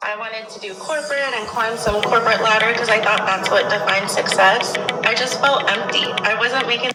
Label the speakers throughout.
Speaker 1: I wanted to do corporate and climb some corporate ladder because I thought that's what defined success. I just felt empty. I wasn't making.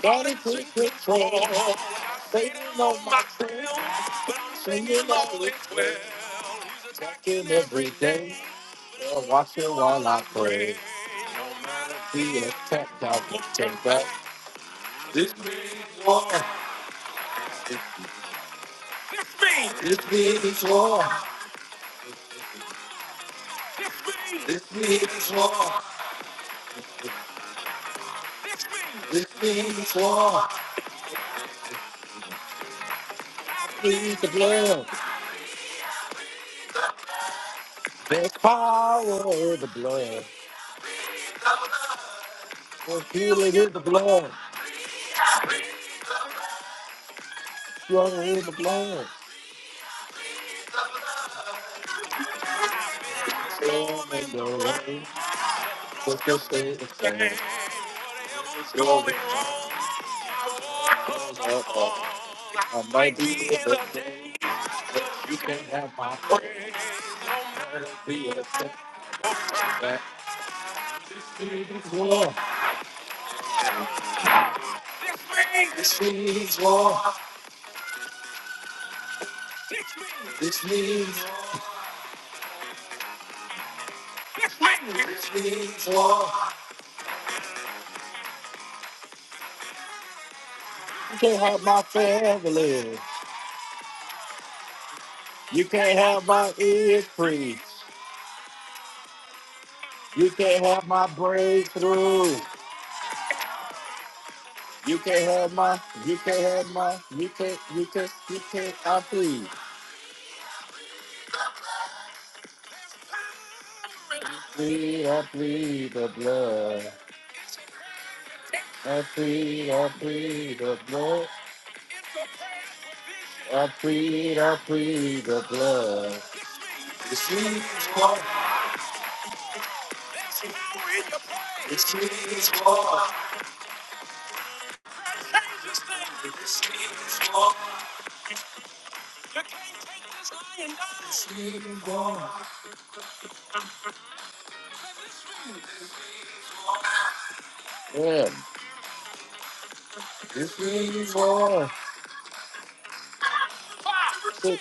Speaker 1: Gotta keep it every day. I'll Watch it while I pray. Yeah, tap out and take back. This means war. This means war. This means war. This means war. Please the blood. There's power in the blood. There's healing in the blood. Stronger in the blood. Your way, what you say is saying, your way goes up. I might be the day, but you can't have my prayer. Be a step back. Whoa. You can't have my ears free. You can't have my breakthrough. You can't have my, you can't have my, you can't, you can't, you can't, I plead. Plead, I plead the blood. I plead, I plead the blood. I plead, I plead the blood. Yeah, this is Lord. Hey,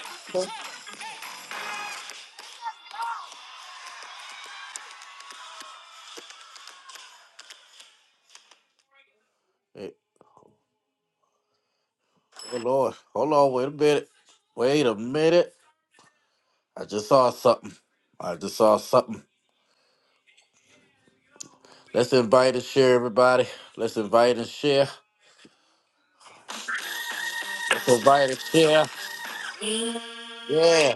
Speaker 1: oh Lord, hold on, wait a minute. Wait a minute. I just saw something. I just saw something. Let's invite and share, everybody. Let's invite and share. Let's invite and share. Yeah,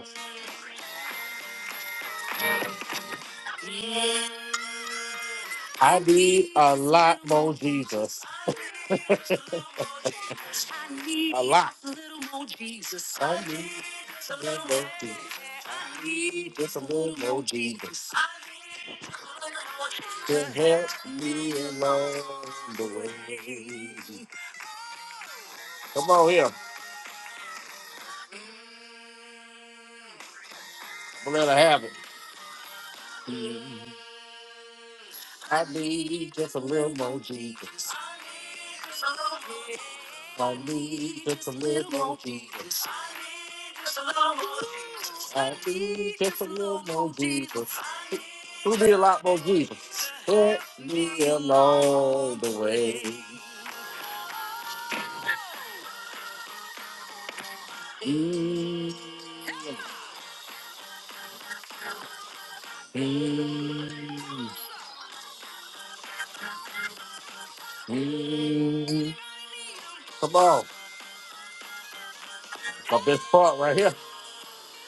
Speaker 1: I need a lot more Jesus. A lot. I need a little more Jesus. Just a little more Jesus to help me along the way. Come on here. I'm gonna let her have it. I need just a little more Jesus. I need just a little more Jesus. I need just a little more Jesus. Who need a lot more Jesus? Help me along the way. Mm, mm, mm. Come on, my best part right here.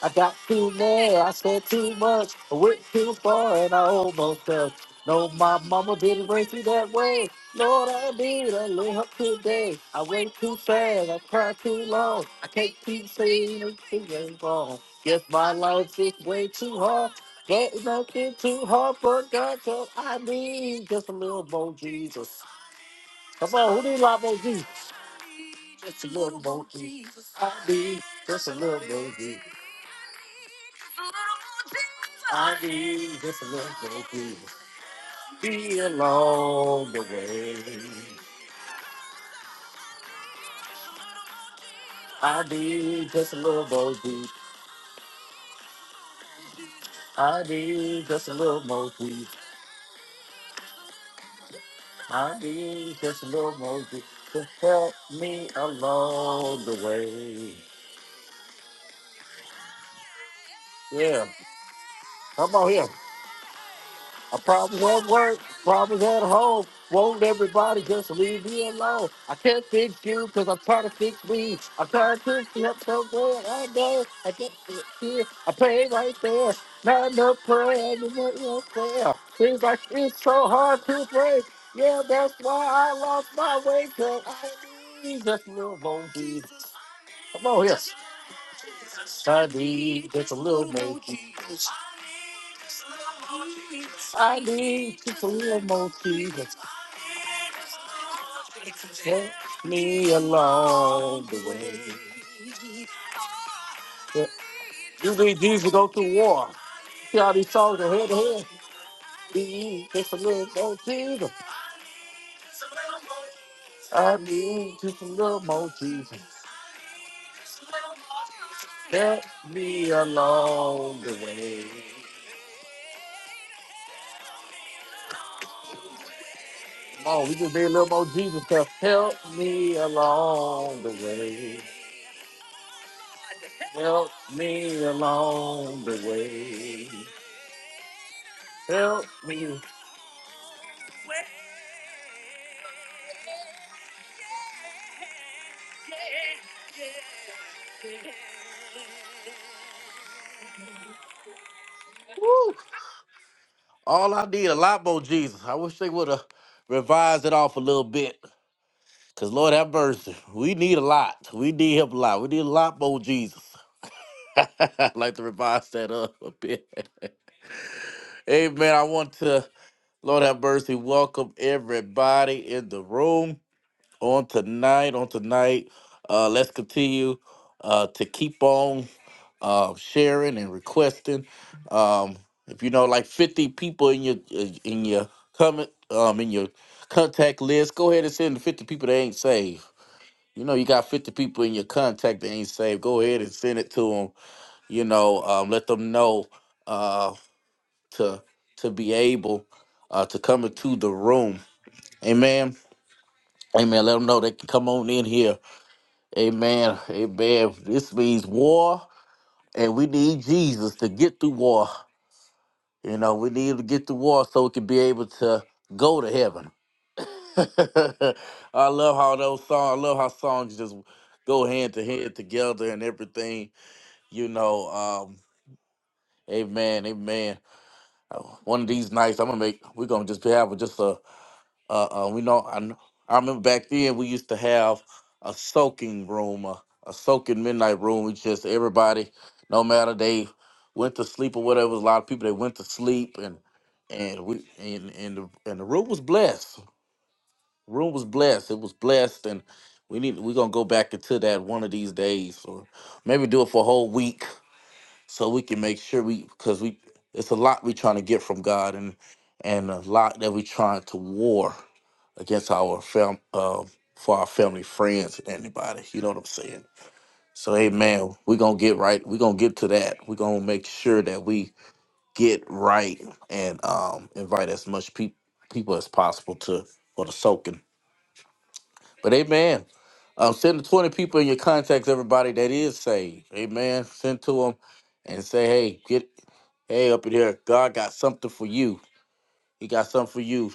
Speaker 1: I got too more, I said too much, I went too far and I almost fell. No, my mama didn't raise me that way. Lord, I did, I lay her today. I went too fast, I cried too long. I can't keep saying everything is wrong. Guess my life is way too hard. Can't nothing too hard for God, so I need just a little more Jesus. Come on, who need a lot more Jesus? Just a little more Jesus. I need just a little more Jesus. I need just a little peace. Be along the way. I need just a little more peace. I need just a little more peace. I need just a little more peace to help me along the way. Yeah, come on here. A problem at work, problems at home. Won't everybody just leave me alone? I can't fix you because I'm trying to fix me. I'm trying to help someone I know. I get it here. I pray right there. Not enough prayer. You want your prayer. Seems like it's so hard to break. Yeah, that's why I lost my way. Cause I need just a little more Jesus. Come on here. I need just a little more Jesus. I need just a little more Jesus. Take me along the way. You need these to go to war. See all these songs are head to head. Need just a little more Jesus. I need just a little more Jesus. Help me along the way. Come on, we just need a little more Jesus. to Help me along the way. Help me along the way. Help me. We need a lot. We need him a lot. We need a lot more Jesus. i like to revise that up a bit. Amen. I want to, Lord have mercy, welcome everybody in the room on tonight. On tonight, uh, let's continue uh, to keep on uh, sharing and requesting. Um, if you know, like fifty people in your uh, in your comment um, in your contact list, go ahead and send the fifty people that ain't saved. You know, you got fifty people in your contact that ain't saved. Go ahead and send it to them you know um, let them know uh, to to be able uh, to come into the room amen amen let them know they can come on in here amen amen this means war and we need jesus to get through war you know we need him to get through war so we can be able to go to heaven I love how those songs. I love how songs just go hand to hand together and everything. You know, um, amen, amen. Oh, One of these nights, I'm gonna make. We're gonna just have just a. Uh, uh, we know. I, kn- I remember back then we used to have a soaking room, a, a soaking midnight room. We just everybody, no matter they went to sleep or whatever. It was a lot of people that went to sleep, and and we and and the, and the room was blessed. Room was blessed. It was blessed, and we need. We're gonna go back into that one of these days, or maybe do it for a whole week so we can make sure we because we it's a lot we trying to get from God and and a lot that we trying to war against our fam uh, for our family friends and anybody you know what I'm saying so hey man we gonna get right we gonna get to that we gonna make sure that we get right and um invite as much peop people as possible to for the soaking but amen. Um, send the 20 people in your contacts, everybody that is saved. Amen. Send to them and say, hey, get, hey, up in here. God got something for you. He got something for you.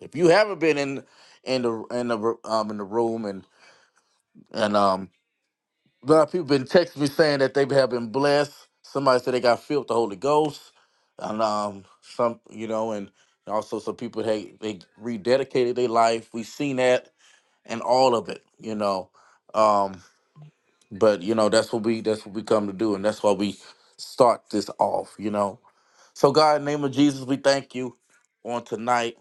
Speaker 1: If you haven't been in in the in the um in the room and and um a lot of people been texting me saying that they have been blessed. Somebody said they got filled with the Holy Ghost, and um some you know and also some people hey they rededicated their life. We seen that and all of it, you know. Um, but you know, that's what we that's what we come to do, and that's why we start this off, you know. So God, in the name of Jesus, we thank you on tonight.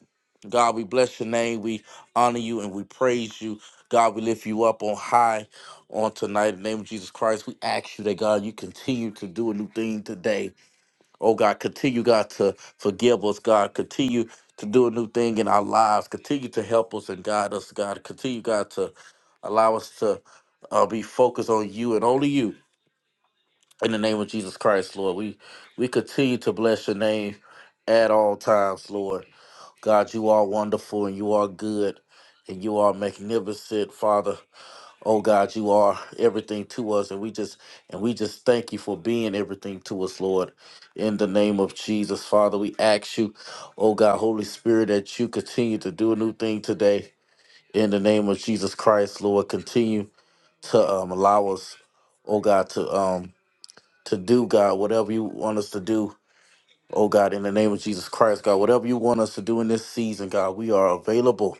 Speaker 1: God, we bless your name, we honor you and we praise you. God, we lift you up on high on tonight. In the name of Jesus Christ, we ask you that God you continue to do a new thing today. Oh God, continue, God, to forgive us, God. Continue to do a new thing in our lives. Continue to help us and guide us, God. Continue, God, to allow us to uh, be focused on you and only you. In the name of Jesus Christ, Lord, we we continue to bless your name at all times, Lord. God, you are wonderful and you are good and you are magnificent, Father. Oh God, you are everything to us, and we just and we just thank you for being everything to us, Lord. In the name of Jesus, Father, we ask you, oh God, Holy Spirit, that you continue to do a new thing today. In the name of Jesus Christ, Lord, continue to um, allow us, oh God, to um to do God whatever you want us to do. Oh God, in the name of Jesus Christ, God, whatever you want us to do in this season, God, we are available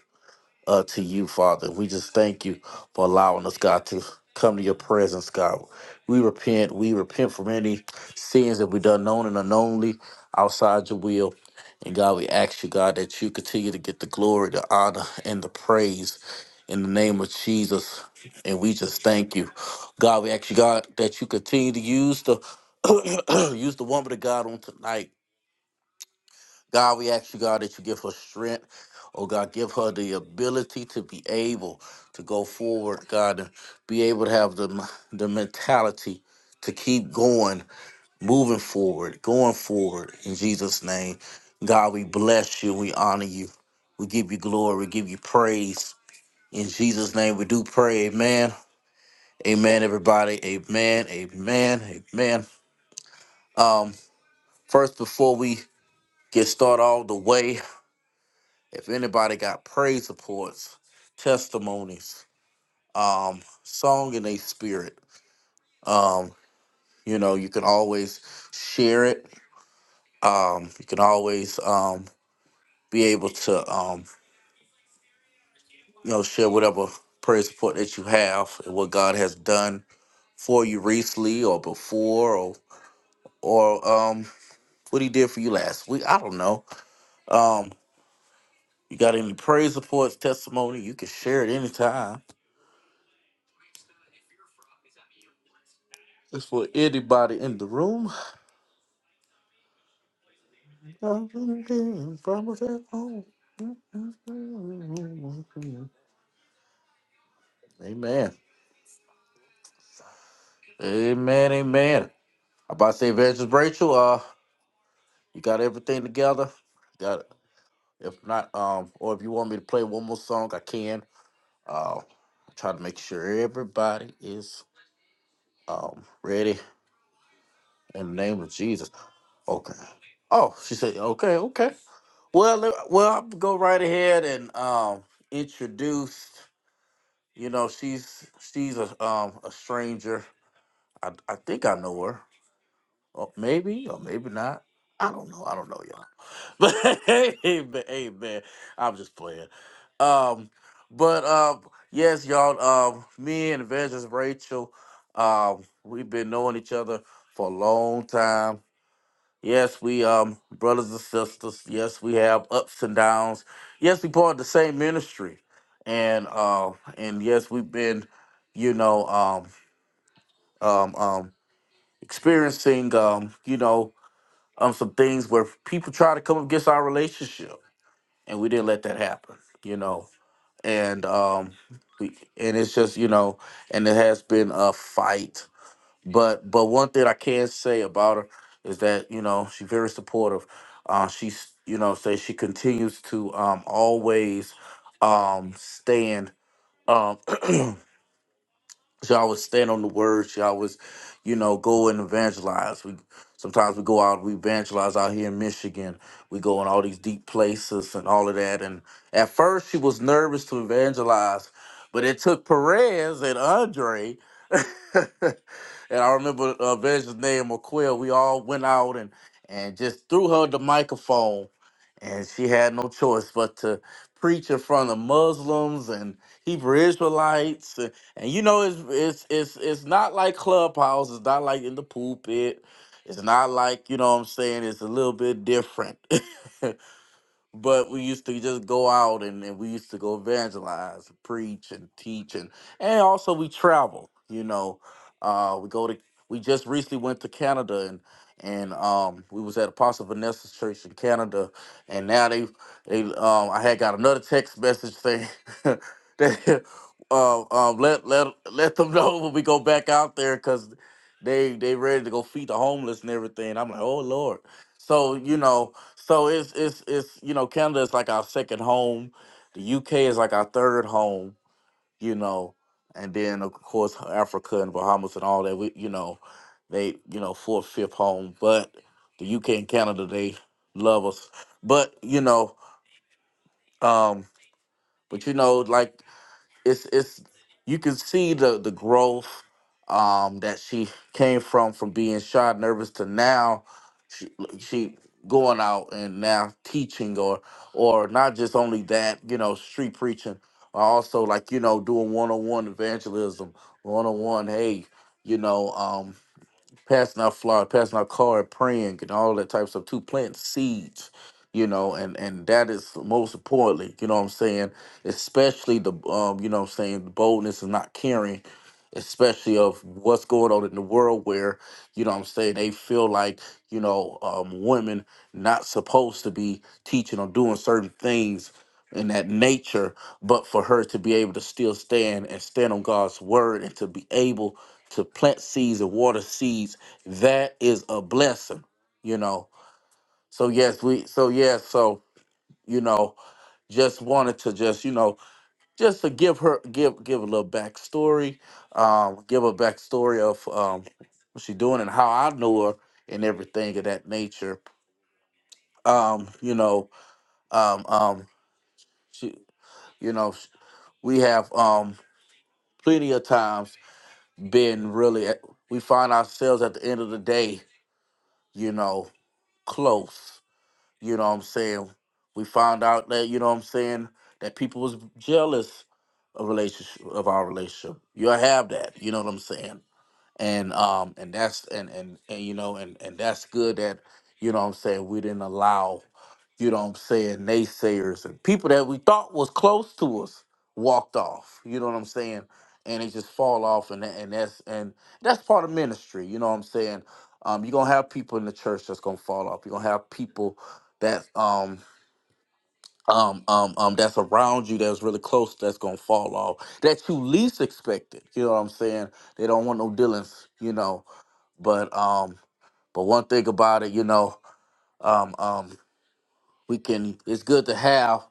Speaker 1: uh, to you, Father. We just thank you for allowing us, God, to come to your presence, God. We repent. We repent from any sins that we have done known and unknownly outside your will. And God, we ask you, God, that you continue to get the glory, the honor, and the praise in the name of Jesus. And we just thank you. God, we ask you, God, that you continue to use the use the woman of God on tonight God, we ask you, God, that you give her strength. Oh, God, give her the ability to be able to go forward, God, and be able to have the, the mentality to keep going, moving forward, going forward in Jesus' name. God, we bless you. We honor you. We give you glory. We give you praise. In Jesus' name, we do pray. Amen. Amen, everybody. Amen. Amen. Amen. First, before we get started all the way, If anybody got praise reports, testimonies, um, song in a spirit, um, you know, you can always share it. Um, you can always um, be able to, um, you know, share whatever praise report that you have and what God has done for you recently or before or or um what he did for you last week. I don't know. Um, you got any praise reports, testimony? You can share it anytime. It's for anybody in the room. Mm-hmm. Amen. Amen. Amen. I'm about to say, Evangelist Rachel, uh, you got everything together? Got it. If not, um, or if you want me to play one more song, I can. Uh, try to make sure everybody is um ready in the name of Jesus. Okay. Oh, she said, okay, okay. Well, let- well, I'll go right ahead and um introduce. You know, she's she's a um a stranger. I I think I know her. Or maybe or maybe not. I don't know. I don't know y'all. But hey, man, hey man, I'm just playing. Um, but um, yes, y'all. Um, me and Evangelist Rachel, um, we've been knowing each other for a long time. Yes, we um brothers and sisters. Yes, we have ups and downs. Yes, we part of the same ministry, and uh, and yes, we've been, you know, um, um, um, experiencing, um, you know, um, some things where people try to come against our relationship, and we didn't let that happen, you know, and um, we, and it's just, you know, and it has been a fight, but but one thing I can say about her is that you know she's very supportive. Uh, she's you know say she continues to um, always um, stand. Um, Y'all would stand on the word. She always, you know, go and evangelize. We sometimes we go out, we evangelize out here in Michigan. We go in all these deep places and all of that. And at first, she was nervous to evangelize, but it took Perez and Andre. and I remember uh, Evangelist name McQuill. We all went out and and just threw her the microphone, and she had no choice but to preach in front of Muslims and Hebrew Israelites. And you know, it's it's it's it's not like Clubhouse. It's not like in the pulpit. It's not like you know what I'm saying. It's a little bit different. but we used to just go out and, and we used to go evangelize, preach and teach and and also we travel, you know. Uh we go to we just recently went to Canada and and um we was at Apostle Vanessa's church in Canada and now they they um I had got another text message saying that uh, um let let let them know when we go back out there cuz they they ready to go feed the homeless and everything. I'm like, "Oh lord." So, you know, so it's it's it's you know Canada is like our second home, the UK is like our third home, you know, and then of course Africa and Bahamas and all that. We you know, they you know fourth fifth home, but the UK and Canada they love us. But you know, um, but you know like it's it's you can see the the growth um that she came from from being shy nervous to now she she going out and now teaching or or not just only that you know street preaching but also like you know doing one-on-one evangelism one-on-one hey you know um, passing out flowers, passing out card, praying, and all that type of stuff. To plant seeds, you know, and and that is most importantly, you know what I'm saying. Especially the, um, you know, what I'm saying the boldness and not caring, especially of what's going on in the world where, you know, what I'm saying they feel like, you know, um, women not supposed to be teaching or doing certain things in that nature but for her to be able to still stand and stand on god's word and to be able to plant seeds and water seeds, that is a blessing, you know. So yes, we so yes, so you know, just wanted to just, you know, just to give her give give a little backstory, um, give a backstory of um what she's doing and how I know her and everything of that nature. Um, you know, um um she you know, sh- we have um plenty of times been really at- we find ourselves at the end of the day, you know. close. You know what I'm saying? We found out that, you know what I'm saying, that people was jealous of relationship of our relationship. You'll have that, you know what I'm saying? and um and that's and and, and you know and and that's good that you know what i'm saying we didn't allow you know what i'm saying naysayers and people that we thought was close to us walked off you know what i'm saying and they just fall off and that- and that's and that's part of ministry you know what i'm saying um you're gonna have people in the church that's gonna fall off you're gonna have people that um um um um that's around you that's really close that's gonna fall off that you least expected you know what i'm saying they don't want no dealings you know but um, but one thing about it, you know, um, um, we can it's good to have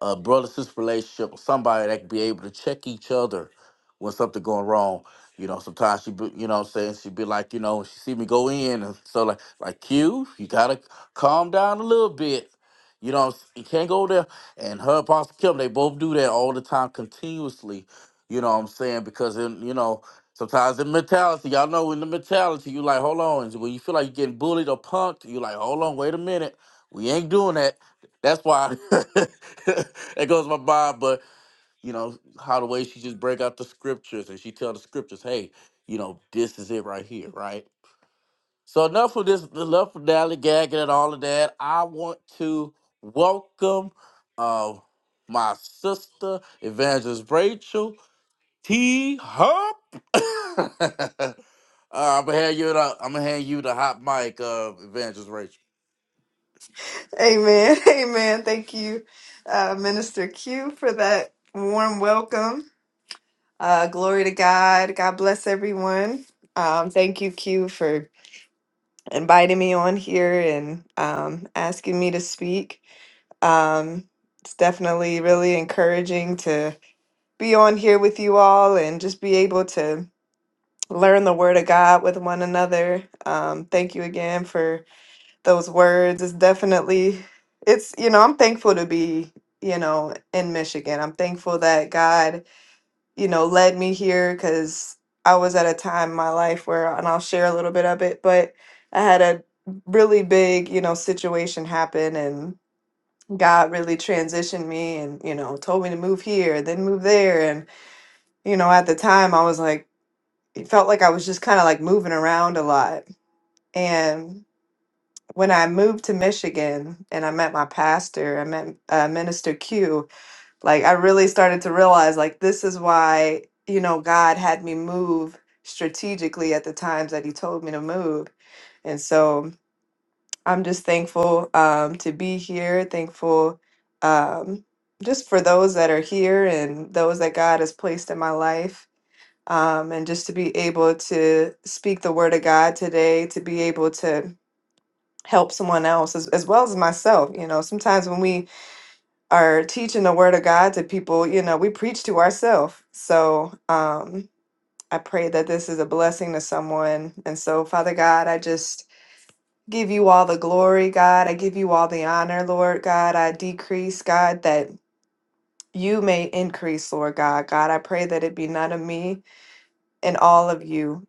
Speaker 1: a brother sister relationship or somebody that can be able to check each other when something going wrong you know sometimes she be, you know what i'm saying she'd be like you know she see me go in and so like like q you gotta calm down a little bit you know you can't go there and her apostle kim they both do that all the time continuously you know what i'm saying because in you know Sometimes in mentality, y'all know in the mentality, you like, hold on. When you feel like you're getting bullied or punked, you like, hold on, wait a minute we ain't doing that. That's why it goes my mind. But you know how the way she just break out the scriptures and she tell the scriptures, hey, you know this is it right here, right? So enough of this, enough of dally gagging and all of that. I want to welcome uh, my sister Evangelist Rachel. E. Hop. uh, I'm gonna hand you the I'm gonna hand you the hot mic, uh, Evangelist Rachel.
Speaker 2: Amen. Amen. Thank you, uh, Minister Q, for that warm welcome. Uh, glory to God. God bless everyone. Um, thank you, Q, for inviting me on here and um, asking me to speak. Um, it's definitely really encouraging to be on here with you all and just be able to learn the Word of God with one another. Um, thank you again for those words. It's definitely it's you know, I'm thankful to be, you know, in Michigan. I'm thankful that God, you know, led me here cuz I was at a time in my life where and I'll share a little bit of it, but I had a really big, you know, situation happen and God really transitioned me and, you know, told me to move here, then move there and, you know, at the time I was like it felt like I was just kind of like moving around a lot. and. when I moved to Michigan and I met my pastor, I met uh, Minister Q, like I really started to realize like this is why, you know, God had me move strategically at the times that he told me to move. And so I'm just thankful um, to be here, thankful um, just for those that are here and those that God has placed in my life. Um, and just to be able to speak the word of God today, to be able to help someone else as, as well as myself. You know, sometimes when we are teaching the word of God to people, you know, we preach to ourselves. So um, I pray that this is a blessing to someone. And so, Father God, I just give you all the glory, God. I give you all the honor, Lord God. I decrease, God, that you may increase, Lord God. God, I pray that it be none of me and all of you.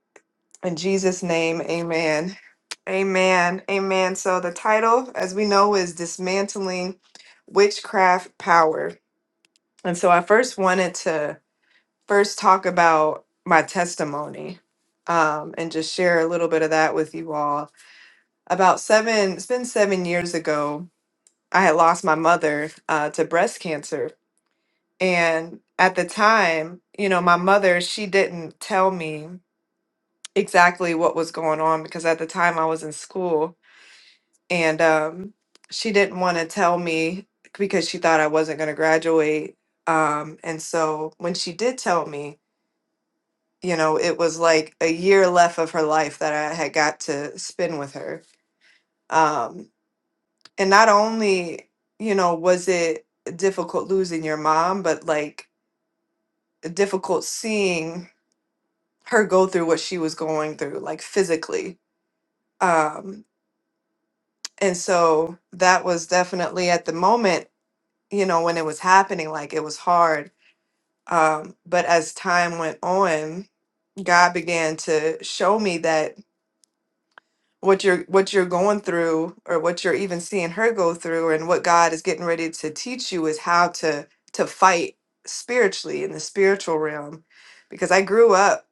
Speaker 2: In Jesus' name, amen. Amen. Amen. So, the title, as we know, is Dismantling Witchcraft Power. And so, I first wanted to first talk about my testimony um, and just share a little bit of that with you all. About seven, it's been seven years ago, I had lost my mother uh, to breast cancer. And at the time, you know, my mother, she didn't tell me exactly what was going on because at the time I was in school and um, she didn't want to tell me because she thought I wasn't going to graduate. Um, and so when she did tell me, you know, it was like a year left of her life that I had got to spend with her. Um, and not only, you know, was it difficult losing your mom, but like difficult seeing her go through what she was going through, like physically. Um, and so that was definitely at the moment. you know, when it was happening, like it was hard. Um, but as time went on, God began to show me that what you're what you're going through or what you're even seeing her go through and what God is getting ready to teach you is how to to fight spiritually in the spiritual realm. Because I grew up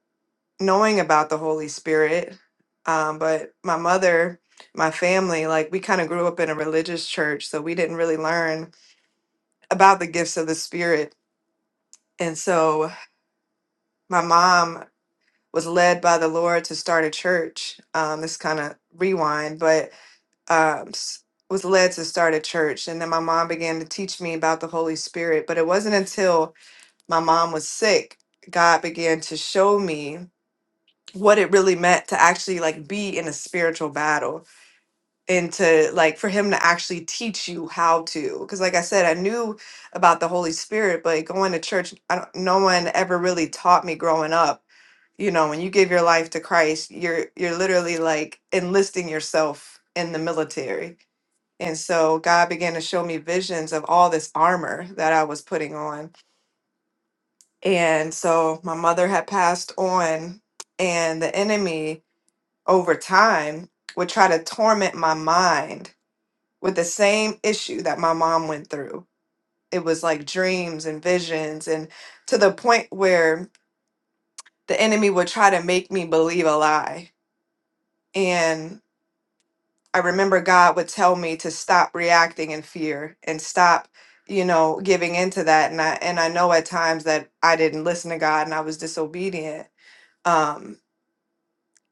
Speaker 2: knowing about the Holy Spirit. Um, but my mother, my family, like we kind of grew up in a religious church, so we didn't really learn about the gifts of the Spirit. And so my mom was led by the Lord to start a church. Um, this kind of rewind, but um, s- was led to start a church. And then my mom began to teach me about the Holy Spirit. But it wasn't until my mom was sick, God began to show me what it really meant to actually like be in a spiritual battle and to like for him to actually teach you how to because like i said i knew about the holy spirit but going to church I don't, no one ever really taught me growing up you know when you give your life to christ you're you're literally like enlisting yourself in the military and so god began to show me visions of all this armor that i was putting on and so my mother had passed on and the enemy over time would try to torment my mind with the same issue that my mom went through. It was like dreams and visions, and to the point where the enemy would try to make me believe a lie. And I remember God would tell me to stop reacting in fear and stop, you know, giving into that. And I and I know at times that I didn't listen to God and I was disobedient. Um,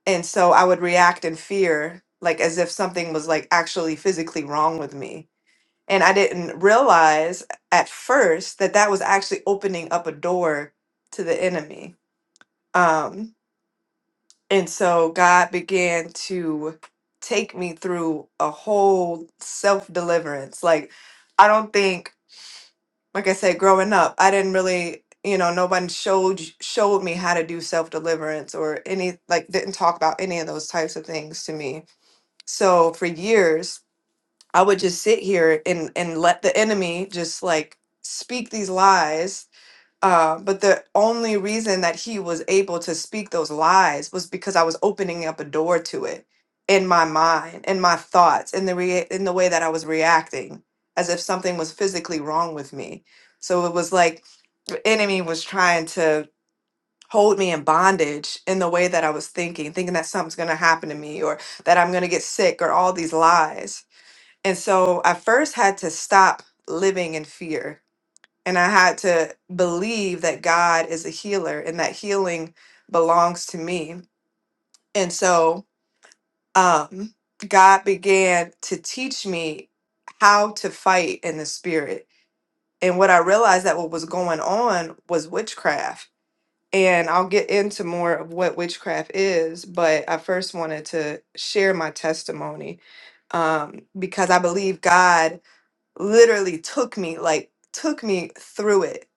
Speaker 2: and so I would react in fear, like as if something was like actually physically wrong with me And I didn't realize at first that that was actually opening up a door to the enemy. Um, and so God began to take me through a whole self deliverance. Like, I don't think, like I said, growing up, I didn't really, you know, nobody showed showed me how to do self deliverance or any like didn't talk about any of those types of things to me. So for years, I would just sit here and and let the enemy just like speak these lies. Uh, but the only reason that he was able to speak those lies was because I was opening up a door to it in my mind, in my thoughts, in the rea- in the way that I was reacting, as if something was physically wrong with me. So it was like the enemy was trying to hold me in bondage in the way that I was thinking, thinking that something's gonna happen to me or that I'm gonna get sick or all these lies and so I first had to stop living in fear. And I had to believe that God is a healer and that healing belongs to me. And so um, God began to teach me how to fight in the spirit. And what I realized that what was going on was witchcraft. And I'll get into more of what witchcraft is, but I first wanted to share my testimony um, because I believe God literally took me like took me through it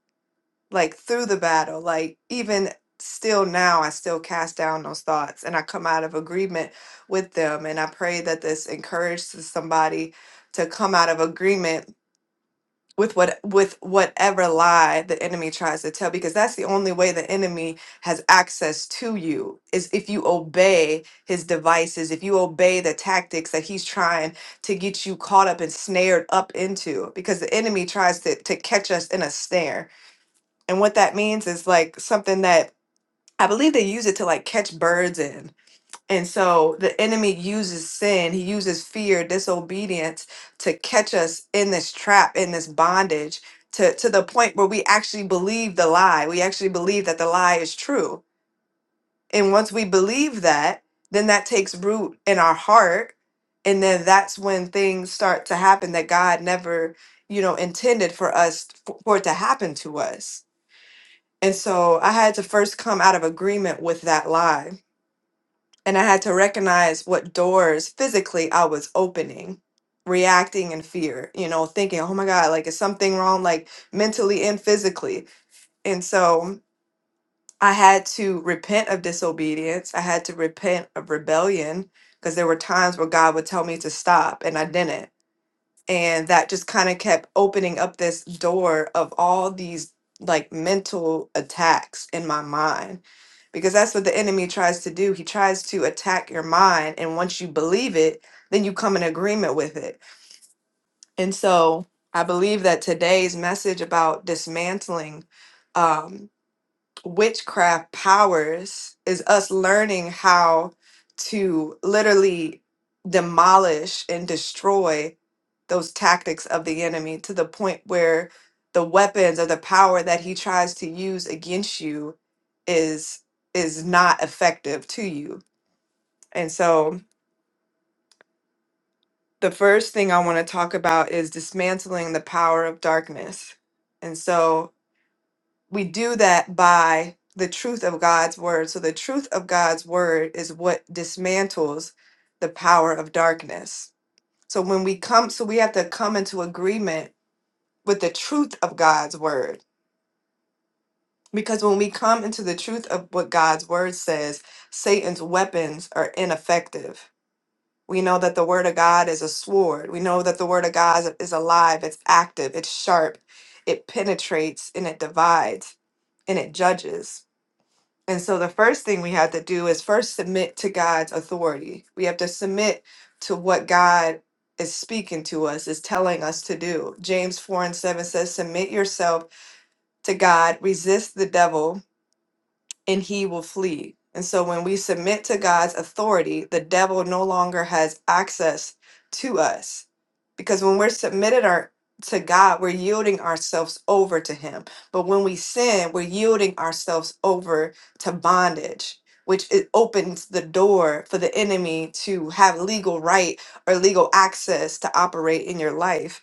Speaker 2: like through the battle like even still now i still cast down those thoughts and i come out of agreement with them and i pray that this encourages somebody to come out of agreement with what with whatever lie the enemy tries to tell because that's the only way the enemy has access to you is if you obey his devices if you obey the tactics that he's trying to get you caught up and snared up into because the enemy tries to to catch us in a snare and what that means is like something that I believe they use it to like catch birds in and so the enemy uses sin, he uses fear, disobedience to catch us in this trap, in this bondage, to, to the point where we actually believe the lie. We actually believe that the lie is true. And once we believe that, then that takes root in our heart. And then that's when things start to happen that God never, you know, intended for us, for for it to happen to us. And so I had to first come out of agreement with that lie and I had to recognize what doors physically I was opening, reacting in fear, you know, thinking, oh my God, like is something wrong, like mentally and physically. And so I had to repent of disobedience. I had to repent of rebellion because there were times where God would tell me to stop and I didn't and that just kind of kept opening up this door of all these like mental attacks in my mind because that's what the enemy tries to do he tries to attack your mind and once you believe it then you come in agreement with it and so i believe that today's message about dismantling um, witchcraft powers is us learning how to literally demolish and destroy those tactics of the enemy to the point where the weapons or the power that he tries to use against you is is not effective to you. And so the first thing I want to talk about is dismantling the power of darkness. And so we do that by the truth of God's word. So the truth of God's word is what dismantles the power of darkness. So when we come, so we have to come into agreement with the truth of God's word. Because when we come into the truth of what God's word says, Satan's weapons are ineffective. We know that the word of God is a sword. We know that the word of God is alive, it's active, it's sharp, it penetrates, and it divides, and it judges. And so the first thing we have to do is first submit to God's authority. We have to submit to what God is speaking to us, is telling us to do. James 4 and 7 says, Submit yourself to God, resist the devil, and he will flee. And so when we submit to God's authority, the devil no longer has access to us because when we're submitted our to God, we're yielding ourselves over to Him. But when we sin, we're yielding ourselves over to bondage, which it opens the door for the enemy to have legal right or legal access to operate in your life.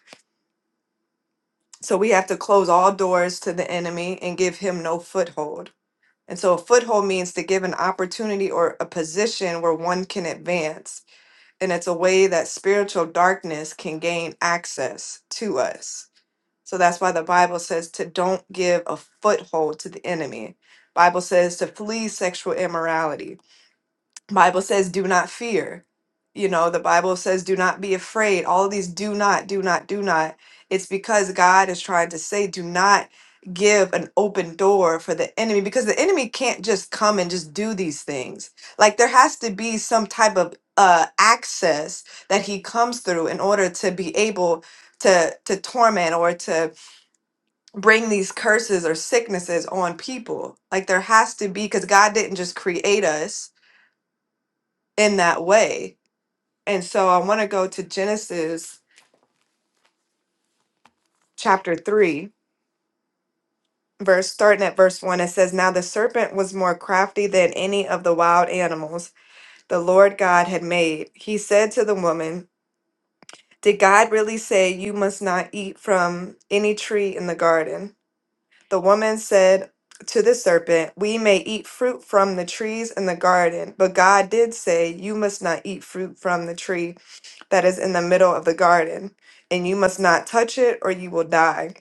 Speaker 2: So we have to close all doors to the enemy and give him no foothold. And so a foothold means to give an opportunity or a position where one can advance. And it's a way that spiritual darkness can gain access to us. So that's why the Bible says to don't give a foothold to the enemy. Bible says to flee sexual immorality. Bible says do not fear. You know, the Bible says do not be afraid. All of these do not, do not, do not. It's because God is trying to say do not give an open door for the enemy because the enemy can't just come and just do these things. Like there has to be some type of uh access that he comes through in order to be able to to torment or to bring these curses or sicknesses on people. Like there has to be, because God didn't just create us in that way. And so I want to go to Genesis chapter 3, verse starting at verse 1. It says, Now the serpent was more crafty than any of the wild animals the Lord God had made. He said to the woman, Did God really say you must not eat from any tree in the garden? The woman said to the serpent, We may eat fruit from the trees in the garden, but God did say, You must not eat fruit from the tree that is in the middle of the garden, and you must not touch it, or you will die.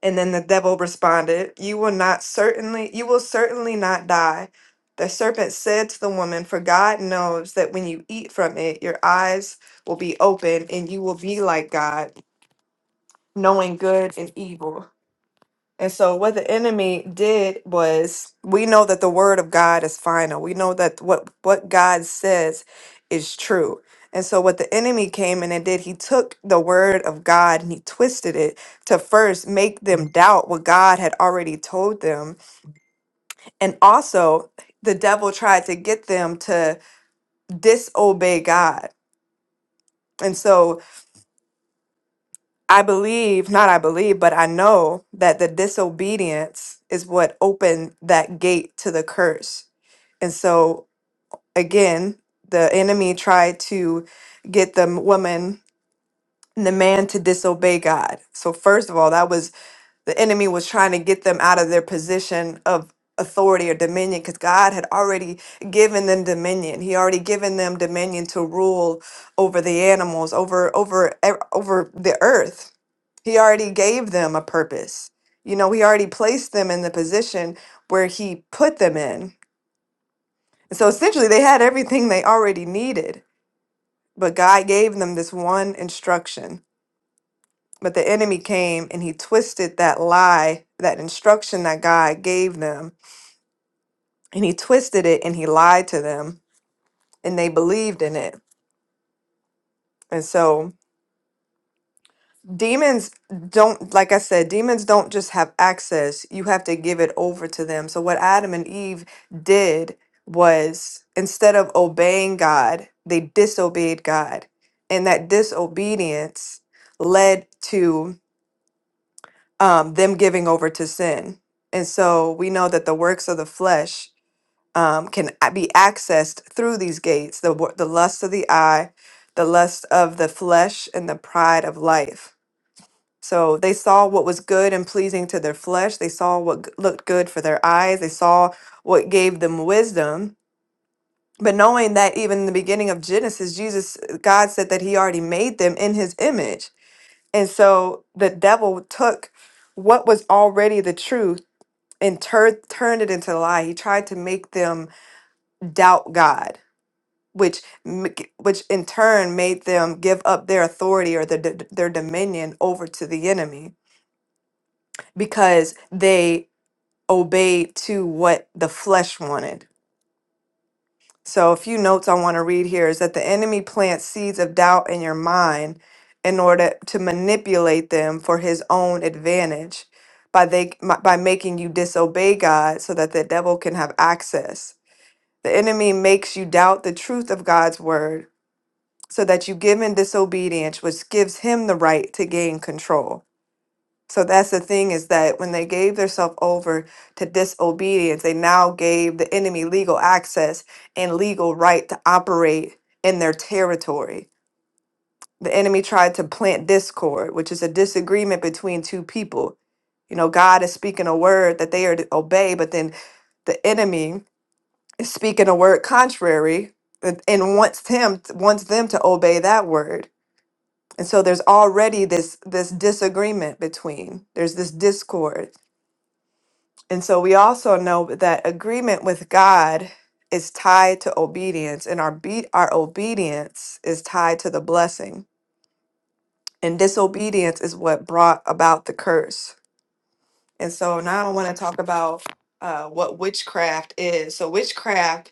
Speaker 2: And then the devil responded, You will not certainly, you will certainly not die. The serpent said to the woman, For God knows that when you eat from it, your eyes will be open, and you will be like God, knowing good and evil. And so, what the enemy did was, we know that the word of God is final. We know that what what God says is true. And so, what the enemy came in and did, he took the word of God and he twisted it to first make them doubt what God had already told them, and also the devil tried to get them to disobey God. And so I believe, not I believe, but I know that the disobedience is what opened that gate to the curse. And so, again, the enemy tried to get the m- woman and the man to disobey God. So, first of all, that was the enemy was trying to get them out of their position of authority or dominion because God had already given them dominion. He already given them dominion to rule over the animals, over over ev- over the earth he already gave them a purpose. You know, he already placed them in the position where he put them in. And so essentially, they had everything they already needed, but God gave them this one instruction. But the enemy came and he twisted that lie, that instruction that God gave them, and he twisted it and he lied to them, and they believed in it. And so, demons don't like i said demons don't just have access you have to give it over to them so what adam and eve did was instead of obeying god they disobeyed god and that disobedience led to um, them giving over to sin and so we know that the works of the flesh um, can a- be accessed through these gates the, wo- the lust of the eye the lust of the flesh and the pride of life so they saw what was good and pleasing to their flesh. They saw what g- looked good for their eyes. They saw what gave them wisdom. But knowing that even in the beginning of Genesis, Jesus, uh, God said that He already made them in His image. And so the devil took what was already the truth and tur- turned it into a lie. He tried to make them doubt God. Which, m- g- which in turn made them give up their authority or the, their dominion over to the enemy because they obeyed to what the flesh wanted. So, a few notes I want to read here is that the enemy plants seeds of doubt in your mind in order to manipulate them for his own advantage by they m- by making you disobey God so that the devil can have access. The enemy makes you doubt the truth of God's word so that you give in disobedience which gives him the right to gain control. So that's the thing is that when they gave themselves over to disobedience, they now gave the enemy legal access and legal right to operate in their territory. The enemy tried to plant discord, which is a disagreement between two people. You know, God is speaking a word that they are to obey, but then the enemy is speaking a word contrary and and wants him wants them to obey that word. And so there's already this this disagreement between. There's this discord. And so we also know that agreement with God is tied to obedience, and our be- our obedience is tied to the blessing. And disobedience is what brought about the curse. And so now I want to talk about uh, what witchcraft is. So witchcraft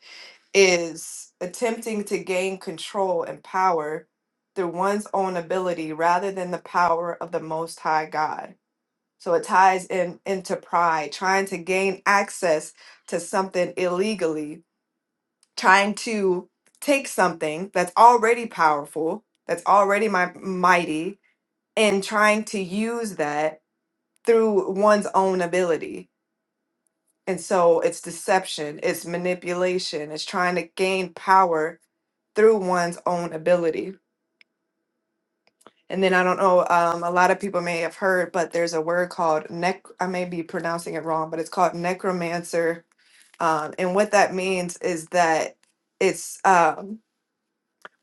Speaker 2: is attempting to gain control and power through one's own ability rather than the power of the Most High God. So it ties in into pride, trying to gain access to something illegally, trying to take something that's already powerful, that's already my, mighty, and trying to use that through one's own ability. And so it's deception, it's manipulation, it's trying to gain power through one's own ability. And then I don't know, um, a lot of people may have heard, but there's a word called nec, I may be pronouncing it wrong, but it's called necromancer Um, and what that means is that it's um,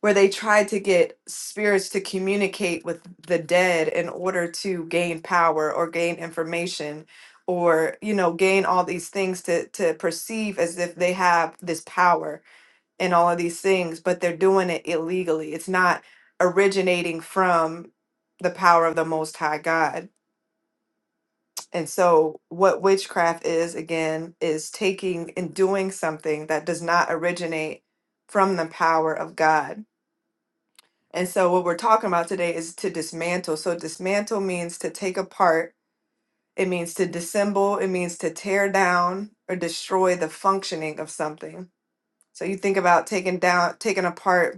Speaker 2: where they try to get spirits to communicate with the dead in order to gain power or gain information or you know gain all these things to to perceive as if they have this power and all of these things but they're doing it illegally it's not originating from the power of the most high god and so, what witchcraft is, again, is taking and doing something that does not originate from the power of God. And so, what we're talking about today is to dismantle. So, dismantle means to take apart, it means to dissemble, it means to tear down or destroy the functioning of something. So, you think about taking down, taking apart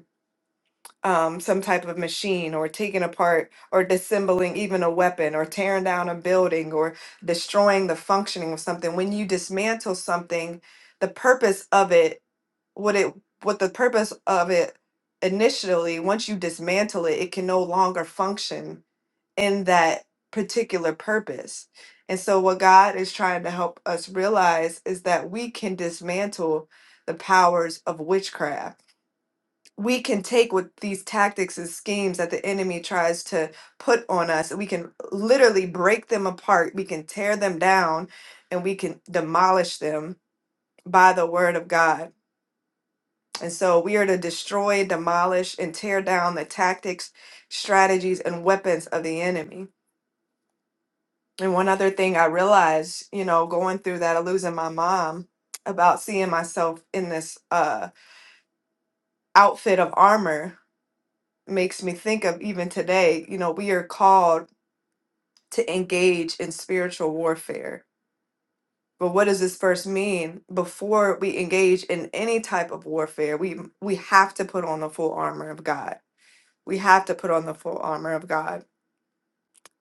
Speaker 2: um, some type of machine or taking apart or disassembling even a weapon or tearing down a building or destroying the functioning of something when you dismantle something the purpose of it what it what the purpose of it initially once you dismantle it it can no longer function in that particular purpose and so what god is trying to help us realize is that we can dismantle the powers of witchcraft we can take with these tactics and schemes that the enemy tries to put on us. We can literally break them apart. We can tear them down and we can demolish them by the word of God. And so we are to destroy, demolish, and tear down the tactics, strategies, and weapons of the enemy. And one other thing I realized, you know, going through that of losing my mom about seeing myself in this uh outfit of armor makes me think of even today, you know, we are called to engage in spiritual warfare. But what does this verse mean? Before we engage in any type of warfare, we we have to put on the full armor of God. We have to put on the full armor of God.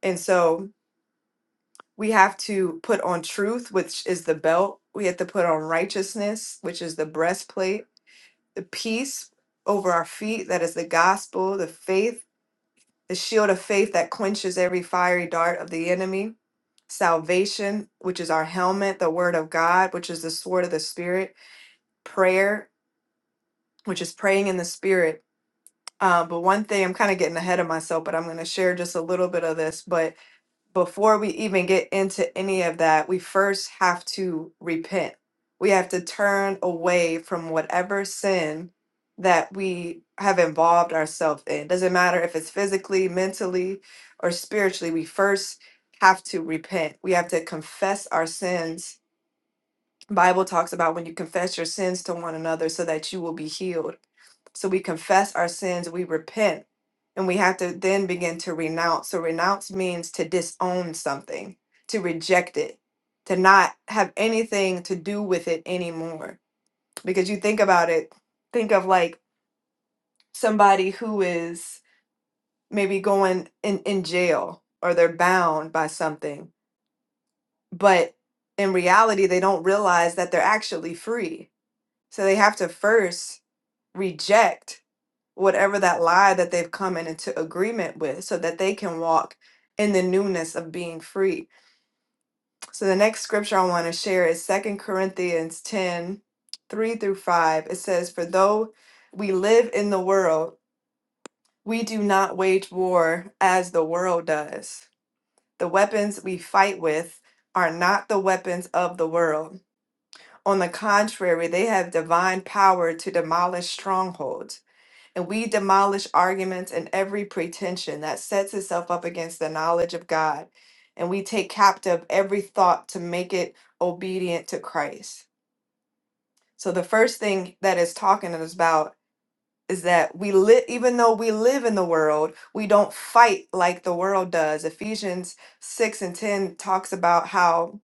Speaker 2: And so we have to put on truth, which is the belt. We have to put on righteousness, which is the breastplate, the peace over our feet, that is the gospel, the faith, the shield of faith that quenches every fiery dart of the enemy salvation, which is our helmet, the word of God, which is the sword of the spirit, prayer, which is praying in the spirit. Uh, but one thing I'm kind of getting ahead of myself, but I'm going to share just a little bit of this. But before we even get into any of that, we first have to repent. We have to turn away from whatever sin that we have involved ourselves in. Doesn't matter if it's physically, mentally, or spiritually, we first have to repent. We have to confess our sins Bible talks about when you confess your sins to one another so that you will be healed. So we confess our sins, we repent, and we have to then begin to renounce. So renounce means to disown something, to reject it, to not have anything to do with it anymore. Because you think about it, think of like somebody who is maybe going in, in jail or they're bound by something, but in reality, they don't realize that they're actually free So they have to first reject whatever that lie that they've come in into agreement with so that they can walk in the newness of being free. So the next scripture I want to share is Second Corinthians 10, 3 through 5. It says, For though we live in the world, we do not wage war as the world does. The weapons we fight with are not the weapons of the world. On the contrary, they have divine power to demolish strongholds. And we demolish arguments and every pretension that sets itself up against the knowledge of God. And we take captive every thought to make it obedient to Christ. So the first thing that it's talking us about is that we live, even though we live in the world, we don't fight like the world does. Ephesians 6 and 10 talks about how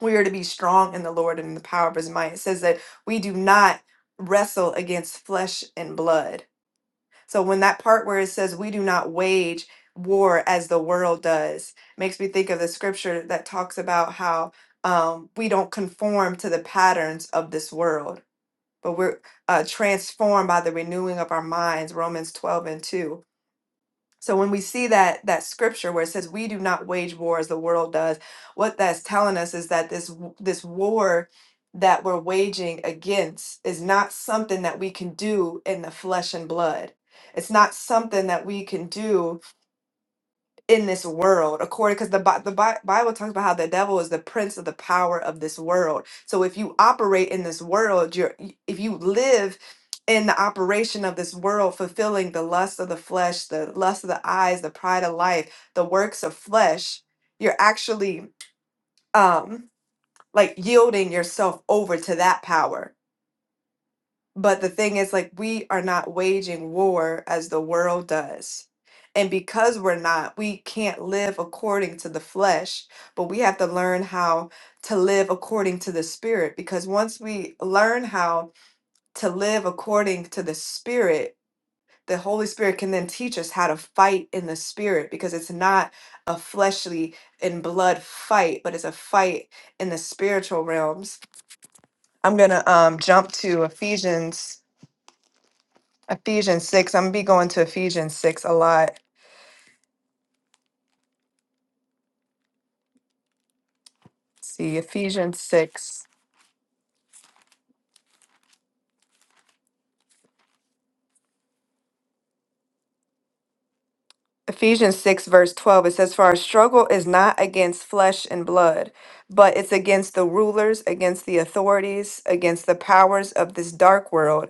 Speaker 2: we are to be strong in the Lord and in the power of his might. It says that we do not wrestle against flesh and blood so when that part where it says we do not wage war as the world does makes me think of the scripture that talks about how um, we don't conform to the patterns of this world, but we're uh, transformed by the renewing of our minds, Romans 12 and 2 so when we see that that scripture where it says we do not wage war as the world does, what that's telling us is that this w- this war that we're waging against is not something that we can do in the flesh and blood. It's not something that we can do in this world according because the, Bi- the Bi- bible talks about how the devil is the prince of the power of this world so if you operate in this world you're y- if you live in the operation of this world fulfilling the lust of the flesh the lust of the eyes the pride of life the works of flesh you're actually um like yielding yourself over to that power but the thing is, like, we are not waging war as the world does. And because we're not, we can't live according to the flesh, but we have to learn how to live according to the spirit. Because once we learn how to live according to the spirit, the Holy Spirit can then teach us how to fight in the spirit because it's not a fleshly and blood fight, but it's a fight in the spiritual realms. I'm going to um, jump to Ephesians Ephesians 6. I'm going to be going to Ephesians 6 a lot. See, Ephesians 6. Ephesians 6, verse 12, it says, For our struggle is not against flesh and blood, but it's against the rulers, against the authorities, against the powers of this dark world,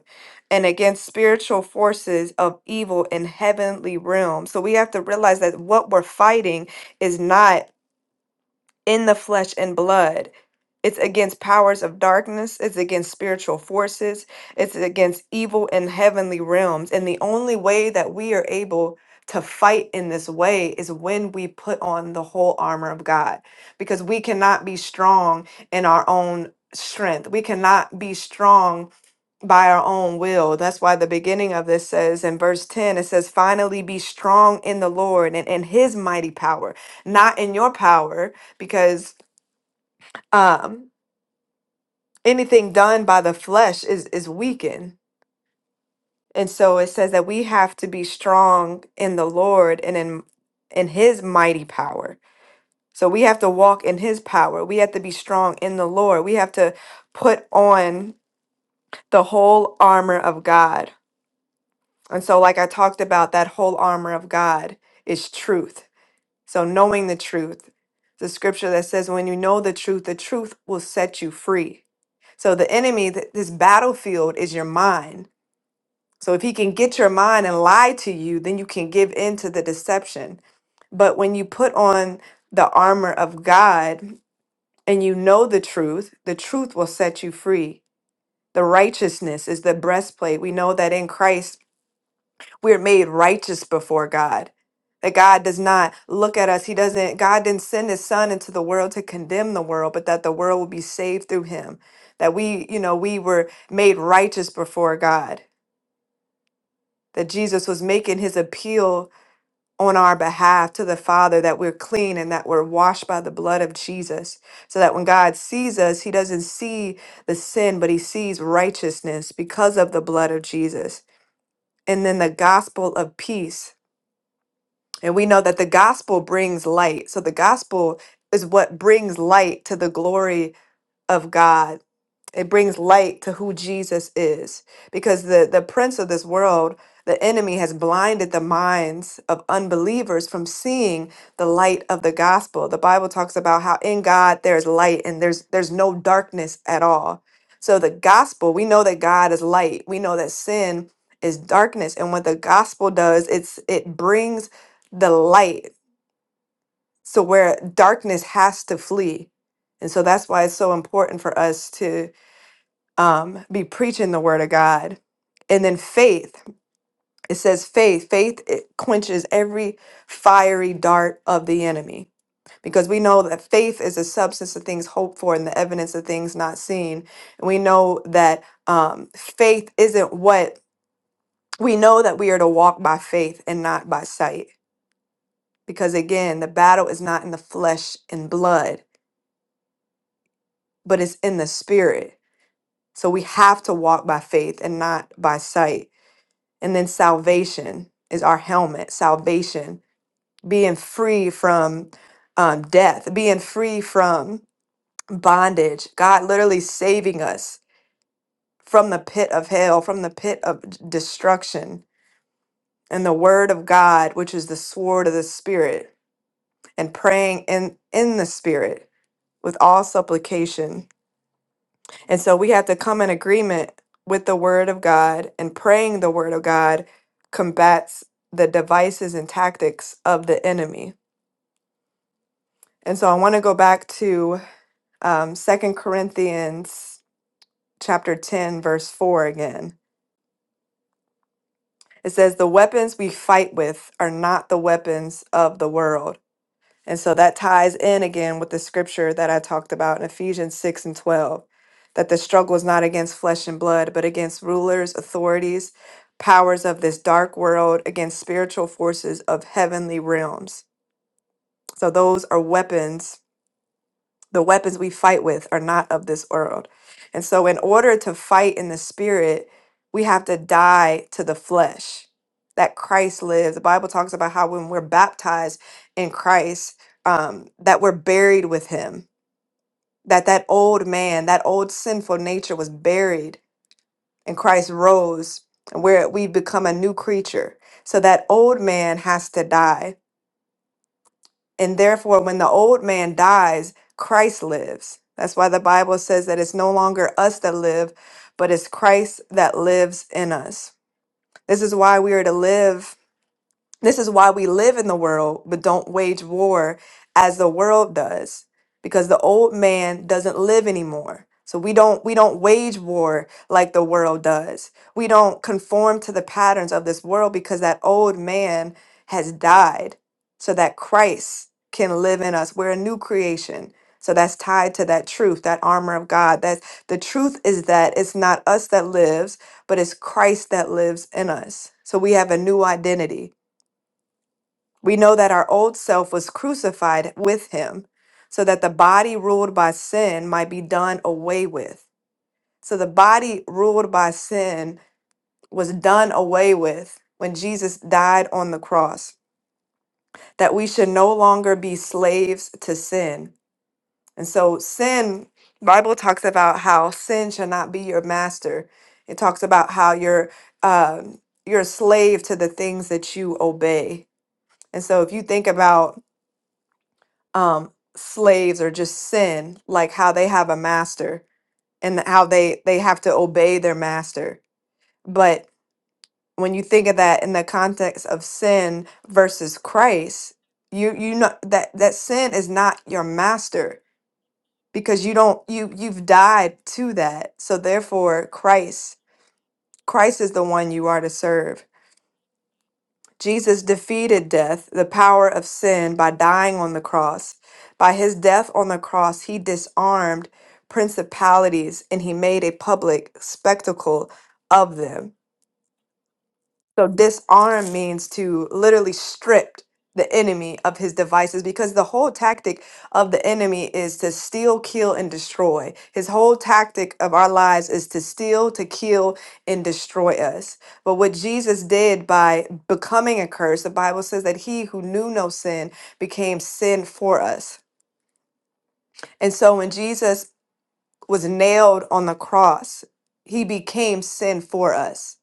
Speaker 2: and against spiritual forces of evil in heavenly realms. So we have to realize that what we're fighting is not in the flesh and blood. It's against powers of darkness. It's against spiritual forces. It's against evil in heavenly realms. And the only way that we are able to fight in this way is when we put on the whole armor of God, because we cannot be strong in our own strength. We cannot be strong by our own will. That's why the beginning of this says in verse 10, it says, Finally be strong in the Lord and in his mighty power, not in your power because um anything done by the flesh is is weakened and so it says that we have to be strong in the lord and in in his mighty power so we have to walk in his power we have to be strong in the lord we have to put on the whole armor of god and so like i talked about that whole armor of god is truth So, knowing the truth, the scripture that says, when you know the truth, the truth will set you free. So, the enemy, th- this battlefield is your mind. So, if he can get your mind and lie to you, then you can give in to the deception. But when you put on the armor of God and you know the truth, the truth will set you free. The righteousness is the breastplate. We know that in Christ we're made righteous before God. That God does not look at us. He doesn't, God didn't send his son into the world to condemn the world, but that the world will be saved through him. That we, you know, we were made righteous before God. That Jesus was making his appeal on our behalf to the Father that we're clean and that we're washed by the blood of Jesus. So that when God sees us, he doesn't see the sin, but he sees righteousness because of the blood of Jesus. And then the gospel of peace And we know that the gospel brings light. So the gospel is what brings light to the glory of God. It brings light to who Jesus is because the, the prince of this world, the enemy, has blinded the minds of unbelievers from seeing the light of the gospel. The Bible talks about how in God there's light and there's there's no darkness at all. So the gospel, we know that God is light. We know that sin is darkness and what the gospel does, it's it brings the light so where darkness has to flee and so that's why it's so important for us to um, be preaching the word of god and then faith it says faith faith it quenches every fiery dart of the enemy because we know that faith is the substance of things hoped for and the evidence of things not seen and we know that um, faith isn't what we know that we are to walk by faith and not by sight because again the battle is not in the flesh and blood but it's in the spirit. So we have to walk by faith and not by sight. And then salvation is our helmet, salvation, being free from um, death, being free from bondage, God literally saving us from the pit of hell, from the pit of d- destruction. And the word of God, which is the sword of the spirit, and praying in, in the spirit with all supplication And so we have to come in agreement with the word of God and praying the word of God combats the devices and tactics of the enemy. And so I want to go back to um, 2 Corinthians chapter 10, verse 4 again. It says, The weapons we fight with are not the weapons of the world And so that ties in again with the scripture that I talked about in Ephesians 6 and 12 that the struggle is not against flesh and blood, but against rulers, authorities, powers of this dark world, against spiritual forces of heavenly realms. So those are weapons the weapons we fight with are not of this world. And so, in order to fight in the spirit, we have to die to the flesh that Christ lives. The Bible talks about how when we're baptized in Christ, um, that we're buried with Him, that that old man, that old sinful nature was buried, and Christ rose, and where we become a new creature. So, that old man has to die and therefore, when the old man dies, Christ lives. That's why the Bible says that it's no longer us that live, but it's Christ that lives in us. This is why we are to live this is why we live in the world, but don't wage war as the world does, because the old man doesn't live anymore. So we don't we don't wage war like the world does. We don't conform to the patterns of this world because that old man has died so that Christ can live in us. We're a new creation. So that's tied to that truth, that armor of God. That the truth is that it's not us that lives, but it's Christ that lives in us. So we have a new identity we know that our old self was crucified with him so that the body ruled by sin might be done away with. So the body ruled by sin was done away with when Jesus died on the cross, that we should no longer be slaves to sin. And so sin, Bible talks about how sin shall not be your master. It talks about how you're um, you're a slave to the things that you obey. And so if you think about um, slaves or just sin, like how they have a master and how they they have to obey their master. But when you think of that in the context of sin versus Christ, you you know that that sin is not your master because you don't you you've died to that. So therefore, Christ Christ is the one you are to serve Jesus defeated death, the power of sin, by dying on the cross. By his death on the cross, he disarmed principalities and he made a public spectacle of them. So disarm means to literally strip the enemy of his devices because the whole tactic of the enemy is to steal, kill, and destroy. His whole tactic of our lives is to steal, to kill, and destroy us. But what Jesus did by becoming a curse, the Bible says that he who knew no sin became sin for us. And so when Jesus was nailed on the cross, he became sin for us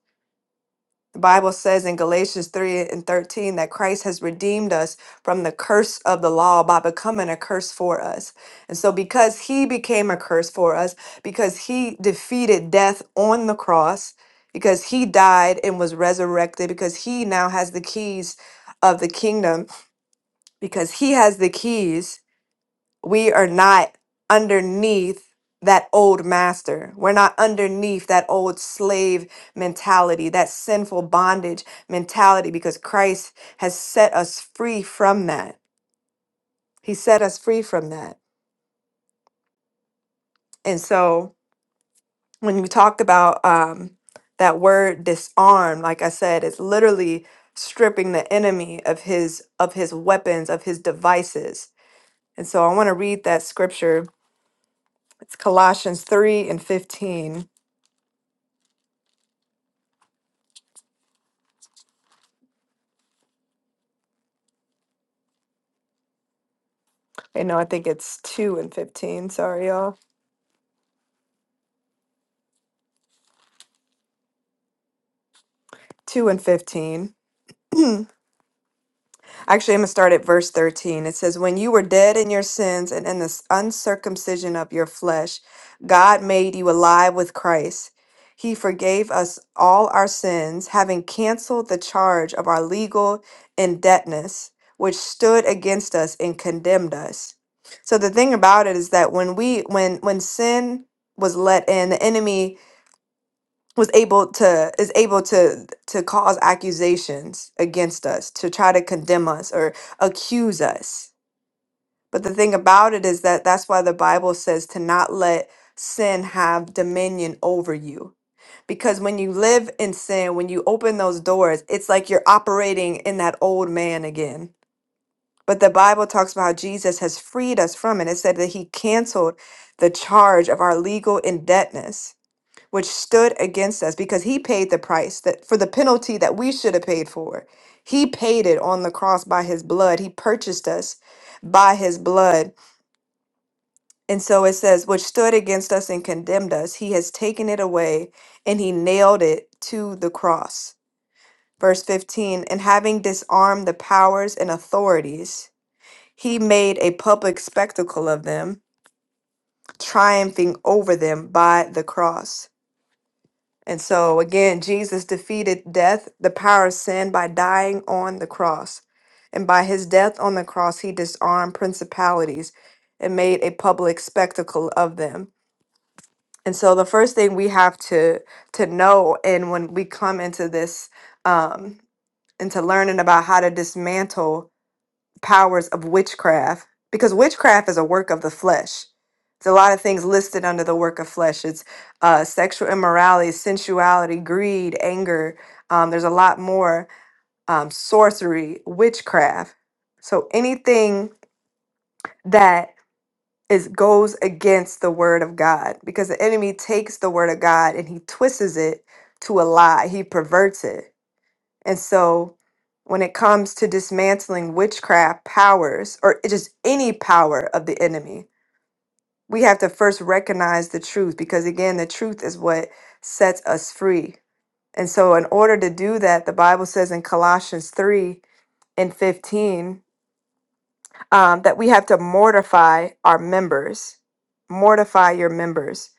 Speaker 2: the Bible says in Galatians 3 and 13 that Christ has redeemed us from the curse of the law by becoming a curse for us. And so, because he became a curse for us, because he defeated death on the cross, because he died and was resurrected, because he now has the keys of the kingdom, because he has the keys we are not underneath that old master. We're not underneath that old slave mentality, that sinful bondage mentality, because Christ has set us free from that. He set us free from that. And so when you talked about um, that word disarm, like I said, it's literally stripping the enemy of his of his weapons, of his devices. And so I want to read that scripture. It's Colossians 3 and 15. Wait, no, I think it's 2 and 15. Sorry, y'all. 2 and 15. Actually, I'm going to start at verse 13. It says, When you were dead in your sins and in the uncircumcision of your flesh, God made you alive with Christ. He forgave us all our sins, having canceled the charge of our legal indebtedness, which stood against us and condemned us. So the thing about it is that when we when when sin was let in, the enemy was able to is able to to cause accusations against us to try to condemn us or accuse us but the thing about it is that that's why the bible says to not let sin have dominion over you because when you live in sin when you open those doors it's like you're operating in that old man again but the bible talks about how jesus has freed us from it it said that he canceled the charge of our legal indebtedness which stood against us because he paid the price that for the penalty that we should have paid for. He paid it on the cross by his blood. He purchased us by his blood. And so it says, which stood against us and condemned us. He has taken it away and he nailed it to the cross. Verse 15, and having disarmed the powers and authorities, he made a public spectacle of them, triumphing over them by the cross. And so again, Jesus defeated death, the power of sin, by dying on the cross. And by his death on the cross, he disarmed principalities and made a public spectacle of them. And so the first thing we have to to know, and when we come into this, um, into learning about how to dismantle powers of witchcraft because witchcraft is a work of the flesh. It's a lot of things listed under the work of flesh. It's uh, sexual immorality, sensuality, greed, anger. Um, there's a lot more um, sorcery, witchcraft. So anything that is goes against the word of God, because the enemy takes the word of God and he twists it to a lie. He perverts it. And so when it comes to dismantling witchcraft powers or just any power of the enemy, we have to first recognize the truth because, again, the truth is what sets us free. And so, in order to do that, the Bible says in Colossians 3 and 15, um, that we have to mortify our members. Mortify your members.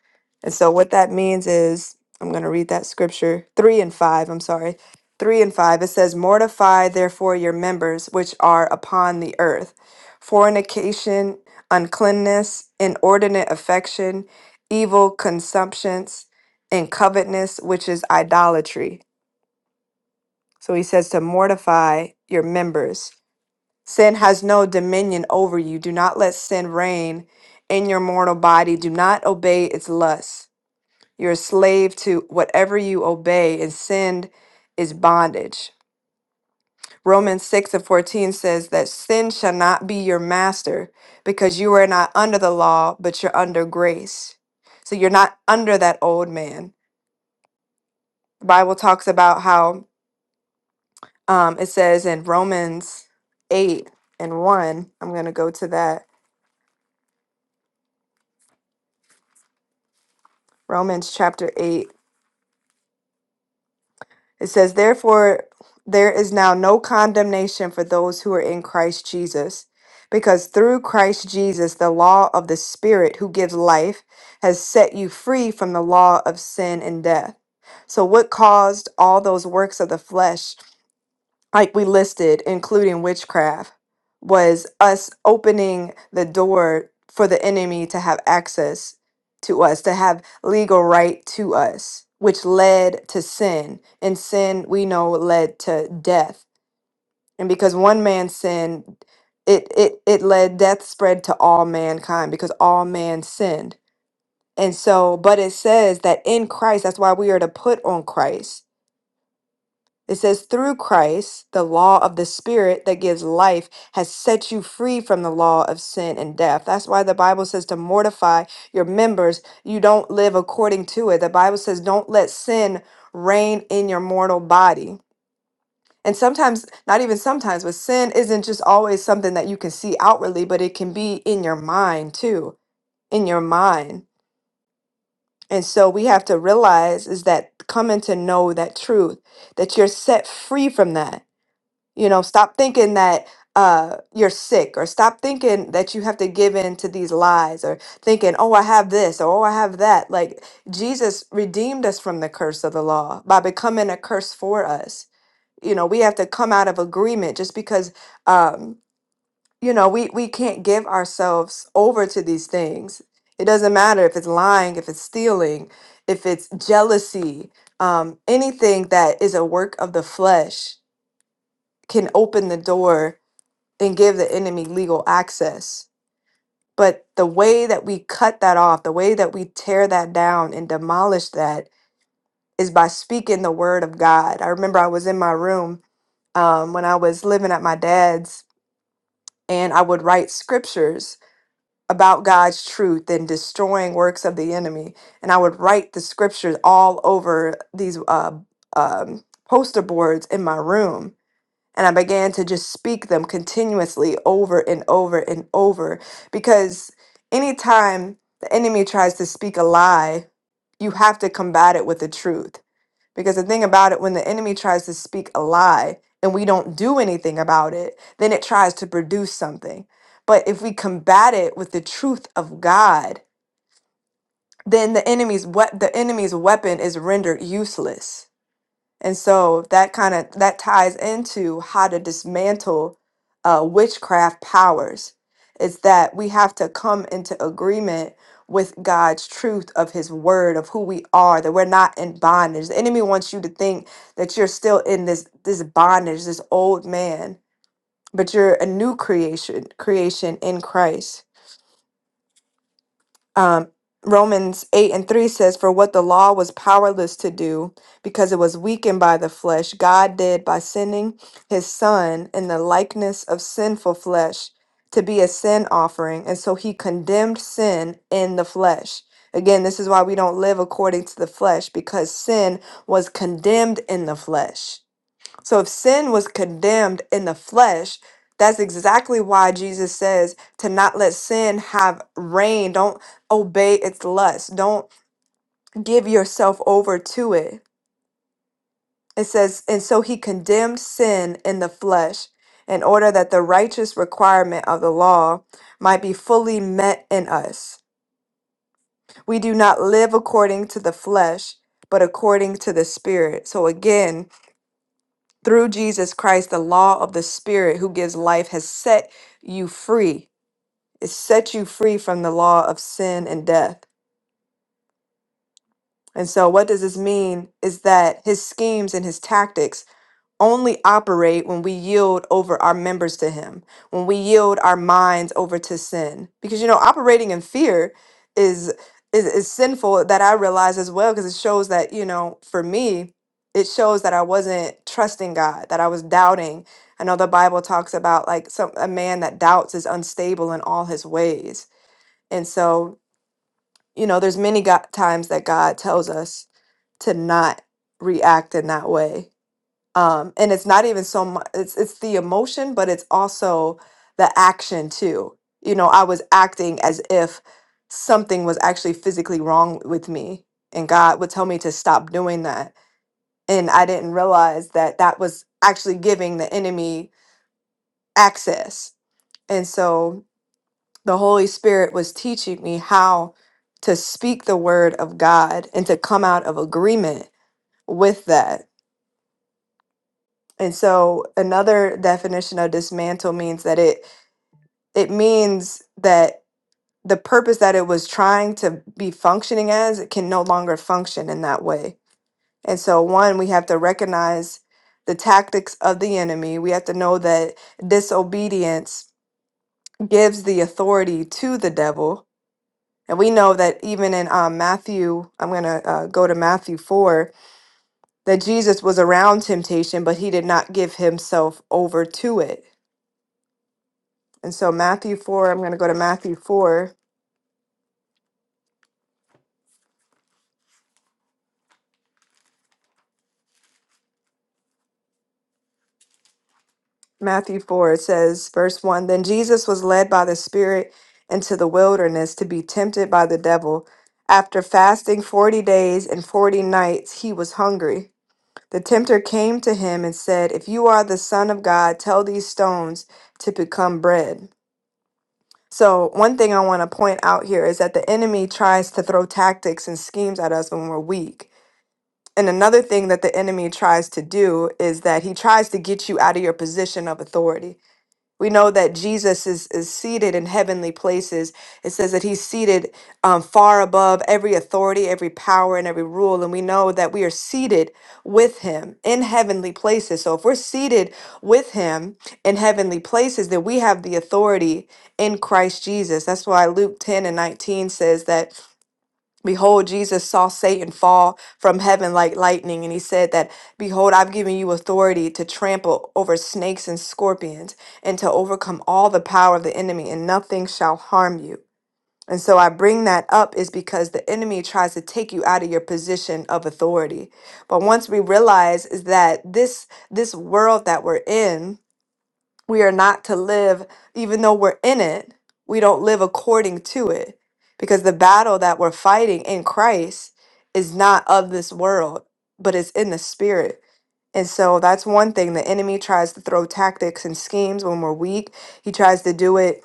Speaker 2: And so, what that means is, I'm going to read that scripture three and five. I'm sorry. Three and five. It says, Mortify therefore your members which are upon the earth fornication, uncleanness, inordinate affection, evil consumptions, and covetousness, which is idolatry. So, he says to mortify your members. Sin has no dominion over you. Do not let sin reign in your mortal body. Do not obey its lusts. You're a slave to whatever you obey, and sin is bondage. Romans 6 and 14 says that sin shall not be your master because you are not under the law, but you're under grace. So you're not under that old man. The Bible talks about how um, it says in Romans 8 and 1, I'm going to go to that. Romans chapter 8 It says, Therefore, there is now no condemnation for those who are in Christ Jesus, because through Christ Jesus, the law of the Spirit who gives life has set you free from the law of sin and death. So, what caused all those works of the flesh? like we listed, including witchcraft, was us opening the door for the enemy to have access to us, to have legal right to us, which led to sin. And sin, we know, led to death. And because one man sinned, it, it, it led death spread to all mankind because all man sinned. And so, but it says that in Christ, that's why we are to put on Christ it says, through Christ, the law of the Spirit that gives life has set you free from the law of sin and death. That's why the Bible says to mortify your members. You don't live according to it. The Bible says, don't let sin reign in your mortal body. And sometimes, not even sometimes, but sin isn't just always something that you can see outwardly, but it can be in your mind too, in your mind. And so we have to realize is that coming to know that truth, that you're set free from that you know, stop thinking that uh, you're sick, or stop thinking that you have to give in to these lies, or thinking, oh, I have this, or oh, I have that. Like, Jesus redeemed us from the curse of the law by becoming a curse for us. You know, we have to come out of agreement just because, um, you know, we, we can't give ourselves over to these things. It doesn't matter if it's lying, if it's stealing, if it's jealousy, um, anything that is a work of the flesh can open the door and give the enemy legal access. But the way that we cut that off, the way that we tear that down and demolish that is by speaking the word of God. I remember I was in my room um, when I was living at my dad's, and I would write scriptures about God's truth and destroying works of the enemy. And I would write the scriptures all over these uh, um, poster boards in my room And I began to just speak them continuously over and over and over because anytime the enemy tries to speak a lie, you have to combat it with the truth. Because the thing about it, when the enemy tries to speak a lie and we don't do anything about it, then it tries to produce something. But if we combat it with the truth of God, then the enemy's what the enemy's weapon is rendered useless and so that kind of that ties into how to dismantle uh, witchcraft powers. It's that we have to come into agreement with God's truth of His word of who we are, that we're not in bondage. The enemy wants you to think that you're still in this this bondage, this old man, but you're a new creation, creation in Christ um, Romans 8 and 3 says, For what the law was powerless to do, because it was weakened by the flesh, God did by sending his Son in the likeness of sinful flesh to be a sin offering. And so he condemned sin in the flesh. Again, this is why we don't live according to the flesh, because sin was condemned in the flesh. So if sin was condemned in the flesh, that's exactly why Jesus says to not let sin have reign. Don't obey its lust. Don't give yourself over to it. It says, and so he condemned sin in the flesh in order that the righteous requirement of the law might be fully met in us. We do not live according to the flesh, but according to the Spirit. So again, Through Jesus Christ, the law of the Spirit who gives life has set you free. It set you free from the law of sin and death. And so, what does this mean is that his schemes and his tactics only operate when we yield over our members to Him, when we yield our minds over to sin. Because, you know, operating in fear is. Is, is sinful that I realize as well because it shows that, you know, for me, it shows that I wasn't trusting God, that I was doubting. I know the Bible talks about like some a man that doubts is unstable in all his ways. And so, you know, there's many go- times that God tells us to not react in that way um and it's not even so much it's it's the emotion but it's also the action too you know i was acting as if something was actually physically wrong with me and god would tell me to stop doing that and i didn't realize that that was actually giving the enemy access and so the holy spirit was teaching me how to speak the word of god and to come out of agreement with that And so another definition of dismantle means that it it means that the purpose that it was trying to be functioning as it can no longer function in that way. And so one we have to recognize the tactics of the enemy. We have to know that disobedience gives the authority to the devil. And we know that even in um, Matthew, I'm going to uh, go to Matthew 4, that Jesus was around temptation, but he did not give himself over to it And so Matthew 4, I'm going to go to Matthew 4. Matthew 4, it says, verse 1 Then Jesus was led by the Spirit into the wilderness to be tempted by the devil. After fasting 40 days and 40 nights, he was hungry. The tempter came to him and said, If you are the Son of God, tell these stones to become bread. So, one thing I want to point out here is that the enemy tries to throw tactics and schemes at us when we're weak And another thing that the enemy tries to do is that he tries to get you out of your position of authority. We know that Jesus is, is seated in heavenly places. It says that he's seated um, far above every authority, every power, and every rule. And we know that we are seated with him in heavenly places. So if we're seated with him in heavenly places, then we have the authority in Christ Jesus. That's why Luke 10 and 19 says that Behold, Jesus saw Satan fall from heaven like lightning, and he said that, Behold, I've given you authority to trample over snakes and scorpions, and to overcome all the power of the enemy, and nothing shall harm you. And so I bring that up is because the enemy tries to take you out of your position of authority. But once we realize is that this this world that we're in, we are not to live, even though we're in it, we don't live according to it. Because the battle that we're fighting in Christ is not of this world, but is in the spirit. And so that's one thing. The enemy tries to throw tactics and schemes when we're weak. He tries to do it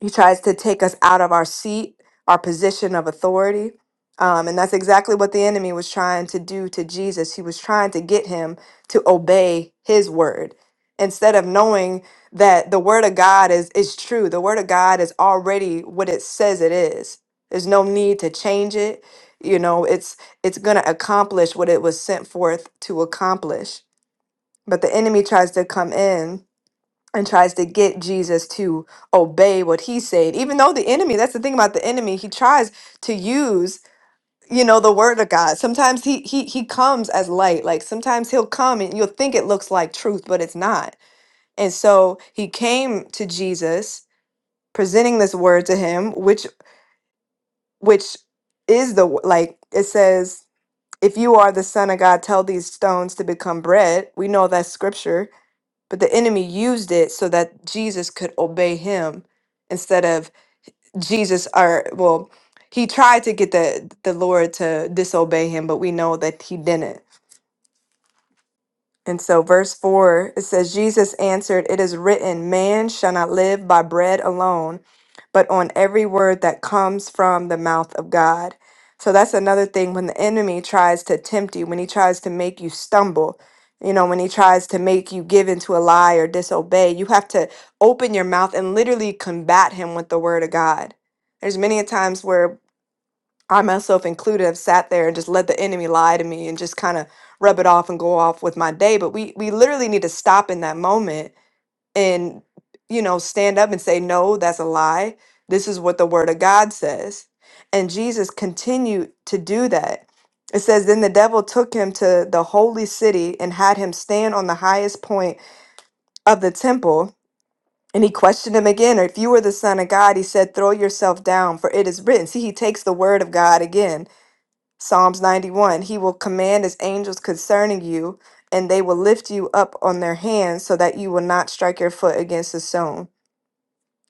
Speaker 2: he tries to take us out of our seat, our position of authority. Um, and that's exactly what the enemy was trying to do to Jesus. He was trying to get him to obey his word instead of knowing that the word of God is, is true. The word of God is already what it says it is. There's no need to change it. You know, it's it's gonna accomplish what it was sent forth to accomplish. But the enemy tries to come in and tries to get Jesus to obey what he said. Even though the enemy, that's the thing about the enemy, he tries to use you know the word of God. Sometimes he he he comes as light. Like sometimes he'll come and you'll think it looks like truth, but it's not. And so he came to Jesus presenting this word to him which which is the wo- like it says if you are the son of God tell these stones to become bread. We know that's scripture but the enemy used it so that Jesus could obey him instead of Jesus or well, he tried to get the the Lord to disobey him, but we know that he didn't. And so, verse 4, it says, Jesus answered, It is written, Man shall not live by bread alone, but on every word that comes from the mouth of God. So, that's another thing when the enemy tries to tempt you, when he tries to make you stumble, you know, when he tries to make you give into a lie or disobey, you have to open your mouth and literally combat him with the word of God. There's many a times where I myself included have sat there and just let the enemy lie to me and just kind of rub it off and go off with my day. But we we literally need to stop in that moment and you know stand up and say, no, that's a lie. This is what the Word of God says. And Jesus continued to do that. It says, then the devil took him to the holy city and had him stand on the highest point of the temple. And he questioned him again, if you were the son of God, he said, throw yourself down, for it is written. See, he takes the word of God again Psalms 91 He will command His angels concerning you, and they will lift you up on their hands so that you will not strike your foot against a stone.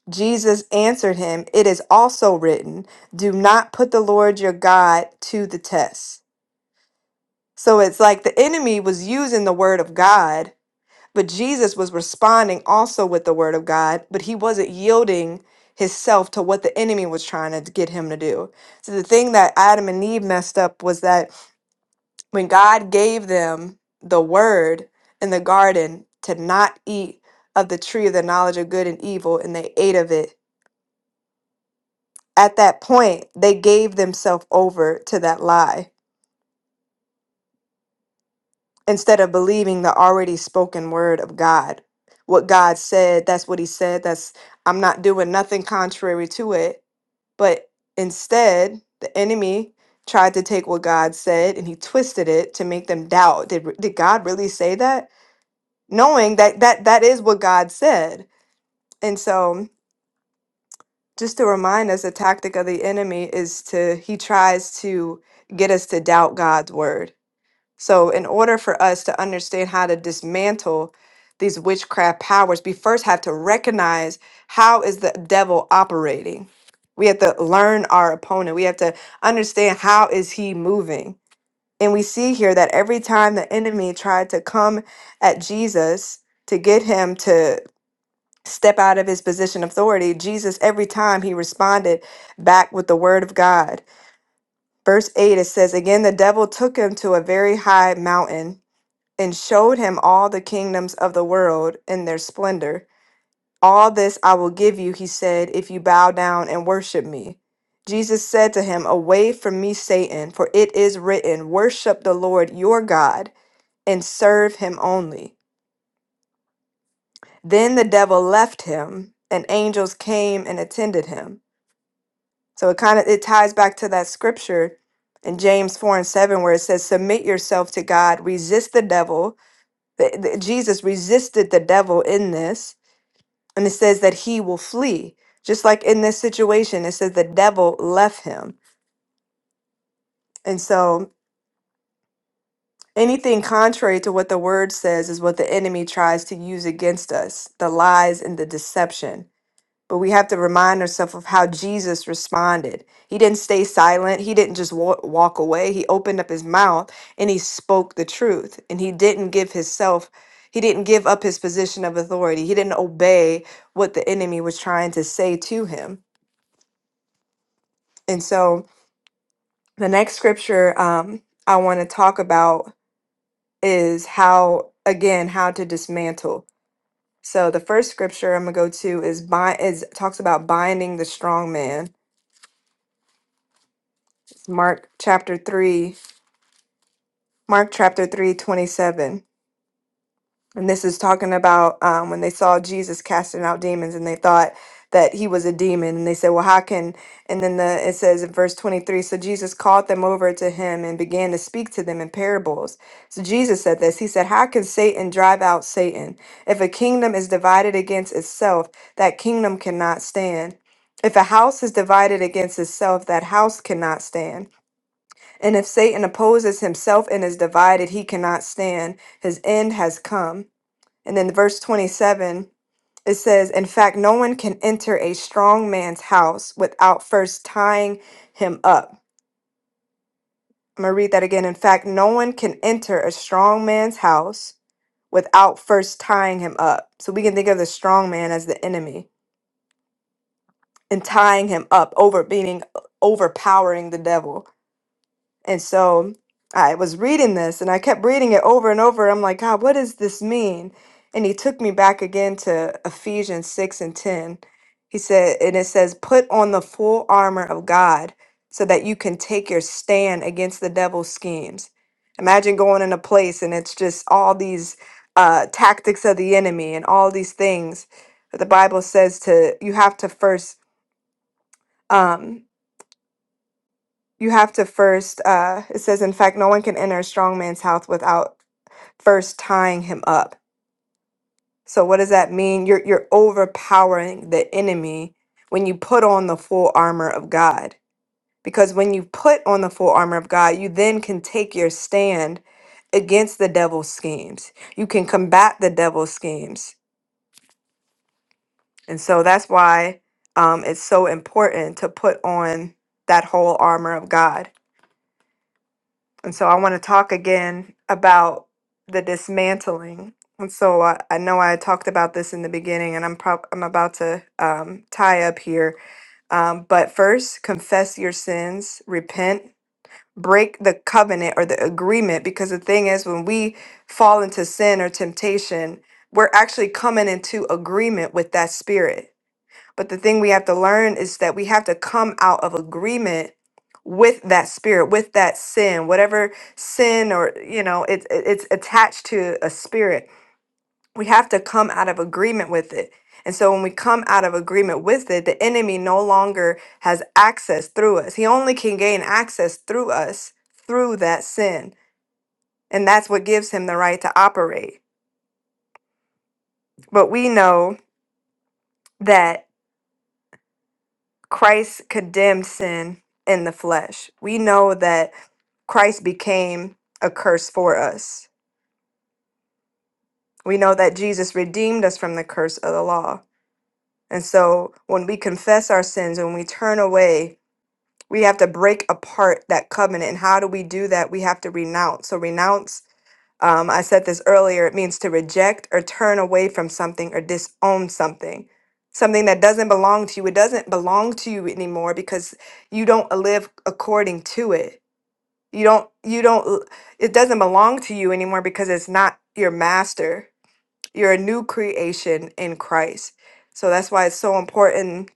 Speaker 2: Jesus answered him, It is also written, Do not put the Lord your God to the test. So it's like the enemy was using the word of God, but Jesus was responding also with the word of God, but he wasn't yielding himself to what the enemy was trying to get him to do. So the thing that Adam and Eve messed up was that when God gave them the word in the garden to not eat of the tree of the knowledge of good and evil, and they ate of it, at that point, they gave themselves over to that lie instead of believing the already spoken word of God. What God said, that's what He said. That's, I'm not doing nothing contrary to it. But instead, the enemy tried to take what God said and he twisted it to make them doubt. Did, did God really say that? knowing that that that is what God said. And so, just to remind us, the tactic of the enemy is to he tries to get us to doubt God's word. So, in order for us to understand how to dismantle these witchcraft powers, we first have to recognize how is the devil operating. We have to learn our opponent. We have to understand how is he moving. And we see here that every time the enemy tried to come at Jesus to get him to step out of his position of authority, Jesus, every time he responded back with the word of God. Verse 8, it says, Again, the devil took him to a very high mountain and showed him all the kingdoms of the world and their splendor. All this I will give you, he said, if you bow down and worship me. Jesus said to him, Away from me, Satan, for it is written, Worship the Lord your God and serve him only. Then the devil left him, and angels came and attended him. So it kind of it ties back to that scripture in James 4 and 7 where it says submit yourself to God, resist the devil. The, the- Jesus resisted the devil in this and it says that he will flee. Just like in this situation it says the devil left him. And so anything contrary to what the word says is what the enemy tries to use against us, the lies and the deception. But we have to remind ourselves of how Jesus responded. He didn't stay silent. He didn't just wa- walk away. He opened up his mouth and he spoke the truth. And he didn't give himself, he didn't give up his position of authority. He didn't obey what the enemy was trying to say to him. And so the next scripture um, I want to talk about is how, again, how to dismantle. So the first scripture I'm gonna go to is bind is talks about binding the strong man Mark chapter 3, Mark chapter 3 27, And this is talking about um, when they saw Jesus casting out demons and they thought that he was a demon. And they said, Well, how can. And then the, it says in verse 23 So Jesus called them over to him and began to speak to them in parables. So Jesus said this He said, How can Satan drive out Satan? If a kingdom is divided against itself, that kingdom cannot stand. If a house is divided against itself, that house cannot stand. And if Satan opposes himself and is divided, he cannot stand. His end has come. And then verse 27, it says, In fact, no one can enter a strong man's house without first tying him up. I'm going to read that again. In fact, no one can enter a strong man's house without first tying him up. So we can think of the strong man as the enemy and tying him up, over meaning overpowering the devil. And so I was reading this and I kept reading it over and over. I'm like, God, what does this mean? And he took me back again to Ephesians 6 and 10. He said, and it says, put on the full armor of God so that you can take your stand against the devil's schemes. Imagine going in a place and it's just all these uh, tactics of the enemy and all these things. But the Bible says to, you have to first. Um, you have to first uh it says in fact no one can enter a strong man's house without first tying him up so what does that mean you're you're overpowering the enemy when you put on the full armor of god because when you put on the full armor of god you then can take your stand against the devil's schemes you can combat the devil's schemes and so that's why um, it's so important to put on that whole armor of god And so I want to talk again about the dismantling. And so I, I know I talked about this in the beginning, and I'm prob- I'm about to um, tie up here. Um, but first, confess your sins, repent, break the covenant or the agreement, because the thing is, when we fall into sin or temptation, we're actually coming into agreement with that spirit but the thing we have to learn is that we have to come out of agreement with that spirit, with that sin, whatever sin or you know it's it, it's attached to a spirit. We have to come out of agreement with it. And so when we come out of agreement with it, the enemy no longer has access through us. He only can gain access through us through that sin. And that's what gives him the right to operate. But we know that Christ condemned sin in the flesh. We know that Christ became a curse for us. We know that Jesus redeemed us from the curse of the law. And so when we confess our sins, when we turn away, we have to break apart that covenant. And how do we do that? We have to renounce. So renounce, um, I said this earlier, it means to reject or turn away from something or disown something. Something that doesn't belong to you. It doesn't belong to you anymore because you don't live according to it You don't you don't it doesn't belong to you anymore because it's not your master. You're a new creation in Christ. So that's why it's so important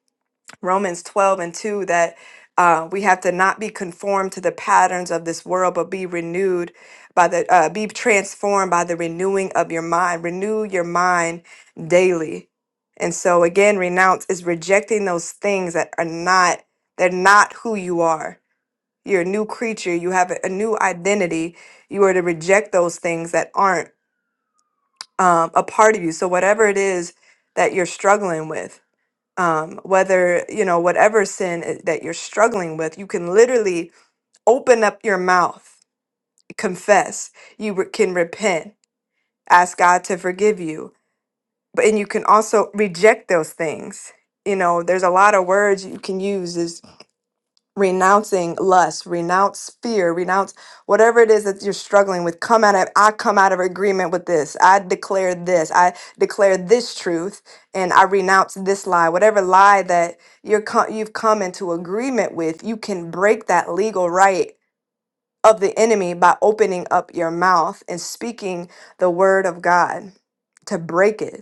Speaker 2: Romans 12 and 2 that uh, we have to not be conformed to the patterns of this world, but be renewed by the, uh, be transformed by the renewing of your mind. Renew your mind daily. And so again, renounce is rejecting those things that are not, they're not who you are you're a new creature. You have a a new identity. You are to reject those things that aren't um, a part of you. So whatever it is that you're struggling with, um, whether you know whatever sin i- that you're struggling with, you can literally open up your mouth, confess. You re- can repent, ask God to forgive you, but and you can also reject those things. You know, there's a lot of words you can use. renouncing lust, renounce fear, renounce whatever it is that you're struggling with. Come out of I come out of agreement with this. I declare this. I declare this truth and I renounce this lie. Whatever lie that you're co- you've come into agreement with, you can break that legal right of the enemy by opening up your mouth and speaking the word of God to break it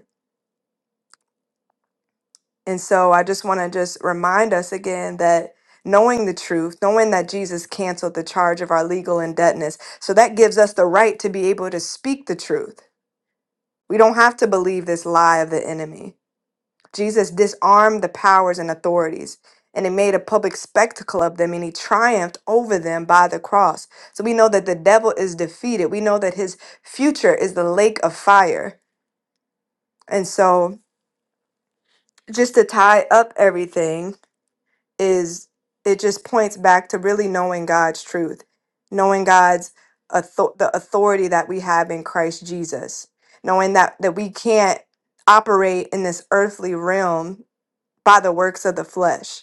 Speaker 2: And so I just want to just remind us again that knowing the truth, knowing that Jesus canceled the charge of our legal indebtedness, so that gives us the right to be able to speak the truth. We don't have to believe this lie of the enemy. Jesus disarmed the powers and authorities. And he made a public spectacle of them and he triumphed over them by the cross. So we know that the devil is defeated. We know that his future is the lake of fire. And so, just to tie up everything, is it just points back to really knowing God's truth, knowing God's author- the authority that we have in Christ Jesus, knowing that that we can't operate in this earthly realm by the works of the flesh.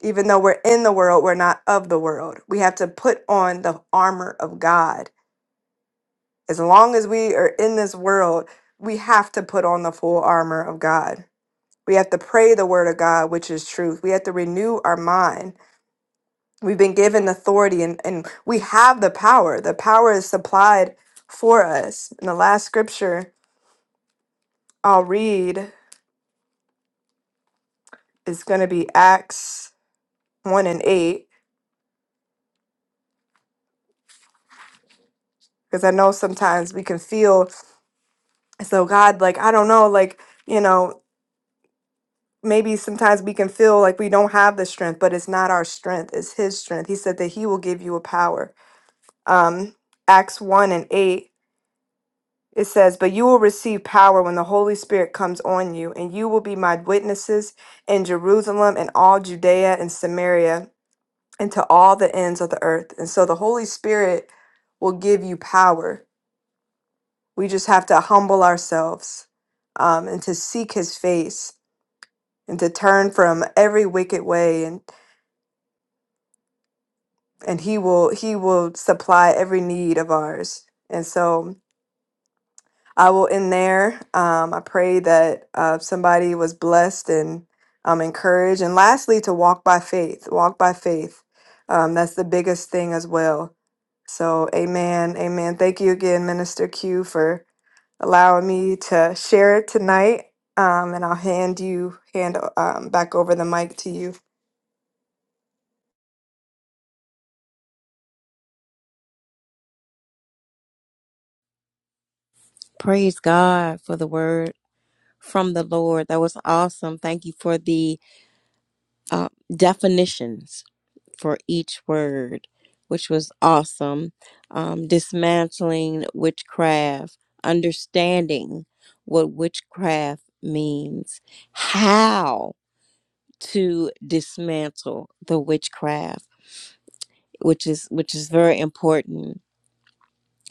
Speaker 2: Even though we're in the world, we're not of the world. We have to put on the armor of God. As long as we are in this world, we have to put on the full armor of God. We have to pray the word of God, which is truth. We have to renew our mind We've been given authority and, and we have the power. The power is supplied for us. And the last scripture I'll read is going to be Acts 1 and 8, because I know sometimes we can feel as though God, like, I don't know, like, you know, maybe sometimes we can feel like we don't have the strength, but it's not our strength, it's His strength. He said that He will give you a power. Um, Acts 1 and 8 It says, But you will receive power when the Holy Spirit comes on you, and you will be my witnesses in Jerusalem and all Judea and Samaria and to all the ends of the earth. And so the Holy Spirit will give you power. We just have to humble ourselves um, and to seek his face and to turn from every wicked way and and he will he will supply every need of ours. And so I will end there. Um, I pray that uh, somebody was blessed and um, encouraged. And lastly, to walk by faith. Walk by faith. Um, that's the biggest thing as well. So, amen. Amen. Thank you again, Minister Q, for allowing me to share it tonight. Um, and I'll hand you hand um, back over the mic to you.
Speaker 3: Praise God for the word from the Lord. That was awesome. Thank you for the uh, definitions for each word, which was awesome. Um, dismantling witchcraft, understanding what witchcraft means, how to dismantle the witchcraft, which is which is very important.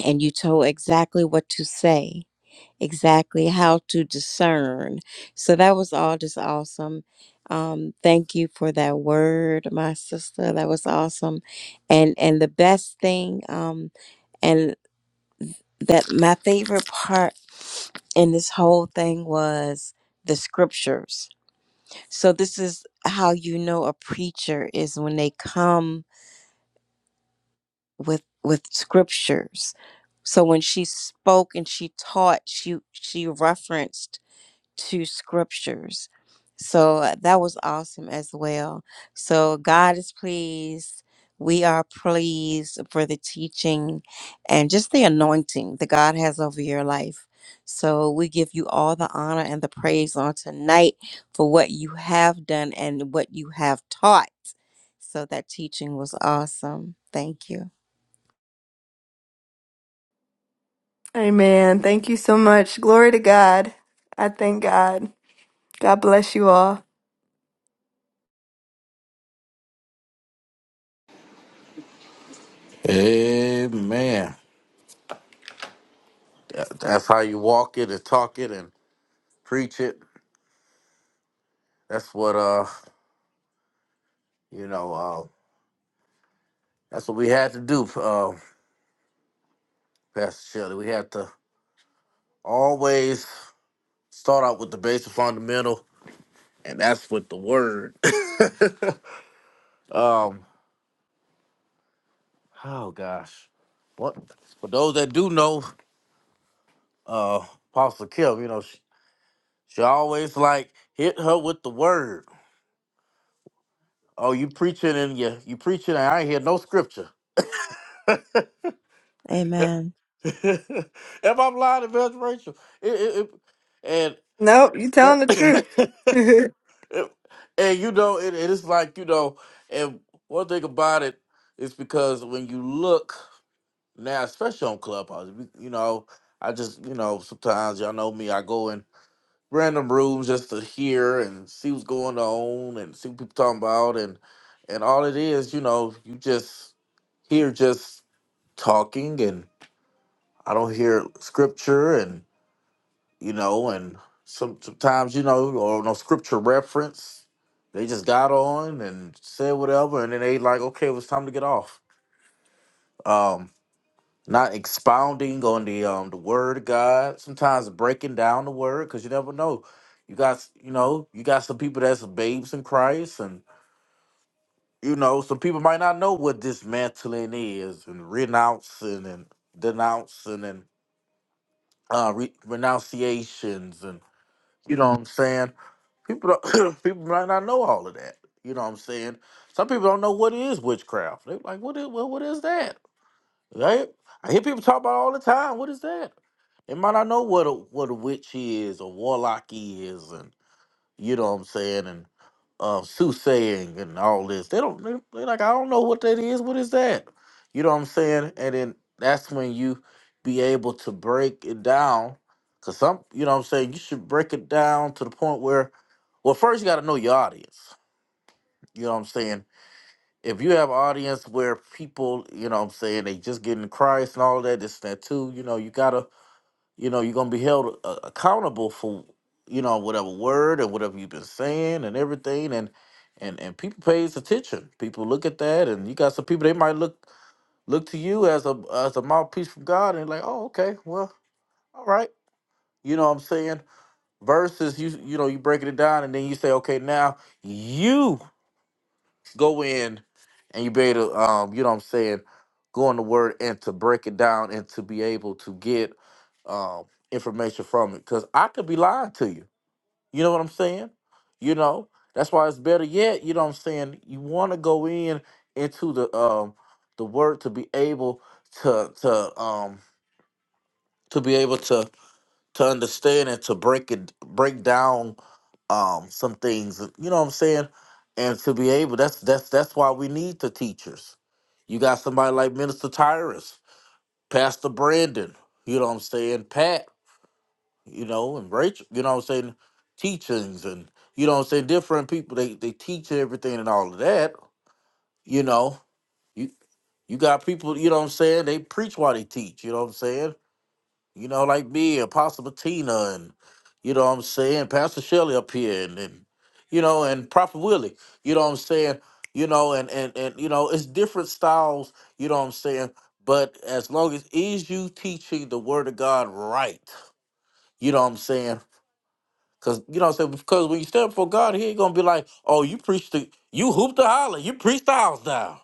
Speaker 3: And you told exactly what to say exactly how to discern. So that was all just awesome. Um, thank you for that word, my sister. That was awesome. And and the best thing, um, and that my favorite part in this whole thing was the scriptures. So this is how you know a preacher is when they come with with scriptures. So when she spoke and she taught, she she referenced to scriptures. So uh, that was awesome as well. So God is pleased. We are pleased for the teaching and just the anointing that God has over your life. So we give you all the honor and the praise on tonight for what you have done and what you have taught. So that teaching was awesome. Thank you.
Speaker 2: Amen. Thank you so much. Glory to God. I thank God. God bless you all.
Speaker 1: Amen. That- That's how you walk it and talk it and preach it. That's what uh you know uh that's what we had to do, uh, Pastor Shelley. We had to always start out with the basic fundamental, and that's with the word. um, oh gosh, what for those that do know, uh, Apostle Kim, you know she, she always like hit her with the word. Oh, you preaching and you you preaching and I ain't hear no scripture.
Speaker 3: Amen.
Speaker 1: If I am lying, Evangelist Rachel? It, it, it,
Speaker 2: Nope, you
Speaker 1: and
Speaker 2: telling the truth.
Speaker 1: that- and you know, it, it is like you know, and one thing about it is because when you look now, especially on Clubhouse, you you know, I just you know sometimes y'all know me, I go in random rooms just to hear and see what's going on and see what people talking about and and all it is, you know, you just hear just talking and I don't hear scripture you know, and some sometimes, you know, or no scripture reference. They just got on and said whatever, and then they like, okay, it was time to get off. Um, not expounding on the um the word of God. Sometimes breaking down the word because you never know. You got you know you got some people that's babes in Christ, and you know some people might not know what dismantling is and renouncing and denouncing and uh, re- renunciations and You know what I'm saying? People don't, people might not know all of that. You know what I'm saying? Some people don't know what is witchcraft. They're like, what is well, what is that? Right? I hear people talk about it all the time. What is that? They might not know what a what a witch is or warlock is and you know what I'm saying, and uh, soothsaying and all this. They don't, they- they like, I don't know what that is. What is that? You know what I'm saying? And then that's when you be able to break it down. Cause some, you know what I'm saying, you should break it down to the point where, well, first you got to know your audience. You know what I'm saying? If you have an audience where people, you know what I'm saying, they just get in Christ and all that, this and that too, you know, you got to you know you're gonna be held uh, accountable for you know whatever word and whatever you've been saying and everything and and and people pays attention people look at that and you got some people they might look look to you as a as a mouthpiece from god and like oh okay well all right you know what i'm saying versus you you know you breaking it down and then you say okay now you go in and you be able to um you know what i'm saying go on the word and to break it down and to be able to get um information from it because i could be lying to you you know what i'm saying you know that's why it's better yet you know what i'm saying you want to go in into the um the word to be able to to um to be able to to understand and to break it break down um some things you know what i'm saying and to be able that's that's that's why we need the teachers you got somebody like minister tyrus pastor brandon you know what i'm saying pat you know and rachel you know what i'm saying teachings and you know what i'm saying different people they they teach everything and all of that you know you you got people you know what i'm saying they preach while they teach you know what i'm saying you know, like me, Apostle Patina, and you know what I'm saying, Pastor Shelley up here, and, and you know, and Prophet Willie, you know what I'm saying, you know, and and and you know, it's different styles, you know what I'm saying, but as long as is you teaching the Word of God right, you know what I'm saying, Cause you know what I'm saying? Because when you stand before God, he ain't gonna be like, oh, you preached the you hooped the holler, you preached the house down.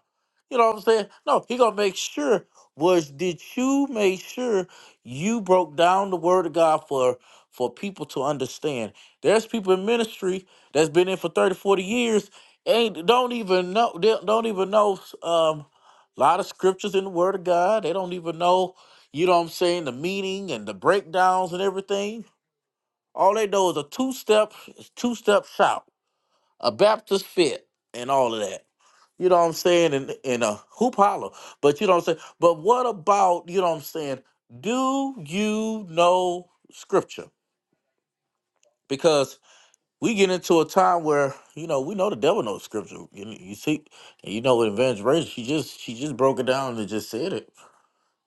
Speaker 1: You know what I'm saying? No, he gonna make sure was did you make sure you broke down the word of God for for people to understand. There's people in ministry that's been in for 30, 40 years, ain't don't even know they don't even know um a lot of scriptures in the word of God. They don't even know, you know what I'm saying, the meaning and the breakdowns and everything all they know is a two step two step shout, a Baptist fit, and all of that. You know what I'm saying? And and a hoop holler. But you know what I'm saying? But what about, you know what I'm saying? Do you know scripture? Because we get into a time where, you know, we know the devil knows scripture. You, you see, and you know with Evangelist Rachel, she just she just broke it down and just said it.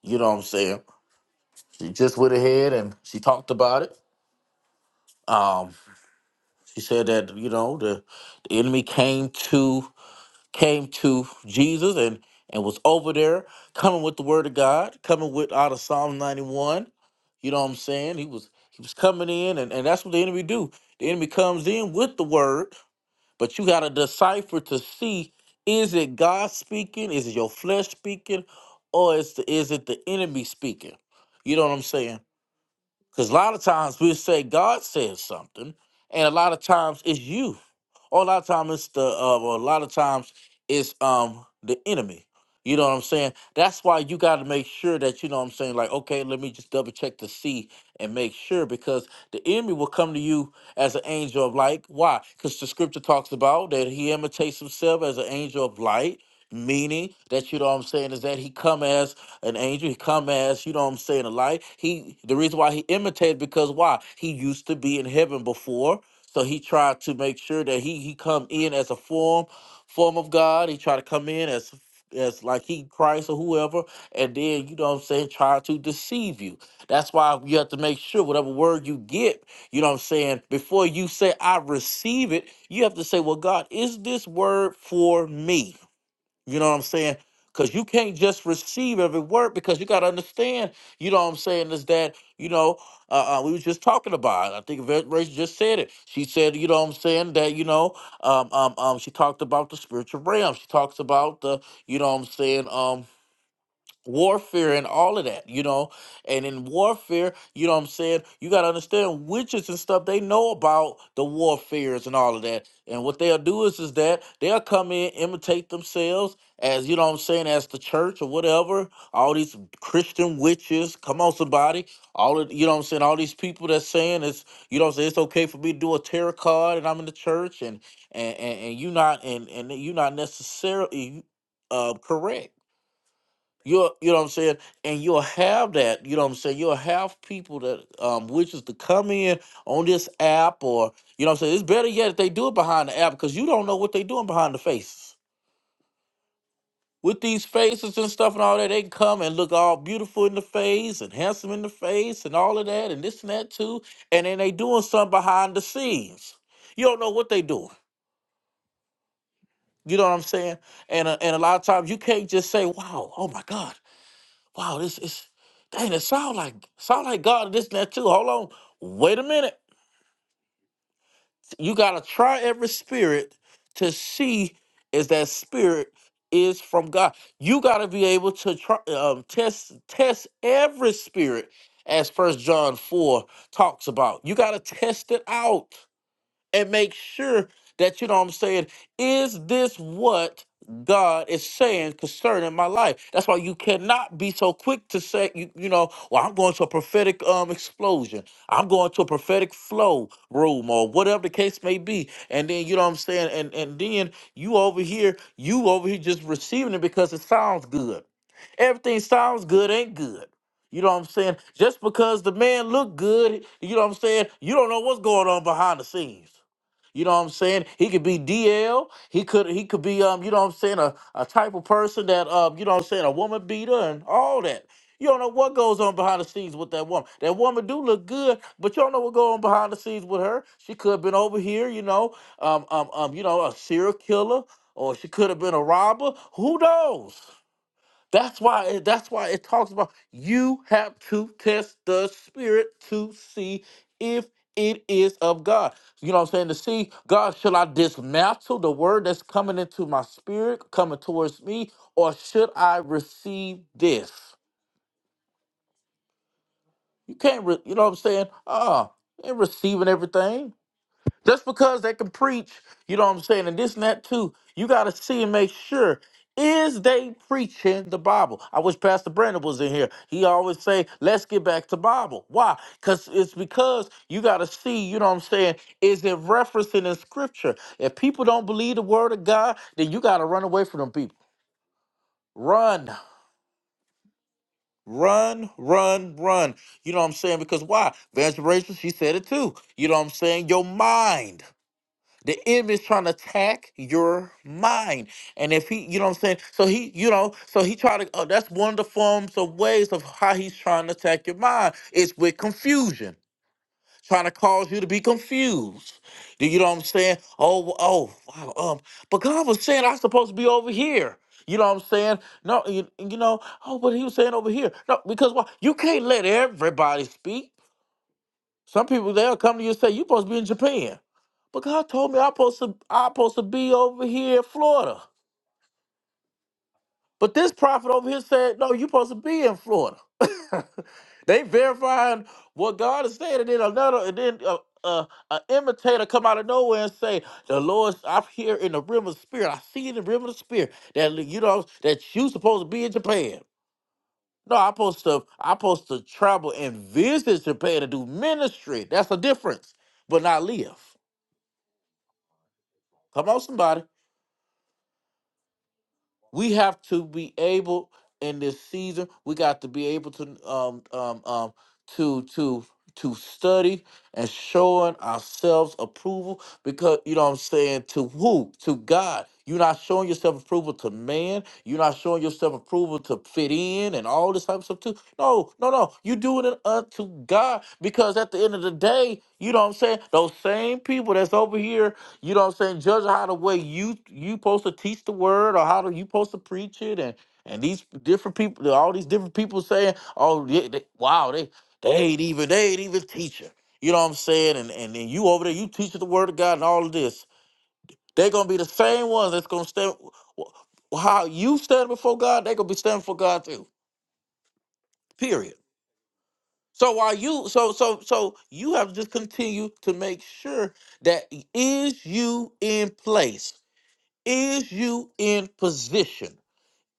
Speaker 1: You know what I'm saying? She just went ahead and she talked about it. Um. She said that you know the, the enemy came to came to Jesus and and was over there coming with the word of God, coming with out of Psalm 91. You know what I'm saying? He was he was coming in and, and that's what the enemy do. The enemy comes in with the word, but you gotta decipher to see is it God speaking, is it your flesh speaking, or is the, is it the enemy speaking? You know what I'm saying? Because a lot of times we say God says something, and a lot of times it's you, or a lot of times it's the, uh, or a lot of times it's um the enemy. You know what I'm saying? That's why you got to make sure that you know what I'm saying. Like, okay, let me just double check to see and make sure because the enemy will come to you as an angel of light. Why? Because the scripture talks about that he imitates himself as an angel of light. Meaning that you know what I'm saying is that he come as an angel, he come as you know what I'm saying a light. He the reason why he imitated because why he used to be in heaven before, so he tried to make sure that he he come in as a form form of God. He tried to come in as as like he Christ or whoever, and then you know what I'm saying try to deceive you. That's why you have to make sure whatever word you get, you know what I'm saying, before you say, I receive it, you have to say, Well, God, is this word for me? You know what I'm saying? Because you can't just receive every word because you got to understand, you know what I'm saying, is that, you know, uh, uh, we was just talking about it. I think Ve- Rachel just said it. She said, you know what I'm saying, that, you know, um, um, um, she talked about the spiritual realm. She talks about the, you know what I'm saying, Um warfare and all of that, you know. And in warfare, you know what I'm saying? You got to understand witches and stuff, they know about the warfares and all of that. And what they'll do is is that they'll come in, imitate themselves as, you know what I'm saying, as the church or whatever, all these Christian witches, come on somebody, all of, you know what I'm saying, all these people that's saying it's, you know what I'm saying, it's okay for me to do a tarot card and I'm in the church and and and, and you not and and you not necessarily uh correct You'll, you know what I'm saying? And you'll have that, you know what I'm saying? You'll have people that um wishes to come in on this app or, you know what I'm saying? It's better yet if they do it behind the app because you don't know what they doing behind the faces. With these faces and stuff and all that, they can come and look all beautiful in the face and handsome in the face and all of that and this and that too. And then they doing something behind the scenes. You don't know what they doing. You know what I'm saying? And, uh, and a lot of times you can't just say, wow, oh my God. Wow, this is dang, it sound like sound like God this and that too. Hold on. Wait a minute. You gotta try every spirit to see if that spirit is from God. You gotta be able to try um, test test every spirit as first John 4 talks about. You gotta test it out and make sure that you know what I'm saying. Is this what God is saying concerning my life? That's why you cannot be so quick to say, you, you know, well, I'm going to a prophetic um explosion. I'm going to a prophetic flow room or whatever the case may be. And then you know what I'm saying, and and then you over here, you over here just receiving it because it sounds good. Everything sounds good, ain't good. You know what I'm saying? Just because the man look good, you know what I'm saying? You don't know what's going on behind the scenes. You know what I'm saying? He could be DL. He could he could be um, you know what I'm saying, a, a type of person that um, you know what I'm saying, a woman beater and all that. You don't know what goes on behind the scenes with that woman. That woman do look good, but you don't know what goes on behind the scenes with her. She could have been over here, you know, um, um, um, you know, a serial killer, or she could have been a robber. Who knows? That's why it- that's why it talks about you have to test the spirit to see if it is of God. You know what I'm saying? To see God, should I dismantle the word that's coming into my spirit, coming towards me, or should I receive this? You can't, re- you know what I'm saying? Uh, uh ain't receiving everything. Just because they can preach, you know what I'm saying, and this and that too, you got to see and make sure is they preaching the Bible. I wish Pastor Brandon was in here. He always say, "Let's get back to Bible." Why? Cuz it's because you got to see, you know what I'm saying, is it referencing in scripture. If people don't believe the word of God, then you got to run away from them people. Run. Run, run, run. You know what I'm saying? Because why? Evangelist, Rachel, she said it too. You know what I'm saying? Your mind. The enemy is trying to attack your mind. And if he, you know what I'm saying? So he, you know, so he try to, oh, that's one of the forms of ways of how he's trying to attack your mind. It's with confusion, trying to cause you to be confused. Do you know what I'm saying? Oh, oh, wow. Um, but God was saying I'm supposed to be over here. You know what I'm saying? No, you, you know, oh, but he was saying over here. No, because why? You can't let everybody speak. Some people they'll come to you and say, you supposed to be in Japan. But God told me I'm supposed to I'm supposed to be over here in Florida. But this prophet over here said, No, you're supposed to be in Florida. they verifying what God is saying, and then another, and then uh, uh, an imitator come out of nowhere and say, "The Lord, I'm here in the realm of the spirit. I see in the realm of the spirit that you know that you supposed to be in Japan. No, I'm supposed to. I'm supposed to travel and visit Japan to do ministry. That's the difference, but not live. Come on, somebody. We have to be able in this season. We got to be able to um um um to to to study and showing ourselves approval because you know what I'm saying to who? To God. You're not showing yourself approval to man. You're not showing yourself approval to fit in and all this type of stuff too. No, no, no. You're doing it unto God because at the end of the day, you know what I'm saying? Those same people that's over here, you know what I'm saying, judge how the way you you supposed to teach the word or how do you supposed to preach it and and these different people, all these different people saying, oh, they, they, wow, they they ain't even they ain't even teaching. You know what I'm saying? And and, and you over there, you teaching the word of God and all of this. They're gonna be the same ones that's gonna stand wh- how you stand before God, they're gonna be standing for God too. Period. So while you so so so you have to just continue to make sure that is you in place, is you in position.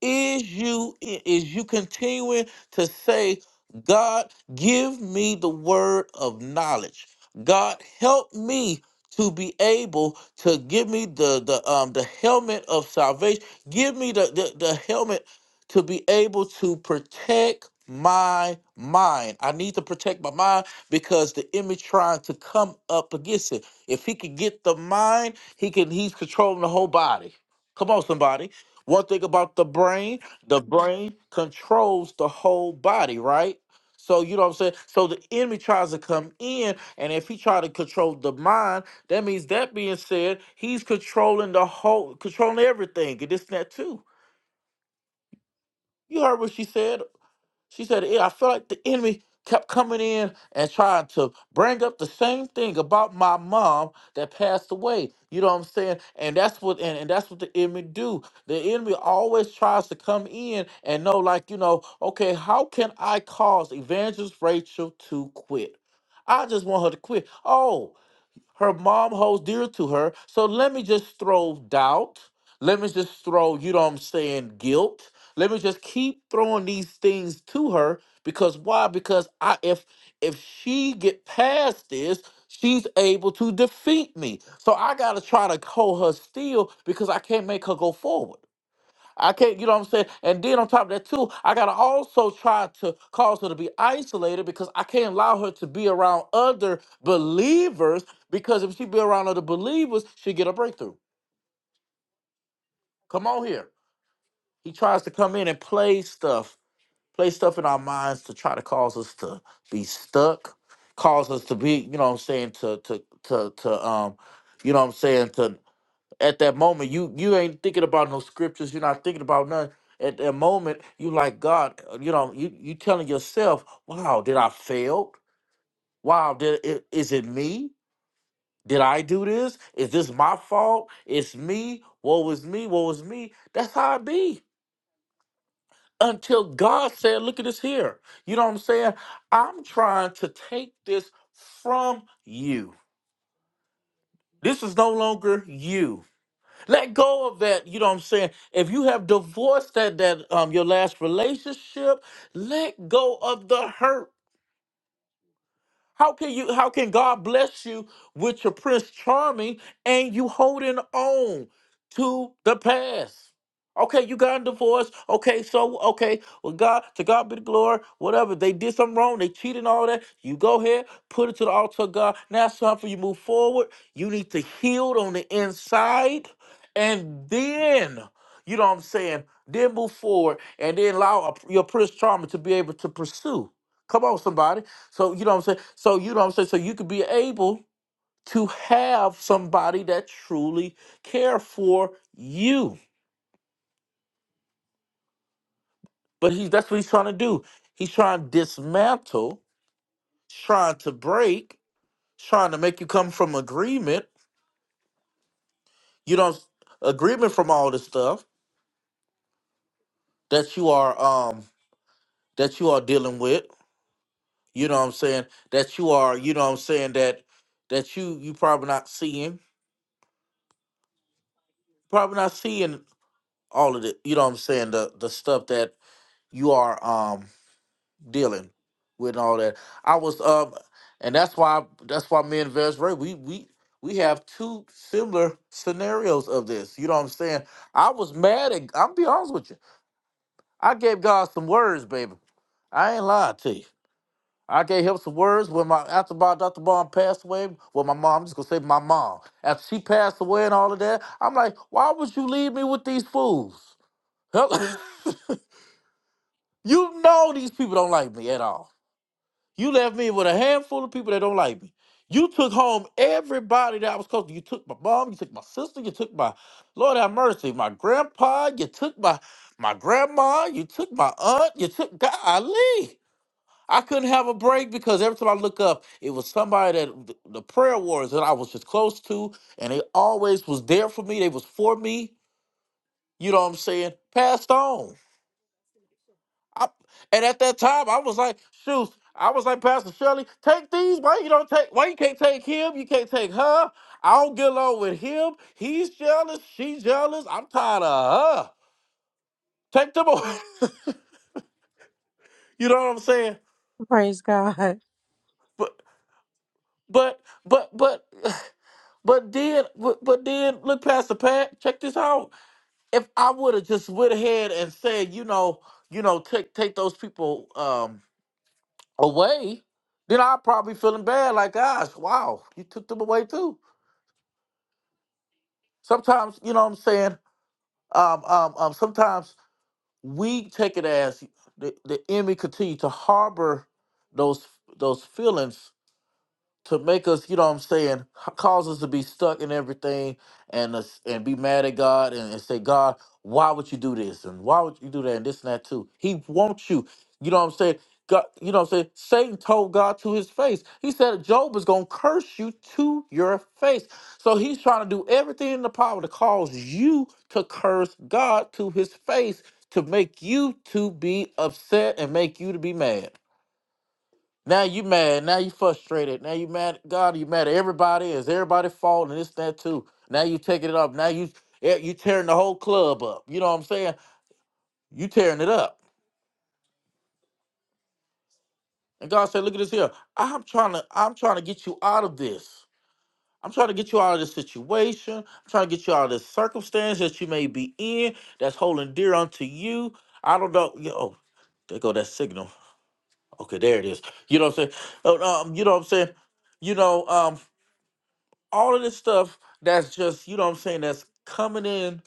Speaker 1: is you is you continuing to say god give me the word of knowledge god help me to be able to give me the the um the helmet of salvation give me the the, the helmet to be able to protect my mind i need to protect my mind because the enemy trying to come up against it if he can get the mind he can he's controlling the whole body come on somebody one thing about the brain, the brain controls the whole body, right? So you know what I'm saying? So the enemy tries to come in, and if he try to control the mind, that means that being said, he's controlling the whole controlling everything. And this and that too. You heard what she said she said, "Yeah, I feel like the enemy kept coming in and trying to bring up the same thing about my mom that passed away. You know what I'm saying? And that's what and, and that's what the enemy do. The enemy always tries to come in and know, like, you know, okay, how can I cause evangelist Rachel to quit? I just want her to quit. Oh, her mom holds dear to her. So let me just throw doubt. Let me just throw, you know what I'm saying, guilt. Let me just keep throwing these things to her because why? Because I if if she get past this, she's able to defeat me. So I gotta try to hold her still because I can't make her go forward. I can't, you know what I'm saying? And then on top of that, too, I gotta also try to cause her to be isolated because I can't allow her to be around other believers because if she be around other believers, she get a breakthrough. Come on here. He tries to come in and play stuff, play stuff in our minds to try to cause us to be stuck, cause us to be, you know what I'm saying, to to to to um, you know what I'm saying, to. at that moment you you ain't thinking about no scriptures you're not thinking about nothing at that moment you like god uh, you know you you telling yourself wow did i fail wow did it, is it me did i do this is this my fault it's me what was me what was me that's how it be until god said look at this here you know what i'm saying i'm trying to take this from you this is no longer you Let go of that. You know what I'm saying? If you have divorced that that um your last relationship, let go of the hurt how can you how can God bless you with your prince charming and you holding on to the past? Okay, you got a divorce. Okay, so okay, well God to God be the glory, whatever. They did something wrong, they cheated all that. You go ahead, put it to the altar of God. Now it's time for you to move forward. You need to heal on the inside. And then, you know what I'm saying, then move forward and then allow a- your prince charming to be able to pursue. Come on, somebody. So you know what I'm saying? So you know what I'm saying? So you could be able to have somebody that truly care for you. But he's that's what he's trying to do. He's trying to dismantle, trying to break, trying to make you come from agreement. You know agreement from all the stuff that you are um that you are dealing with. You know what I'm saying? That you are, you know what I'm saying, that that you you probably not seeing. Probably not seeing all of it. You know what I'm saying? The the stuff that you are um dealing with all that. I was um and that's why that's why me and Vez Ray we we we have two similar scenarios of this. You know what I'm saying? I was mad at I'm be honest with you. I gave God some words, baby. I ain't lying to you. I gave him some words when my after my Dr. Bond passed away. Well, my mom, I'm just gonna say my mom. After she passed away and all of that, I'm like, why would you leave me with these fools? Help- you know these people don't like me at all. You left me with a handful of people that don't like me. You took home everybody that I was close to. You took my mom, you took my sister, you took my Lord have mercy, my grandpa, you took my my grandma, you took my aunt, you took golly. I couldn't have a break because every time I look up, it was somebody that th- the prayer warriors that I was just close to, and they always was there for me. They was for me. You know what I'm saying? Passed on. I, and at that time, I was like, shoot, I was like, Pastor Shirley, take these. Why you don't take? Why you can't take him? You can't take her. I don't get along with him. He's jealous. She's jealous. I'm tired of her. Take them away. you know what I'm saying?
Speaker 3: Praise God.
Speaker 1: But but but but but then but, but then look, Pastor Pat, check this out. If I would have just went ahead and said, you know, you know, take take those people. Um, away, then i probably feeling bad like, gosh, wow, you took them away too. Sometimes, you know what I'm saying? Um, um, um, sometimes we take it as the, the enemy continue to harbor those those feelings to make us, you know what I'm saying, h- cause us to be stuck in everything and us, and be mad at God and, and say, God, why would you do this? And why would you do that? And this and that too. He wants you. You know what I'm saying? God, you know what I'm saying? Satan told God to his face. He said Job is gonna curse you to your face. So he's trying to do everything in the power to cause you to curse God to his face to make you to be upset and make you to be mad. Now you mad. Now you frustrated. Now you mad at God. You mad at everybody. Is everybody fault and this that too? Now you taking it up. Now you eh, you tearing the whole club up. You know what I'm saying? You tearing it up. And God said, "Look at this here. I'm trying to I'm trying to get you out of this. I'm trying to get you out of this situation. I'm trying to get you out of this circumstance that you may be in that's holding dear unto you. I don't know. Yo, there go that signal. Okay, there it is. You know what I'm saying? Oh, Um, you know what I'm saying? You know, um, all of this stuff that's just you know what i'm saying that's coming in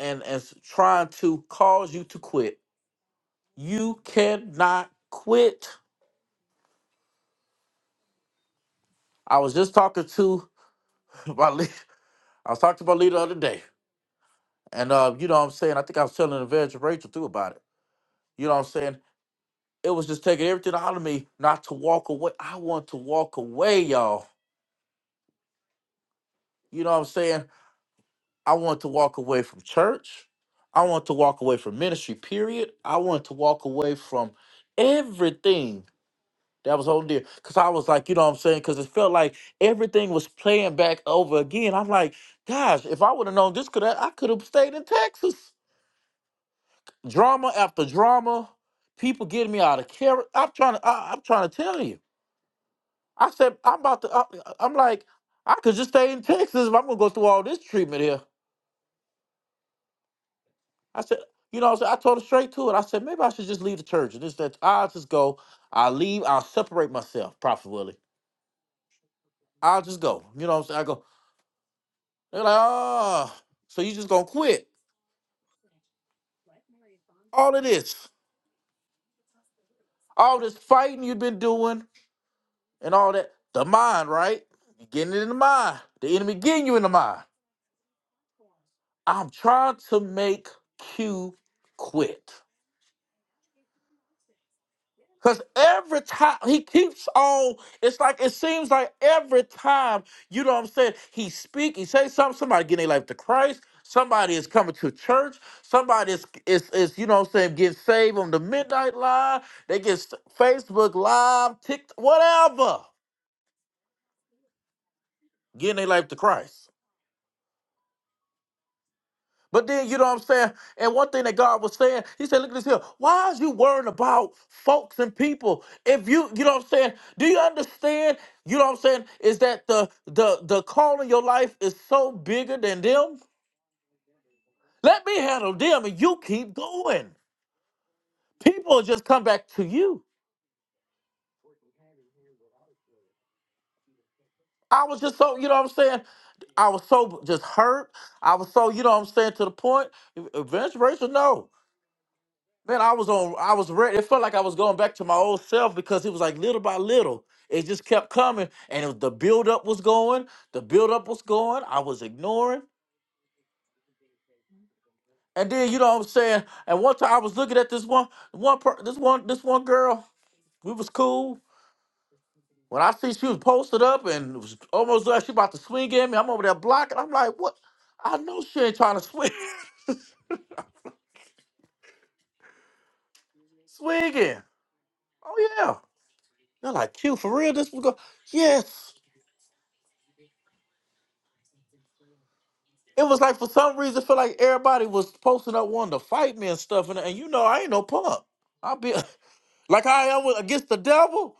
Speaker 1: and and s- trying to cause you to quit you cannot quit i was just talking to my lead i was talking to my leader the other day and uh you know what i'm saying i think i was telling the evangelist rachel too about it you know what i'm saying it was just taking everything out of me not to walk away i want to walk away y'all you know what i'm saying I want to walk away from church. I want to walk away from ministry, period. I want to walk away from everything that was on there. Cause I was like, you know what I'm saying? Cause it felt like everything was playing back over again. I'm like, gosh, if I would have known this could I could have stayed in Texas. Drama after drama, people getting me out of character. I'm trying to I, I'm trying to tell you. I said I'm about to I, I'm like I could just stay in Texas if I'm gonna go through all this treatment here. I said, you know, I, said, I told her straight to it. I said, maybe I should just leave the church. And this, that, I'll just go. I'll leave. I'll separate myself, Prophet Willie. I'll just go. You know what I'm saying? I go, they're like, oh, so you just going to quit. All of this, all this fighting you've been doing and all that. The mind, right? you getting it in the mind. The enemy getting you in the mind. I'm trying to make Q quit. Because every time he keeps on, it's like it seems like every time, you know what I'm saying? He speak, he say something, somebody getting their life to Christ, somebody is coming to church, somebody is is, is you know what I'm saying, getting saved on the midnight line, they get s- Facebook live, TikTok, whatever, getting their life to Christ. But then you know what I'm saying? And one thing that God was saying, He said, look at this here. Why is you worrying about folks and people? If you, you know what I'm saying, do you understand? You know what I'm saying? Is that the the the call in your life is so bigger than them? Let me handle them and you keep going. People just come back to you. I was just so, you know what I'm saying? I was so just hurt. I was so, you know what I'm saying, to the point. Vince Rachel, no. Man, I was on. I was ready. It felt like I was going back to my old self because it was like little by little, it just kept coming, and it was, the buildup was going. The buildup was going. I was ignoring, and then you know what I'm saying. And one time I was looking at this one, one, per, this one, this one girl. We was cool. When I see she was posted up and it was almost like she about to swing at me, I'm over there blocking. I'm like, what? I know she ain't trying to swing, swinging. Oh yeah. They're like, cute for real. This was go. Yes. It was like for some reason, I feel like everybody was posting up wanting to fight me and stuff. And, and you know, I ain't no punk. I'll be like I am with- against the devil.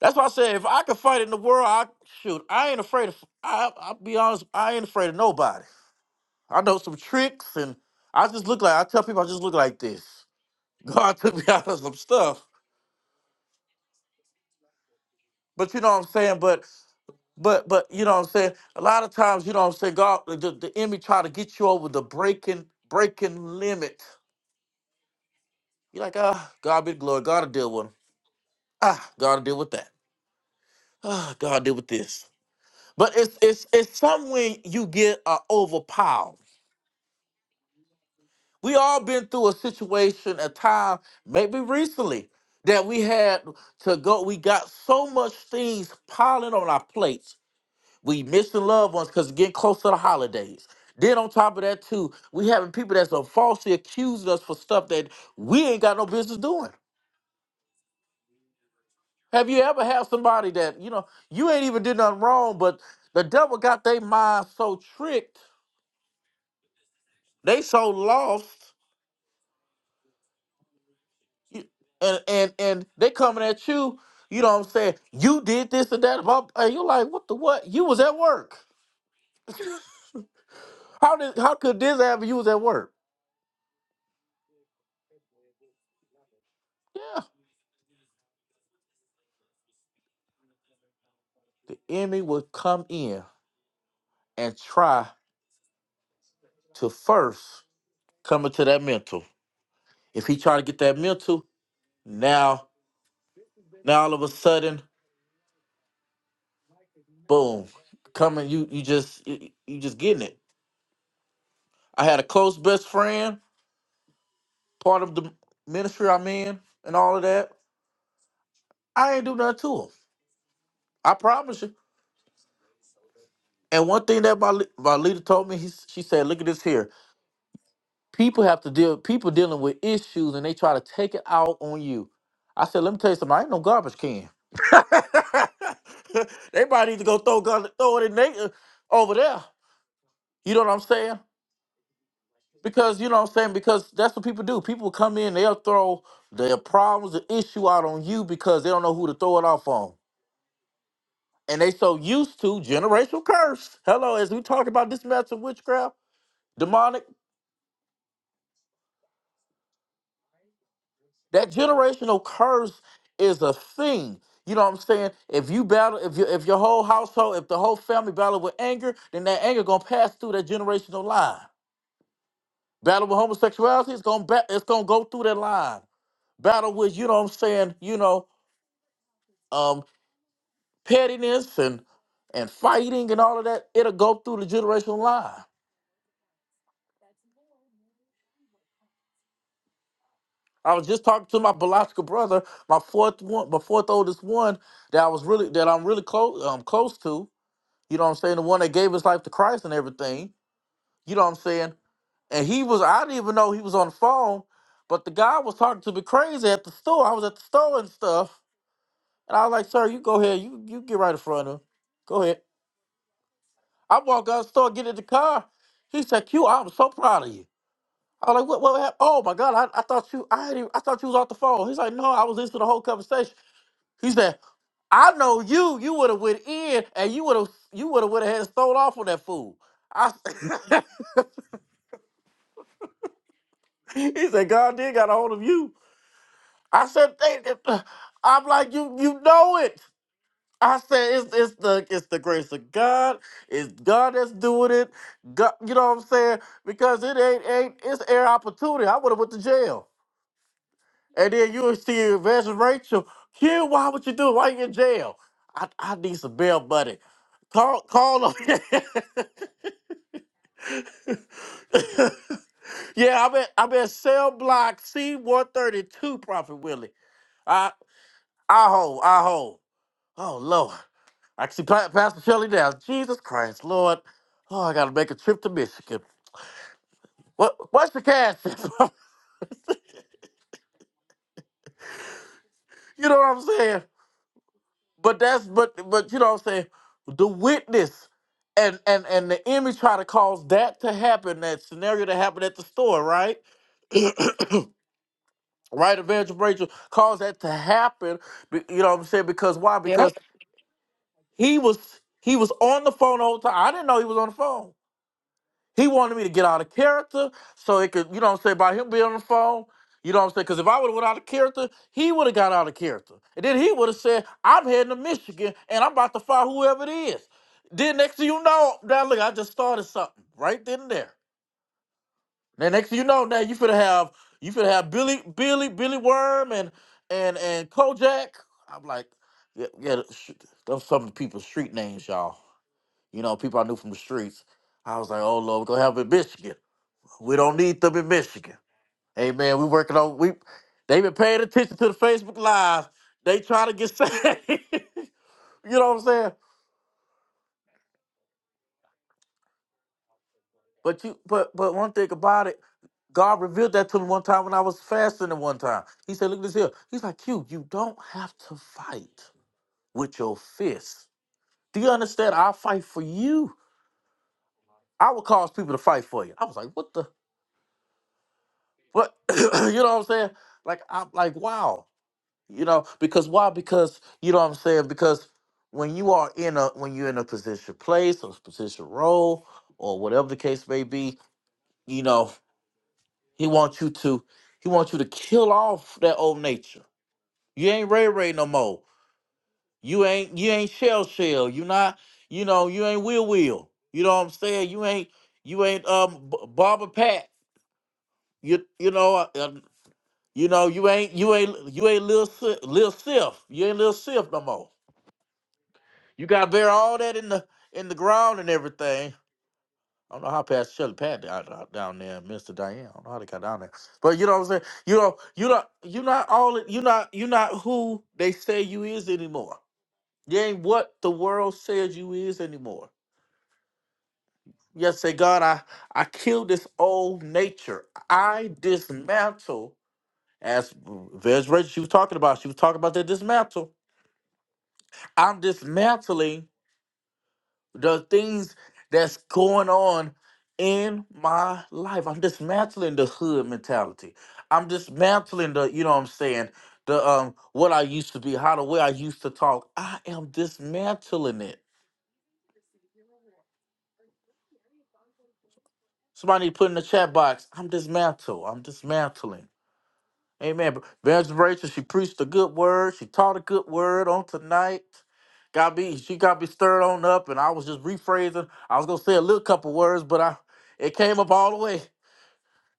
Speaker 1: That's why I said if I could fight in the world, I shoot. I ain't afraid of. I I'll be honest. I ain't afraid of nobody. I know some tricks, and I just look like I tell people I just look like this. God took me out of some stuff, but you know what I'm saying. But but but you know what I'm saying. A lot of times, you know what I'm saying. God, the, the enemy try to get you over the breaking breaking limit You're like, ah, God be the glory. God will deal with him. Ah, God will deal with that. Ah, God will deal with this. But it's it's it's something when you get uh, overpowered. We all been through a situation, a time, maybe recently, that we had to go. We got so much things piling on our plates. We missing loved ones because getting close to the holidays. Then on top of that too, we having people that's uh, falsely accusing us for stuff that we ain't got no business doing. Have you ever had somebody that, you know, you ain't even did nothing wrong, but the devil got their mind so tricked, they so lost, you- and and and they coming at you, you know what I'm saying? You did this and that about and you're like, what the what? You was at work. How did how could this happen? You was at work. Yeah. The enemy would come in and try to first come into that mental. If he try to get that mental, now now all of a sudden boom coming you you just you, you just getting it i had a close best friend part of the ministry i'm in and all of that i ain't do nothing to him i promise you and one thing that my le- my leader told me he, s- she said look at this here people have to deal people dealing with issues and they try to take it out on you i said let me tell you something i ain't no garbage can they might need to go throw, gun- throw it in they, uh, over there you know what i'm saying Because you know what I'm saying? Because that's what people do. People come in, they'll throw their problems, the issue out on you because they don't know who to throw it off on. And they so used to generational curse. Hello, as we talk about this matter of witchcraft, demonic, that generational curse is a thing. You know what I'm saying? If you battle, if you if your whole household, if the whole family battle with anger, then that anger gonna pass through that generational line. Battle with homosexuality, it's gonna ba- it's gonna go through that line. Battle with, you know what I'm saying, you know, um, pettiness and and fighting and all of that, it'll go through the generational line. I was just talking to my biological brother, my fourth one, my fourth oldest one that I was really that I'm really close um close to. You know what I'm saying? The one that gave his life to Christ and everything. You know what I'm saying? And he was I didn't even know he was on the phone, but the guy was talking to me crazy at the store. I was at the store and stuff. And I was like, sir, you go ahead, you you get right in front of him. Go ahead. I walk out the store, get in the car. He said, Q, I'm so proud of you. I was like, what, what happened? Oh my God, I, I thought you I had you- I thought you was off the phone. He's like, no, I was listening to the whole conversation. He said, I know you, you would have went in and you would have you would have went ahead and stole off on that fool. I. he said, God did got a hold of you. I said, "They- they- I'm like, you you know it. I said, it's it's the it's the grace of God. It's God that's doing it. God, you know what I'm saying? Because it ain't ain't it's air opportunity. I would have went to jail. And then you would see Evangelist Rachel, Q, why would you do it? Why you in jail? I, I need some bail money. Call call him. yeah, I'm at I'm at cell block C one thirty two, Prophet Willie. I I hold, I hold. Oh Lord. I can see Pa- Pastor Shelley now. Jesus Christ, Lord. Oh, I gotta make a trip to Michigan. What what's the cash? you know what I'm saying? but that's but but you know what I'm saying the witness and and and the enemy try to cause that to happen that scenario to happen at the store right right Evangel Rachel caused that to happen be- you know what I'm saying because why because he was he was on the phone the whole time I didn't know he was on the phone He wanted me to get out of character so it could, you know what I'm saying, by him being on the phone. You know what I'm saying? Because if I would have went out of character, he would have got out of character. And then he would have said, I'm heading to Michigan and I'm about to fire whoever it is. Then next thing you know, now look, I just started something right then and there. Then next thing you know, now you finna have you finna have Billy, Billy, Billy Worm and and and Kojak. I'm like, yeah, yeah, sh- those some of the people's street names, y'all. You know, people I knew from the streets. I was like, oh Lord, we're gonna have it in Michigan. We don't need them in Michigan. Hey man, we working on we they been paying attention to the Facebook Live. They trying to get saved. you know what I'm saying? But you but but one thing about it, God revealed that to me one time when I was fasting at one time. He said, look at this here. He's like, you, you don't have to fight with your fists. Do you understand? I'll fight for you. I would cause people to fight for you. I was like, what the what you know what I'm saying? Like I'm like, wow. You know, because why? Because you know what I'm saying? Because when you are in a when you're in a position place or position role or whatever the case may be, you know, he wants you to he wants you to kill off that old nature. You ain't Ray Ray no more. You ain't you ain't Shell Shell. You not, you know, you ain't Will Will. You know what I'm saying? You ain't you ain't um B- Barbara Pat. You you know uh, uh, you know you ain't you ain't you ain't Lil Si- Lil Sif. You ain't Lil Sif no more. You got to bury all that in the in the ground and everything. I don't know how Pastor Shirley Pat down, down there, Mr. Diane. I don't know how they got down there, but you know what I'm saying. You know, you not you not all it- you not you not who they say you is anymore. You ain't what the world says you is anymore. Yes, say God, I I killed this old nature. I dismantle as Vez Rachel. She was talking about. She was talking about that dismantle. I'm dismantling the things that's going on in my life. I'm dismantling the hood mentality. I'm dismantling the, you know what I'm saying, the um what I used to be, how the way I used to talk. I am dismantling it. Somebody put in the chat box, I'm dismantle. I'm dismantling. Amen. But Evangelist Rachel, she preached a good word. She taught a good word on tonight. Got me, she got me stirred on up, and I was just rephrasing. I was gonna say a little couple words, but I it came up all the way.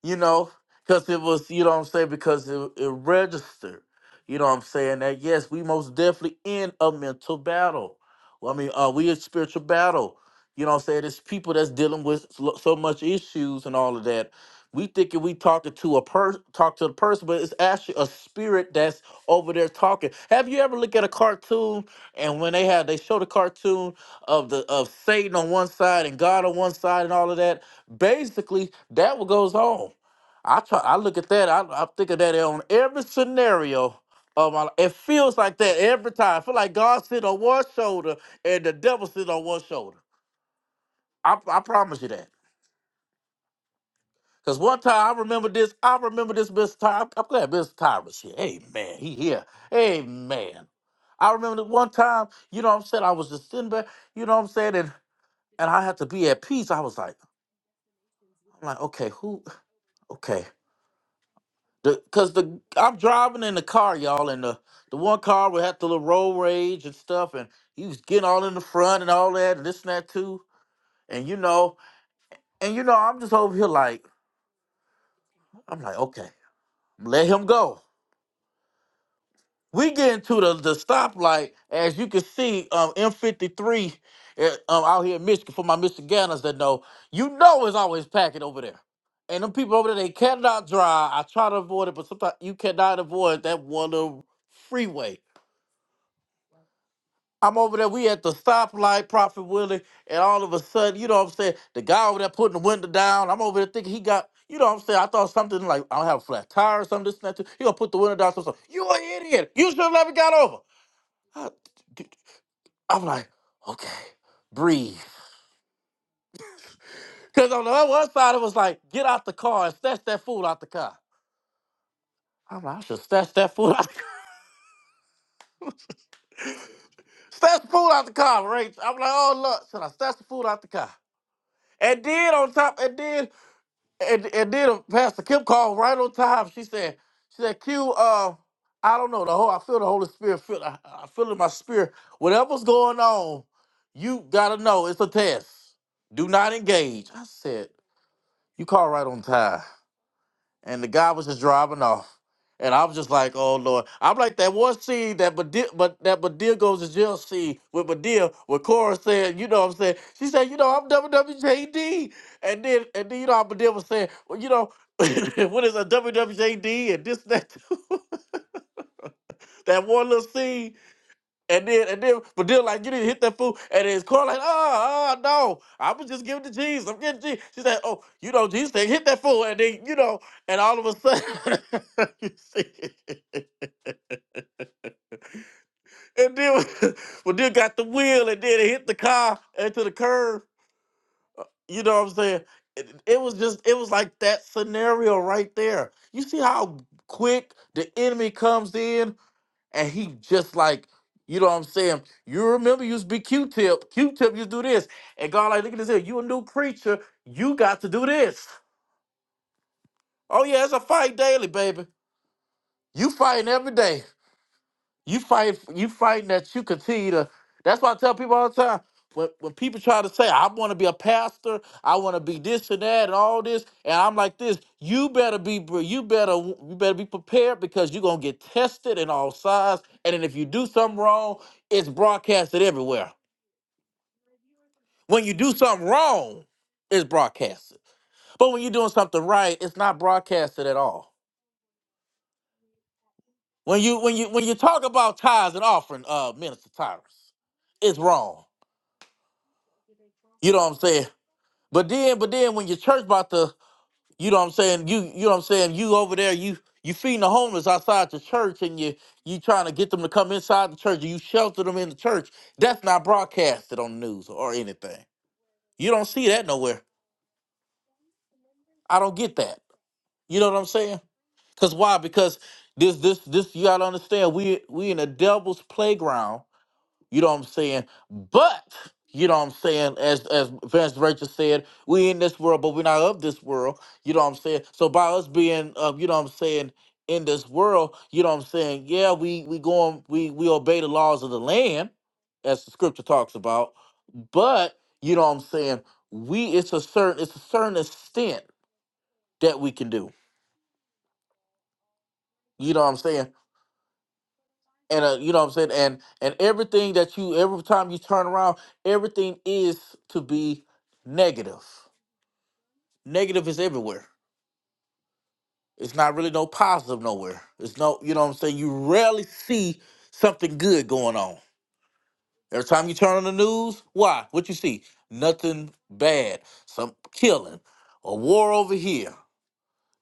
Speaker 1: you know, because it was, you know what I'm saying, because it, it registered, you know what I'm saying, that yes, we most definitely in a mental battle. Well, I mean, uh, we a spiritual battle. You know what I'm saying? it's people that's dealing with lo- so much issues and all of that we thinking we talking to a person talk to the person but it's actually a spirit that's over there talking have you ever looked at a cartoon and when they had they show the cartoon of the of satan on one side and god on one side and all of that basically that what goes on i try i look at that i, I think of that on every scenario of my, it feels like that every time. I feel like God sit on one shoulder and the devil sit on one shoulder. I, I promise you that. Cause one time I remember this, I remember this Mr. Ty. I'm glad Mr. Ty was here. Hey man, he here. Hey man. I remember that one time, you know what I'm saying? I was just sitting back, you know what I'm saying, and and I had to be at peace. I was like, I'm like, okay, who okay. The, Cause the I'm driving in the car, y'all, and the the one car we had the little road rage and stuff, and he was getting all in the front and all that and this and that too. And you know, and you know, I'm just over here like, I'm like, okay, let him go. We get into the, the stoplight, as you can see, um, M53 uh, um, out here in Michigan, for my Michiganders that know, you know it's always packing over there. And them people over there, they cannot drive. I try to avoid it, but sometimes you cannot avoid that one little freeway. I'm over there, we at the stoplight, Prophet Willie, and all of a sudden, you know what I'm saying, the guy over there putting the window down, I'm over there thinking he got, you know what I'm saying, I thought something like, I don't have a flat tire or something, this and that, too. he gonna put the window down, so, so you an idiot, you should have never got over i d- I'm like, okay, breathe. Because on the other one side, it was like, get out the car and snatch that fool out the car. I'm like, I should snatch that fool out the car. Snatch the fool out the car, right? I'm like, oh, look, should I snatch the fool out the car? And then on top, and then, and, and then Pastor Kim called right on time. She said, she said, Q, uh, I don't know, the whole, I feel the Holy Spirit, feel, I, I feel in my spirit. Whatever's going on, you gotta know it's a test. Do not engage. I said, you call right on time. And the guy was just driving off. And I was just like, oh Lord. I'm like that one scene that Badia, but that Badia goes to jail scene with Badia where Cora said, you know what I'm saying? She said, you know, I'm WWJD. And then and then you know how Badia was saying, well, you know, what is a WWJD and this, that, that one little scene. And then, and then, but then, like, you didn't hit that fool. And his car, like, oh, oh, no, I was just giving it to Jesus. I'm getting Jesus. She said, oh, you know, Jesus said, hit that fool. And then, you know, and all of a sudden, you see, and then, but then got the wheel and then it hit the car into the curb. You know what I'm saying? It, it was just, it was like that scenario right there. You see how quick the enemy comes in and he just like, you know what I'm saying? You remember you used to be Q-tip. Q-tip used to do this. And God like, look at this here. You a new creature. You got to do this. Oh yeah, it's a fight daily, baby. You fighting every day. You fight. You fighting that you continue to. That's why I tell people all the time. When when people try to say I want to be a pastor, I want to be this and that and all this, and I'm like this. You better be. br- You better. w- You better be prepared because you're gonna get tested in all sides. And then if you do something wrong, it's broadcasted everywhere. When you do something wrong, it's broadcasted. But when you're doing something right, it's not broadcasted at all. When you when you when you talk about tithes and offering, uh, minister Tyrus, it's wrong You know what I'm saying? But then, but then when your church about to, you know what I'm saying, you you know what I'm saying, you over there, you you feeding the homeless outside the church and you you trying to get them to come inside the church and you shelter them in the church. That's not broadcasted on the news or anything. You don't see that nowhere. I don't get that. You know what I'm saying? Cause why? Because this this this you gotta understand, we we in a devil's playground You know what I'm saying? But you know what I'm saying, as as Vance Rachel said, we in this world, but we're not of this world. You know what I'm saying? So by us being um, you know what I'm saying, in this world, you know what I'm saying, yeah, we we going we we obey the laws of the land, as the scripture talks about, but you know what I'm saying, we it's a certain it's a certain extent that we can do. You know what I'm saying? and uh, you know what I'm saying, and and everything that you every time you turn around, everything is to be negative. Negative is everywhere. It's not really no positive nowhere. It's no, you know what I'm saying. You rarely see something good going on. Every time you turn on the news, why? What you see? Nothing bad. Some killing, a war over here.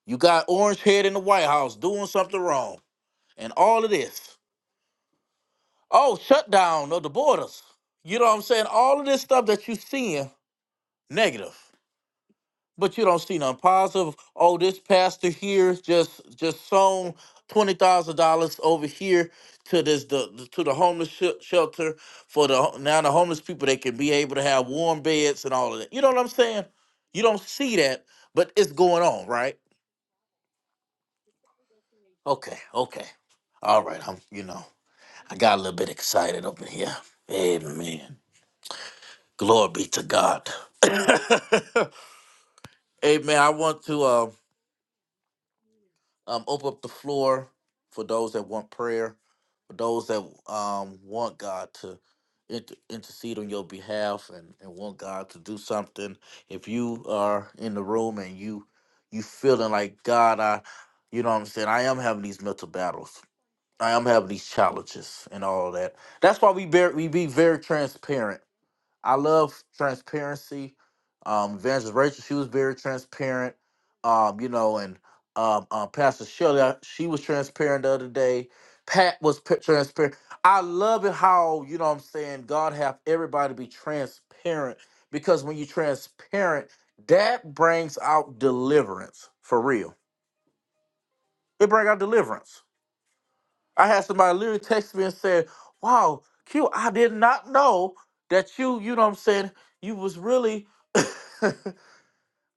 Speaker 1: You got orange head in the White House doing something wrong, and all of this. Oh, shutdown of the borders. You know what I'm saying? All of this stuff that you seeing negative, but you don't see nothing positive. Oh, this pastor here just just sown twenty thousand dollars over here to this the to the homeless sh- shelter for the ho- now the homeless people they can be able to have warm beds and all of that. You know what I'm saying? You don't see that, but it's going on, right? Okay, okay, all right. I'm you know I got a little bit excited up in here. Amen. Glory be to God. Amen. I want to um, um, open up the floor for those that want prayer, for those that um, want God to inter- intercede on your behalf and, and want God to do something. If you are in the room and you you feeling like God, I, you know what I'm saying. I am having these mental battles. I am having these challenges and all that. That's why we be, we be very transparent I love transparency. Um, Evangelist Rachel, she was very transparent. Um, you know, and um, uh, Pastor Shelley, I- she was transparent the other day. Pat was p- transparent. I love it how you know what I'm saying God have everybody be transparent because when you are transparent, that brings out deliverance for real. It brings out deliverance. I had somebody literally text me and said, "Wow, Q, I did not know that you, you know what I'm saying, you was really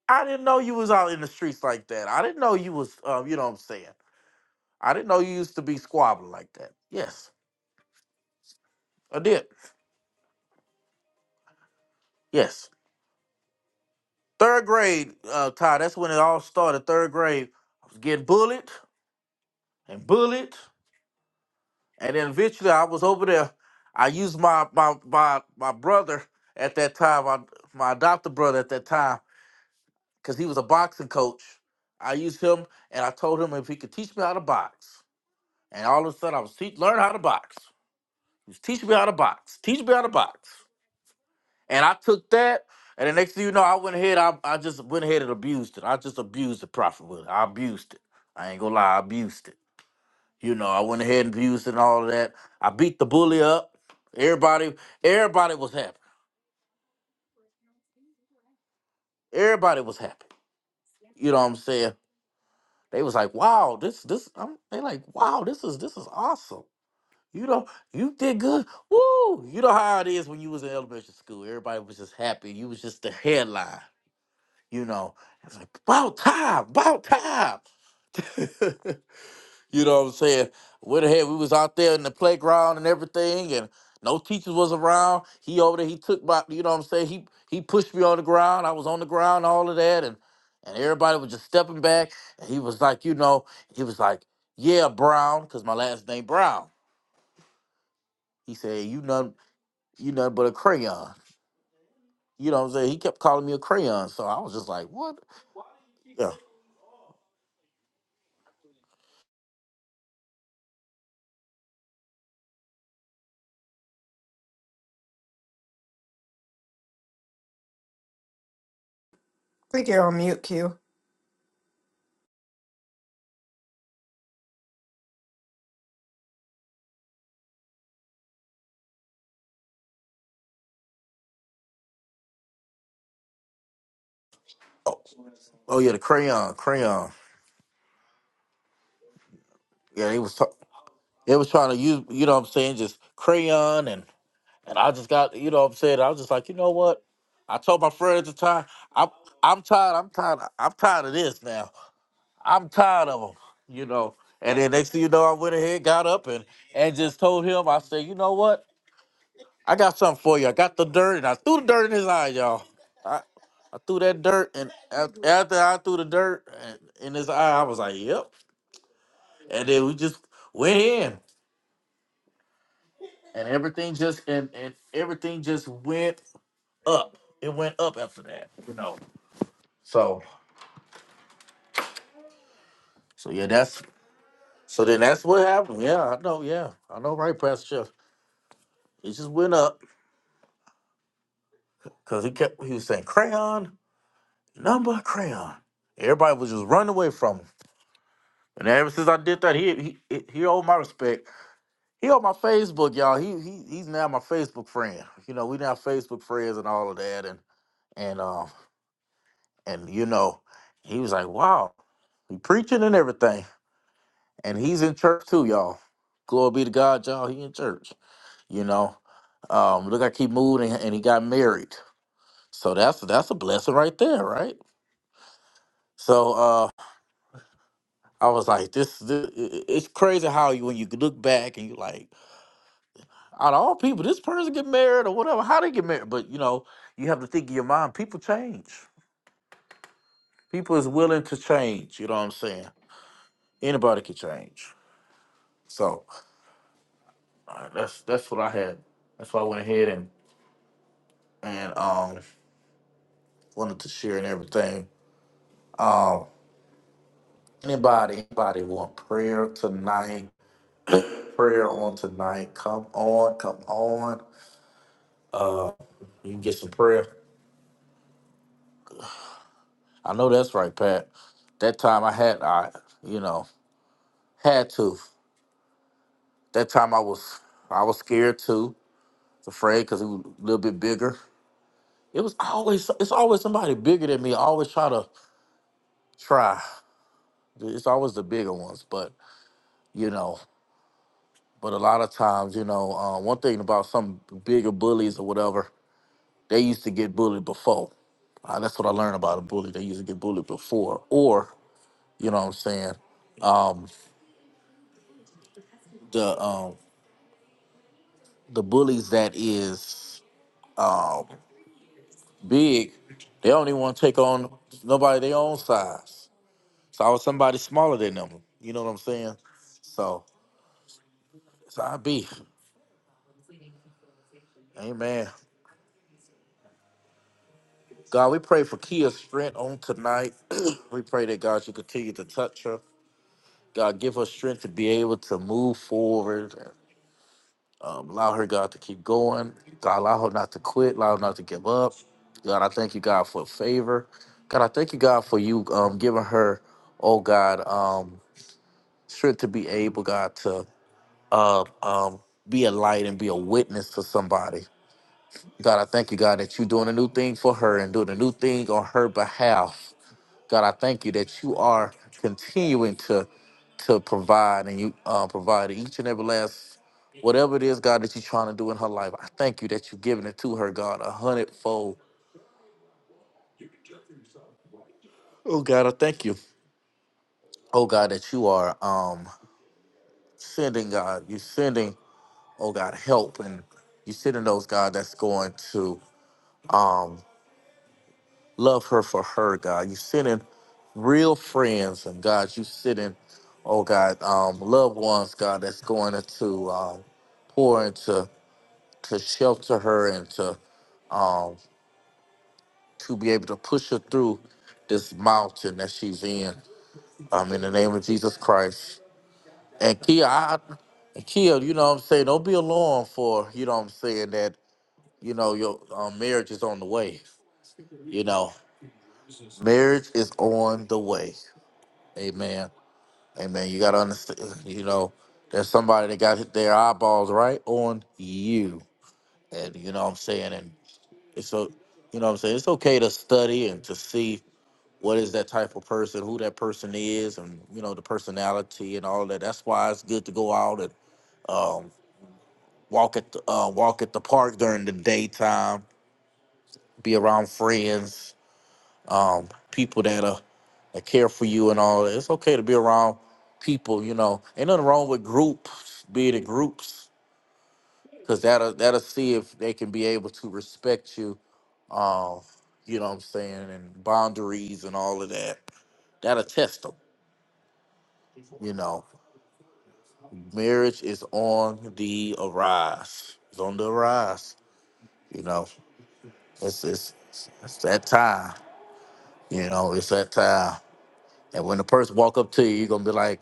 Speaker 1: I didn't know you was out in the streets like that. I didn't know you was um, you know what I'm saying. I didn't know you used to be squabbling like that." Yes, I did. Yes. Third grade, uh, Ty, that's when it all started. Third grade, I was getting bullied and bullied. And then eventually I was over there. I used my my my, my brother at that time, my, my adopted brother at that time because he was a boxing coach. I used him and I told him if he could teach me how to box. And all of a sudden I was teach learn how to box. He was teaching me how to box. Teach me how to box. And I took that and the next thing you know, I went ahead, I, I just went ahead and abused it. I just abused the prophet. with I abused it. I ain't gonna lie, I abused it. You know, I went ahead and abused it and all of that. I beat the bully up. Everybody, everybody was happy. Everybody was happy. You know what I'm saying? They was like, wow, this, this, I'm, they like, wow, this is, this is awesome You know, you did good. Woo! You know how it is when you was in elementary school. Everybody was just happy. You was just the headline. You know, it's like about time, about time. you know what I'm saying? Went ahead. We was out there in the playground and everything, and no teachers was around. He over there. He took my. You know what I'm saying? He he pushed me on the ground. I was on the ground, all of that, and and everybody was just stepping back. And he was like, you know, he was like, yeah, Brown, because my last name Brown. He said, you know. you nothing but a crayon. You know what I'm saying? He kept calling me a crayon, so I was just like, what? Yeah.
Speaker 2: Click here on mute, Q.
Speaker 1: Oh yeah, the crayon, crayon. Yeah, they was t- they was trying to use, you know what I'm saying, just crayon, and and I just got, you know what I'm saying. I was just like, you know what? I told my friend at the time, I'm I'm tired, I'm tired, I'm tired of this now. I'm tired of them, you know. And then next thing you know, I went ahead, got up, and and just told him, I said, you know what? I got something for you. I got the dirt and I threw the dirt in his eye, y'all. I, I threw that dirt and af- after I threw the dirt and, in his eye, I was like, "Yep." And then we just went in, and everything just and and everything just went up. It went up after that, you know. So so yeah, that's so then that's what happened. Yeah, I know. Yeah, I know, right, Pastor? Jeff. It just went up because he kept he was saying crayon number crayon. Everybody was just running away from him. And ever since I did that, he he he owed my respect. He on my Facebook, y'all. He he he's now my Facebook friend. You know, we now Facebook friends and all of that. And and um and you know, he was like, wow, he preaching and everything. And he's in church too, y'all. Glory be to God, y'all. He in church. You know, um, look like he moved and, and he got married. So that's that's a blessing right there, right? So uh, I was like, this, this it's crazy how you when you look back and you like Out of all people, this person get married or whatever. How they get married? But you know, you have to think in your mind. People change. People is willing to change. You know what I'm saying? Anybody can change. So uh, that's that's what I had. That's why I went ahead and and um wanted to share and everything. Um, anybody anybody want prayer tonight? prayer on tonight. Come on, come on. You can get some prayer. I know that's right, Pat. That time I had I, you know, had to. That time I was I was scared too, afraid because he was a little bit bigger. It was always it's always somebody bigger than me. I always try to try. It's always the bigger ones, but you know. But a lot of times, you know, uh, one thing about some bigger bullies or whatever, they used to get bullied before. Uh, that's what I learned about a bully. They used to get bullied before, or you know what I'm saying. Um, the um, the bullies that is um, big, they don't even want to take on nobody their own size. So I was somebody smaller than them. You know what I'm saying? So it's our beef. Amen. God, we pray for Kia's strength on tonight. we pray that God, you continue to touch her. God, give her strength to be able to move forward. Um, allow her, God, to keep going. God, allow her not to quit. Allow her not to give up. God, I thank you, God, for favor. God, I thank you, God, for you um, giving her, oh God, um. Strength to be able, God, to uh, um, be a light and be a witness to somebody. God, I thank you, God, that you're doing a new thing for her and doing a new thing on her behalf. God, I thank you that you are continuing to to provide and you uh, provide each and every last whatever it is, God, that you're trying to do in her life. I thank you that you're giving it to her, God, a hundredfold. Oh God, I thank you. Oh God, that you are um sending God, you're sending oh God, help. And you're sending those, God, that's going to um, love her for her, God. You're sending real friends, and God, you're sending, oh God, um, loved ones, God, that's going to um, pour into to shelter her and to um, to be able to push her through this mountain that she's in. Um, in the name of Jesus Christ. And Kia, I, and Kia, you know what I'm saying? Don't be alarmed for, you know what I'm saying, that, you know, your um, marriage is on the way. You know, marriage is on the way. Amen. Amen. You got to understand, you know, there's somebody that got their eyeballs right on you. And you know what I'm saying? And it's so, you know what I'm saying? It's okay to study and to see what is that type of person, who that person is, and, you know, the personality and all that. That's why it's good to go out and um, walk at the, uh, walk at the park during the daytime, be around friends, um, people that are that care for you and all that. It's okay to be around people, you know. Ain't nothing wrong with groups, being in groups, because that'll that'll see if they can be able to respect you, um, you know what I'm saying, and boundaries and all of that. That'll test them, you know. Marriage is on the arise. It's on the rise, you know. It's it's it's that time, you know. It's that time. And when the person walk up to you, you're gonna be like,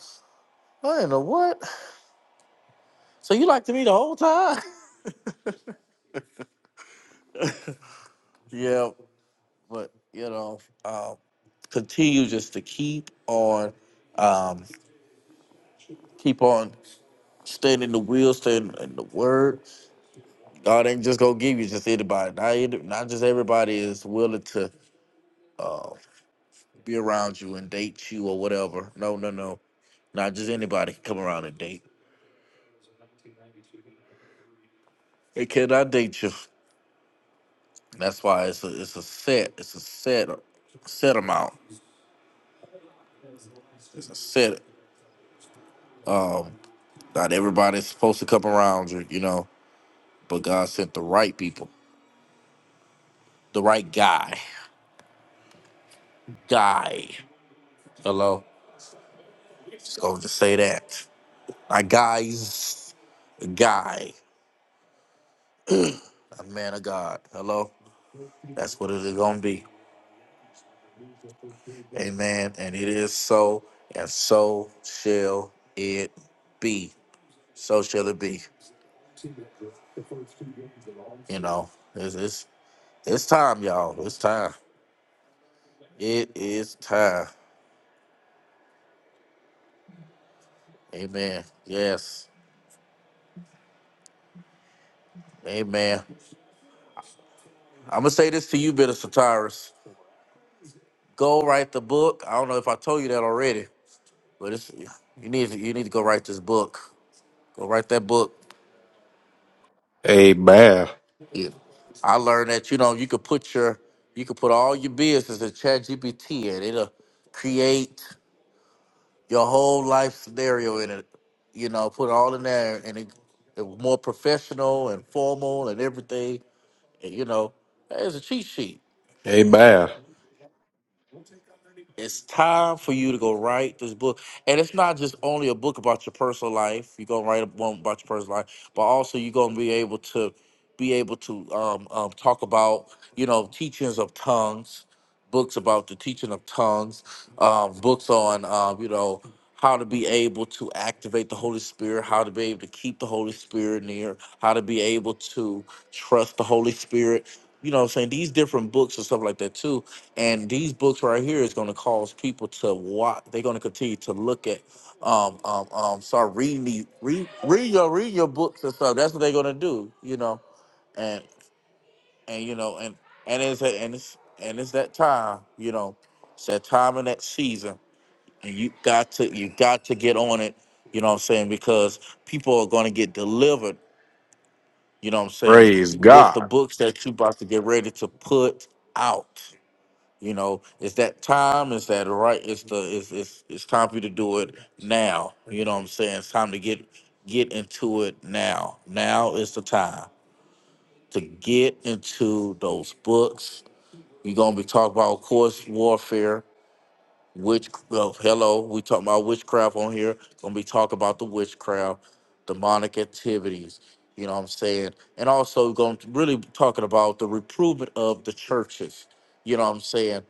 Speaker 1: I in the what? So you liked me the whole time? yeah, but you know, um, continue just to keep on, um, keep on staying in the wheel, staying in the word. God ain't just gonna give you just anybody. Not any- not just everybody is willing to uh, be around you and date you or whatever. No, no, no. Not just anybody can come around and date. They cannot date you. That's why it's a it's a set. It's a set set amount. It's a set. Um. Not everybody's supposed to come around you, you know, but God sent the right people, the right guy. Guy. Hello? Just going to say that. My guys, a guy, a man of God. Hello? That's what it is going to be. Amen. And it is so, and so shall it be. So shall it be. You know, it's, it's, it's time, y'all. It's time. It is time. Amen. Yes. Amen. I'm gonna say this to you, Bitter Satyrus. Go write the book. I don't know if I told you that already, but it's you need to- you need to go write this book. Go write that book.
Speaker 4: Amen.
Speaker 1: Yeah. I learned that you know you could put your you could put all your business in ChatGPT and it'll create your whole life scenario in it. You know, put it all in there and it, it was more professional and formal and everything. And you know, it's a cheat sheet.
Speaker 4: Amen.
Speaker 1: It's time for you to go write this book. And it's not just only a book about your personal life. You're gonna write a one about your personal life, but also you're gonna be able to be able to um, um, talk about, you know, teachings of tongues, books about the teaching of tongues, um, books on um, you know, how to be able to activate the Holy Spirit, how to be able to keep the Holy Spirit near, how to be able to trust the Holy Spirit you know what I'm saying these different books and stuff like that too and these books right here is going to cause people to watch they're going to continue to look at um um um start reading these read read your read your books and stuff that's what they're going to do you know and and you know and and it's a, and it's and it's that time you know it's that time and that season and you got to you got to get on it you know what I'm saying because people are going to get delivered you know what I'm saying,
Speaker 4: Praise
Speaker 1: with the
Speaker 4: God.
Speaker 1: books that you about to get ready to put out. You know, it's that time, it's that right, it's the it's it's it's time for you to do it now. You know what I'm saying? It's time to get get into it now. Now is the time to get into those books. You're gonna be talking about of course warfare. Which uh, hello, we talking about witchcraft on here. Gonna be talking about the witchcraft, demonic activities. You know what I'm saying? And also going to really be talking about the reprovement of the churches. You know what I'm saying?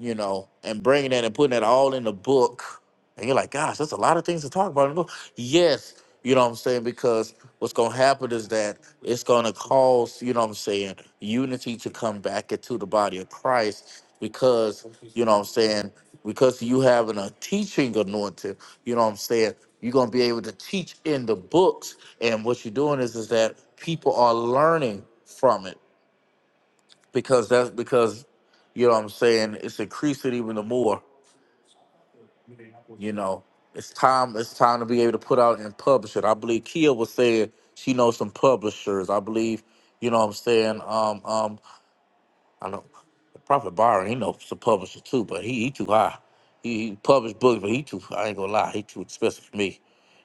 Speaker 1: You know, and bringing that and putting that all in the book. And you're like, gosh, that's a lot of things to talk about. And go, Yes, you know what I'm saying? Because what's going to happen is that it's going to cause, you know what I'm saying, unity to come back into the body of Christ because, you know what I'm saying, because you having a teaching anointing, you know what I'm saying, you're going to be able to teach in the books. And what you're doing is, is that people are learning from it because that's because, you know what I'm saying, it's increasing even the more. You know, it's time. It's time to be able to put out and publish it. I believe Kia was saying she knows some publishers. I believe, you know, what I'm saying. Um, um, I know Prophet Byron. He knows some publishers too, but he he too high. He, he published books, but he too. I ain't gonna lie, he too expensive for me.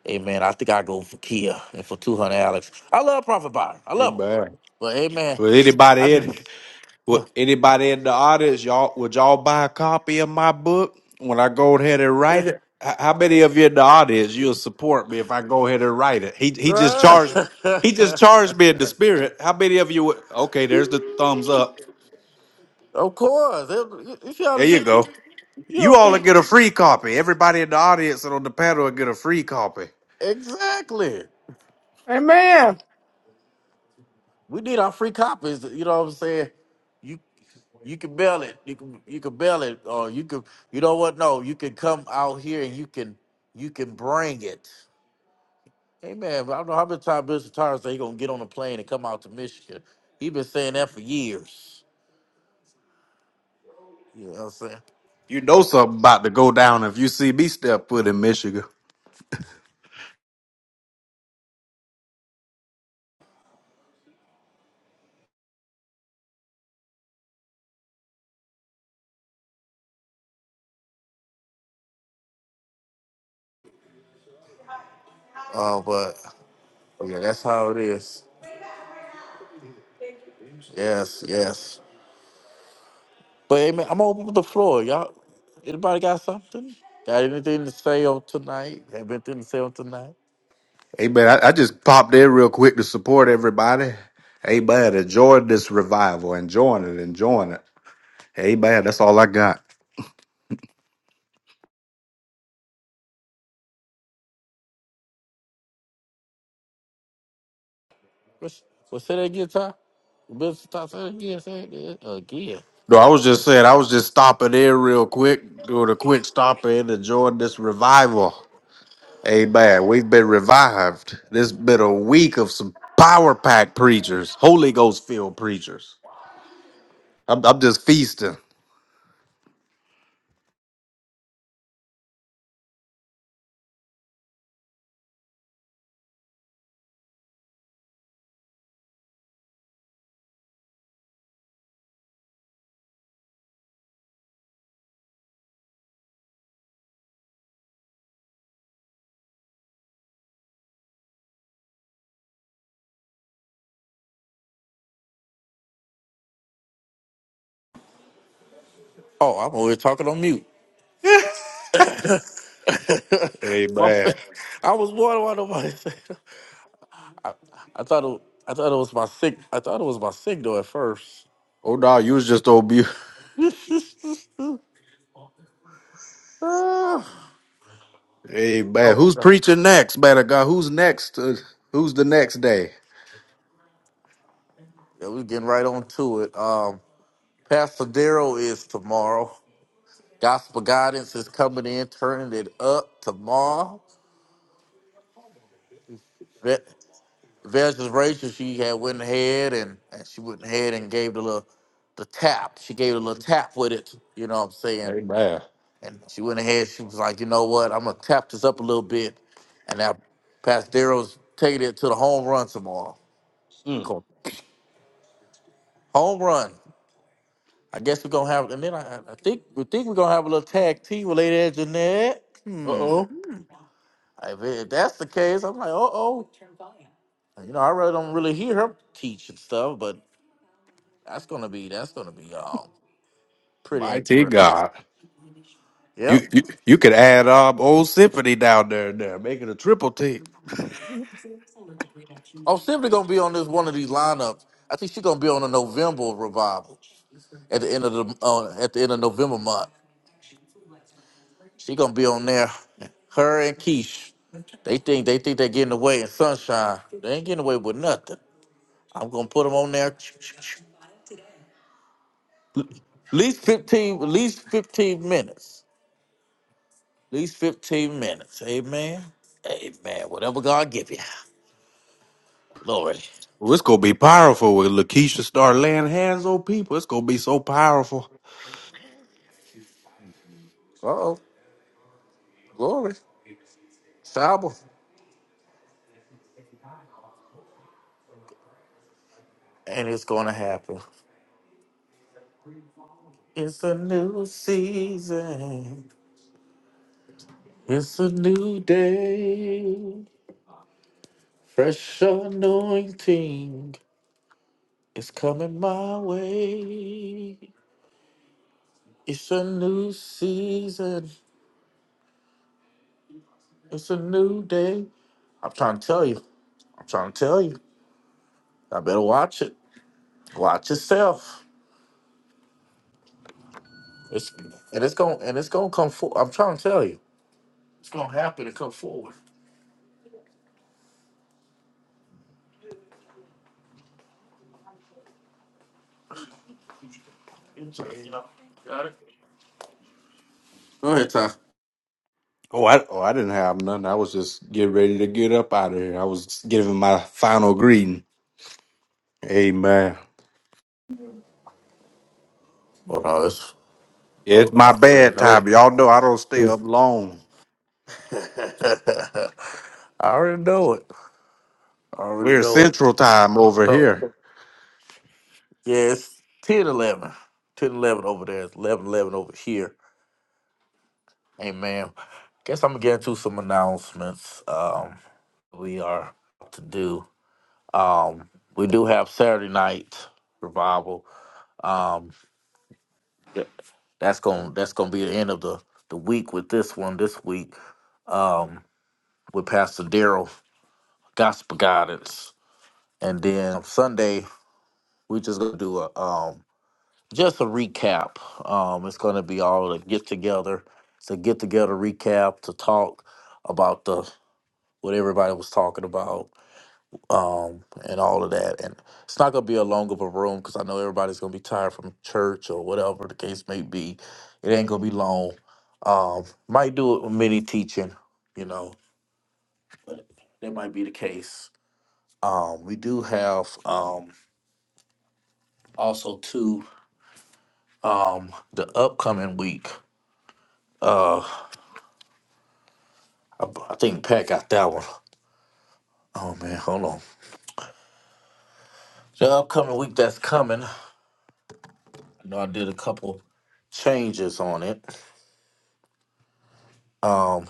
Speaker 1: Hey man, I think I go for Kia and for 200 Alex. I love Prophet Byron. I love him,
Speaker 4: Amen.
Speaker 1: but hey man,
Speaker 4: Would
Speaker 1: I
Speaker 4: anybody
Speaker 1: just
Speaker 4: in would
Speaker 1: but
Speaker 4: anybody in the audience, y'all would y'all buy a copy of my book when I go ahead and
Speaker 1: yeah.
Speaker 4: write it? H- How many of you in the audience you'll support me if I go ahead and write it? He he just charged he just charged me in the spirit. How many of you would okay, there's the thumbs up.
Speaker 1: of course, you you see how
Speaker 4: There
Speaker 1: the
Speaker 4: you
Speaker 1: people.
Speaker 4: go.
Speaker 1: You
Speaker 4: You
Speaker 1: don't
Speaker 4: all will
Speaker 1: think
Speaker 4: get a free copy. Everybody in the audience and on the panel will get a free copy.
Speaker 1: exactly.
Speaker 2: Amen.
Speaker 1: We need our free copies. You know what I'm saying? You you can bail it. You can you can bail it, or you can you know what? No, you can come out here and you can you can bring it. Hey man, I don't know how many times Mr. Tires said he gonna get on a plane and come out to Michigan. He been saying that for years. You know what I'm saying?
Speaker 4: You know something about to go down if you see me step foot in Michigan.
Speaker 1: Oh, but yeah, that's how it is. Yes, yes. But hey, man, I'm gonna open up the floor. Y'all, anybody got something? Got anything to say on tonight? Have anything to say on tonight?
Speaker 4: Hey, man, I, I just popped in real quick to support everybody. Hey, man, enjoying this revival, enjoying it, enjoying it. Hey, man, that's all I got.
Speaker 1: What's, What say that again, Ty? What's Ty say that again? Say it again. again.
Speaker 4: No, I was just saying, I was just stopping in real quick, doing a quick stop in, enjoying this revival. Hey, man, we've been revived. This been a week of some power pack preachers, Holy Ghost filled preachers. I'm, I'm just feasting.
Speaker 1: Oh, I'm always talking on mute.
Speaker 4: Hey,
Speaker 1: My,
Speaker 4: man.
Speaker 1: I was wondering why nobody said. I thought it, I thought it was my sick. I thought it was my signal at first.
Speaker 4: Oh, no, you was just on mute.
Speaker 1: Ah.
Speaker 4: Hey man,
Speaker 1: oh
Speaker 4: who's
Speaker 1: no.
Speaker 4: preaching next? better God, who's next? Uh, who's the next day?
Speaker 1: Yeah, we're getting right on to it. Um, Pastor Daryl is tomorrow. Gospel guidance is coming in, turning it up tomorrow. Ve- Versus Rachel, she had went ahead and, and she went ahead and gave the little the tap. She gave it a little tap with it, you know what I'm saying?
Speaker 4: Hey man.
Speaker 1: And she went ahead, she was like, you know what, I'm gonna tap this up a little bit. And now Pastero's taking it to the home run tomorrow.
Speaker 4: Mm. Uh
Speaker 1: Cool. Home run. I guess we're gonna have and then I, I think we think we're gonna have a little tag team with Lady Edge Jeanette. Hmm.
Speaker 4: oh.
Speaker 1: If, if that's the case, I'm like, uh oh. You know, I really don't really hear her teach and stuff, but That's gonna be that's gonna be um pretty
Speaker 4: Mighty
Speaker 1: interesting.
Speaker 4: God. You
Speaker 1: Yep.
Speaker 4: you you could add um old symphony down there and there, make it a triple T.
Speaker 1: Oh, Symphony gonna be on this one of these lineups. I think she's gonna be on the November revival at the end of the uh, at the end of November month. She gonna be on there. Her and Keish. They think they think they're getting away in sunshine. They ain't getting away with nothing. I'm gonna put them on there. At least fifteen. At least fifteen minutes. At least fifteen minutes. Amen. Amen. Whatever God give you. Glory.
Speaker 4: Well, it's gonna be powerful when Lakeisha start laying hands on people. It's gonna be so powerful.
Speaker 1: Uh oh. Glory. Shower. And it's gonna happen. It's a new season. It's a new day. Fresh anointing is coming my way. It's a new season. It's a new day. I'm trying to tell you. I'm trying to tell you. I better watch it. Watch yourself. It's and it's gonna and it's gonna come forward. I'm trying to tell you. It's gonna happen and come forward. You know. Got it. Go ahead, Ty.
Speaker 4: Oh, I oh I didn't have none. I was just getting ready to get up out of here. I was giving my final greeting. Amen.
Speaker 1: Well, no, that's,
Speaker 4: Yeah,
Speaker 1: oh,
Speaker 4: it's
Speaker 1: no,
Speaker 4: my
Speaker 1: I already
Speaker 4: bedtime.
Speaker 1: know
Speaker 4: Y'all know I don't stay
Speaker 1: it.
Speaker 4: up long.
Speaker 1: I already know it. I already
Speaker 4: We're
Speaker 1: know it.
Speaker 4: Central Time over
Speaker 1: So,
Speaker 4: here.
Speaker 1: yeah, it's 10 11. ten eleven over there. It's 11 eleven over here. Amen. Guess I'm going to get into some announcements. Um, we are to do. Um, we do have Saturday night revival. Um, th- that's going to that's gonna be the end of the, the week with this one this week um, with Pastor Daryl. gospel guidance. And then Sunday, we are just gonna do a um just a recap. Um it's gonna be all a get together. It's a get together recap to talk about the what everybody was talking about, um, and all of that. And it's not gonna be a long of a room because I know everybody's gonna be tired from church or whatever the case may be. It ain't gonna be long. Um, might do it with mini teaching, you know, that might be the case. Um, we do have um also too um the upcoming week uh i, I think pat got that one. Oh man hold on the upcoming week that's coming i know i did a couple changes on it um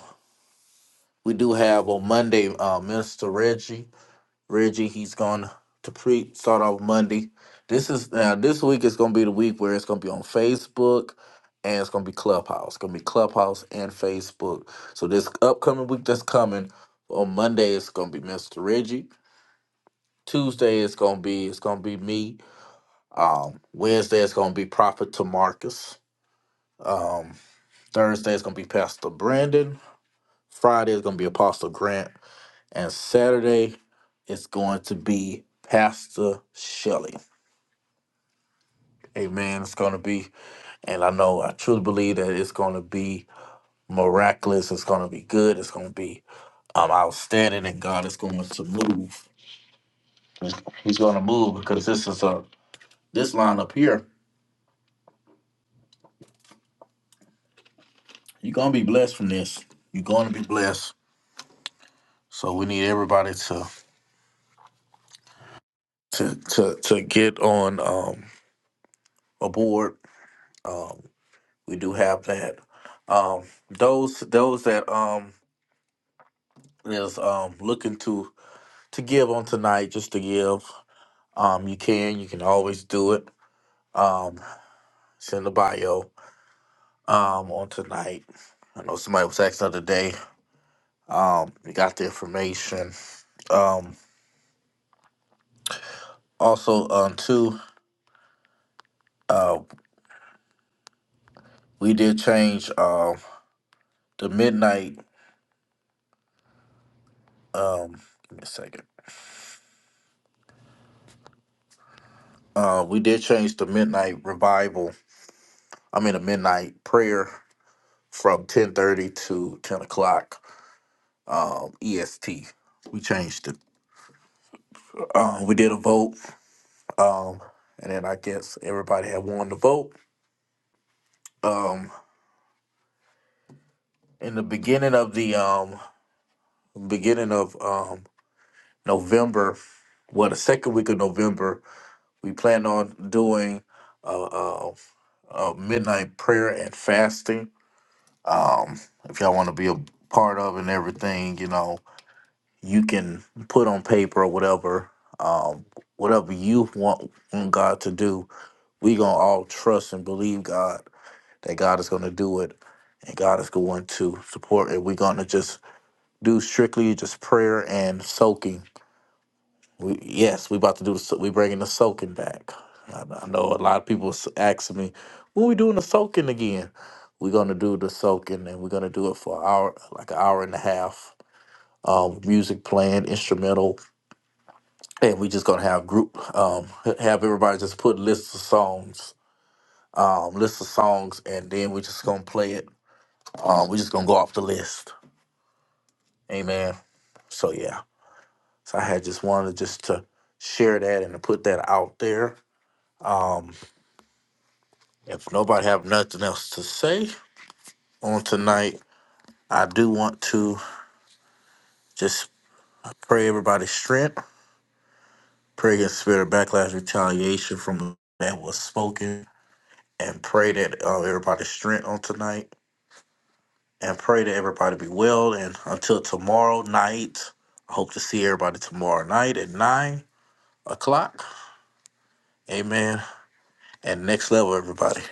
Speaker 1: we do have on monday uh minister reggie Reggie, he's going to pre start off Monday. This is now this week is gonna be the week where it's gonna be on Facebook and it's gonna be Clubhouse. It's gonna be Clubhouse and Facebook. So this upcoming week that's coming on Monday it's gonna be Mr. Reggie. Tuesday it's gonna be it's gonna be me. Um Wednesday it's gonna be Prophet Tamarcus. Um Thursday it's gonna be Pastor Brandon. Friday is gonna be Apostle Grant. And Saturday it's going to be Pastor Shelley. Amen. It's going to be, and I know I truly believe that it's going to be miraculous. It's going to be good. It's going to be um, outstanding, and God is going to move. He's going to move because this is a this line up here. You're going to be blessed from this. You're going to be blessed. So we need everybody to to to to get on um, aboard. Um, we do have that. Um, those those that um is um looking to to give on tonight, just to give. Um, you can, you can always do it. Um, send a bio um, on tonight. I know somebody was asking the other day. Um, we got the information. Um, also, um, too, uh, we did change um the midnight. Um, give me a second. Uh, we did change the midnight revival. I mean, the midnight prayer from ten thirty to ten o'clock um, EST. We changed it. Um, we did a vote. Um, and then I guess everybody had won the vote. Um, in the beginning of the um, beginning of um, November, well, the second week of November, we plan on doing a, a, a midnight prayer and fasting. Um, if y'all want to be a part of and everything, you know, you can put on paper or whatever, um, whatever you want, want God to do. We gonna all trust and believe God that God is going to do it and God is going to support it. We're going to just do strictly just prayer and soaking. We, yes, we about to do the, so- we bringing the soaking back. I, I know a lot of people s- asking me, when we doing the soaking again? We're going to do the soaking and we're going to do it for an hour, like an hour and a half. Um, music playing, instrumental, and we just gonna have group um have everybody just put lists of songs um lists of songs and then we just gonna play it um we just gonna go off the list Amen. So yeah. So I had just wanted just to share that and to put that out there. Um, if nobody have nothing else to say on tonight, I do pray and pray uh, everybody has on tonight and pray that everybody be on tonight. I hope see everybody tomorrow night at nine o'clock. Amen. And next level, everybody.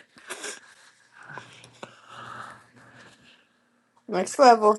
Speaker 2: Next level.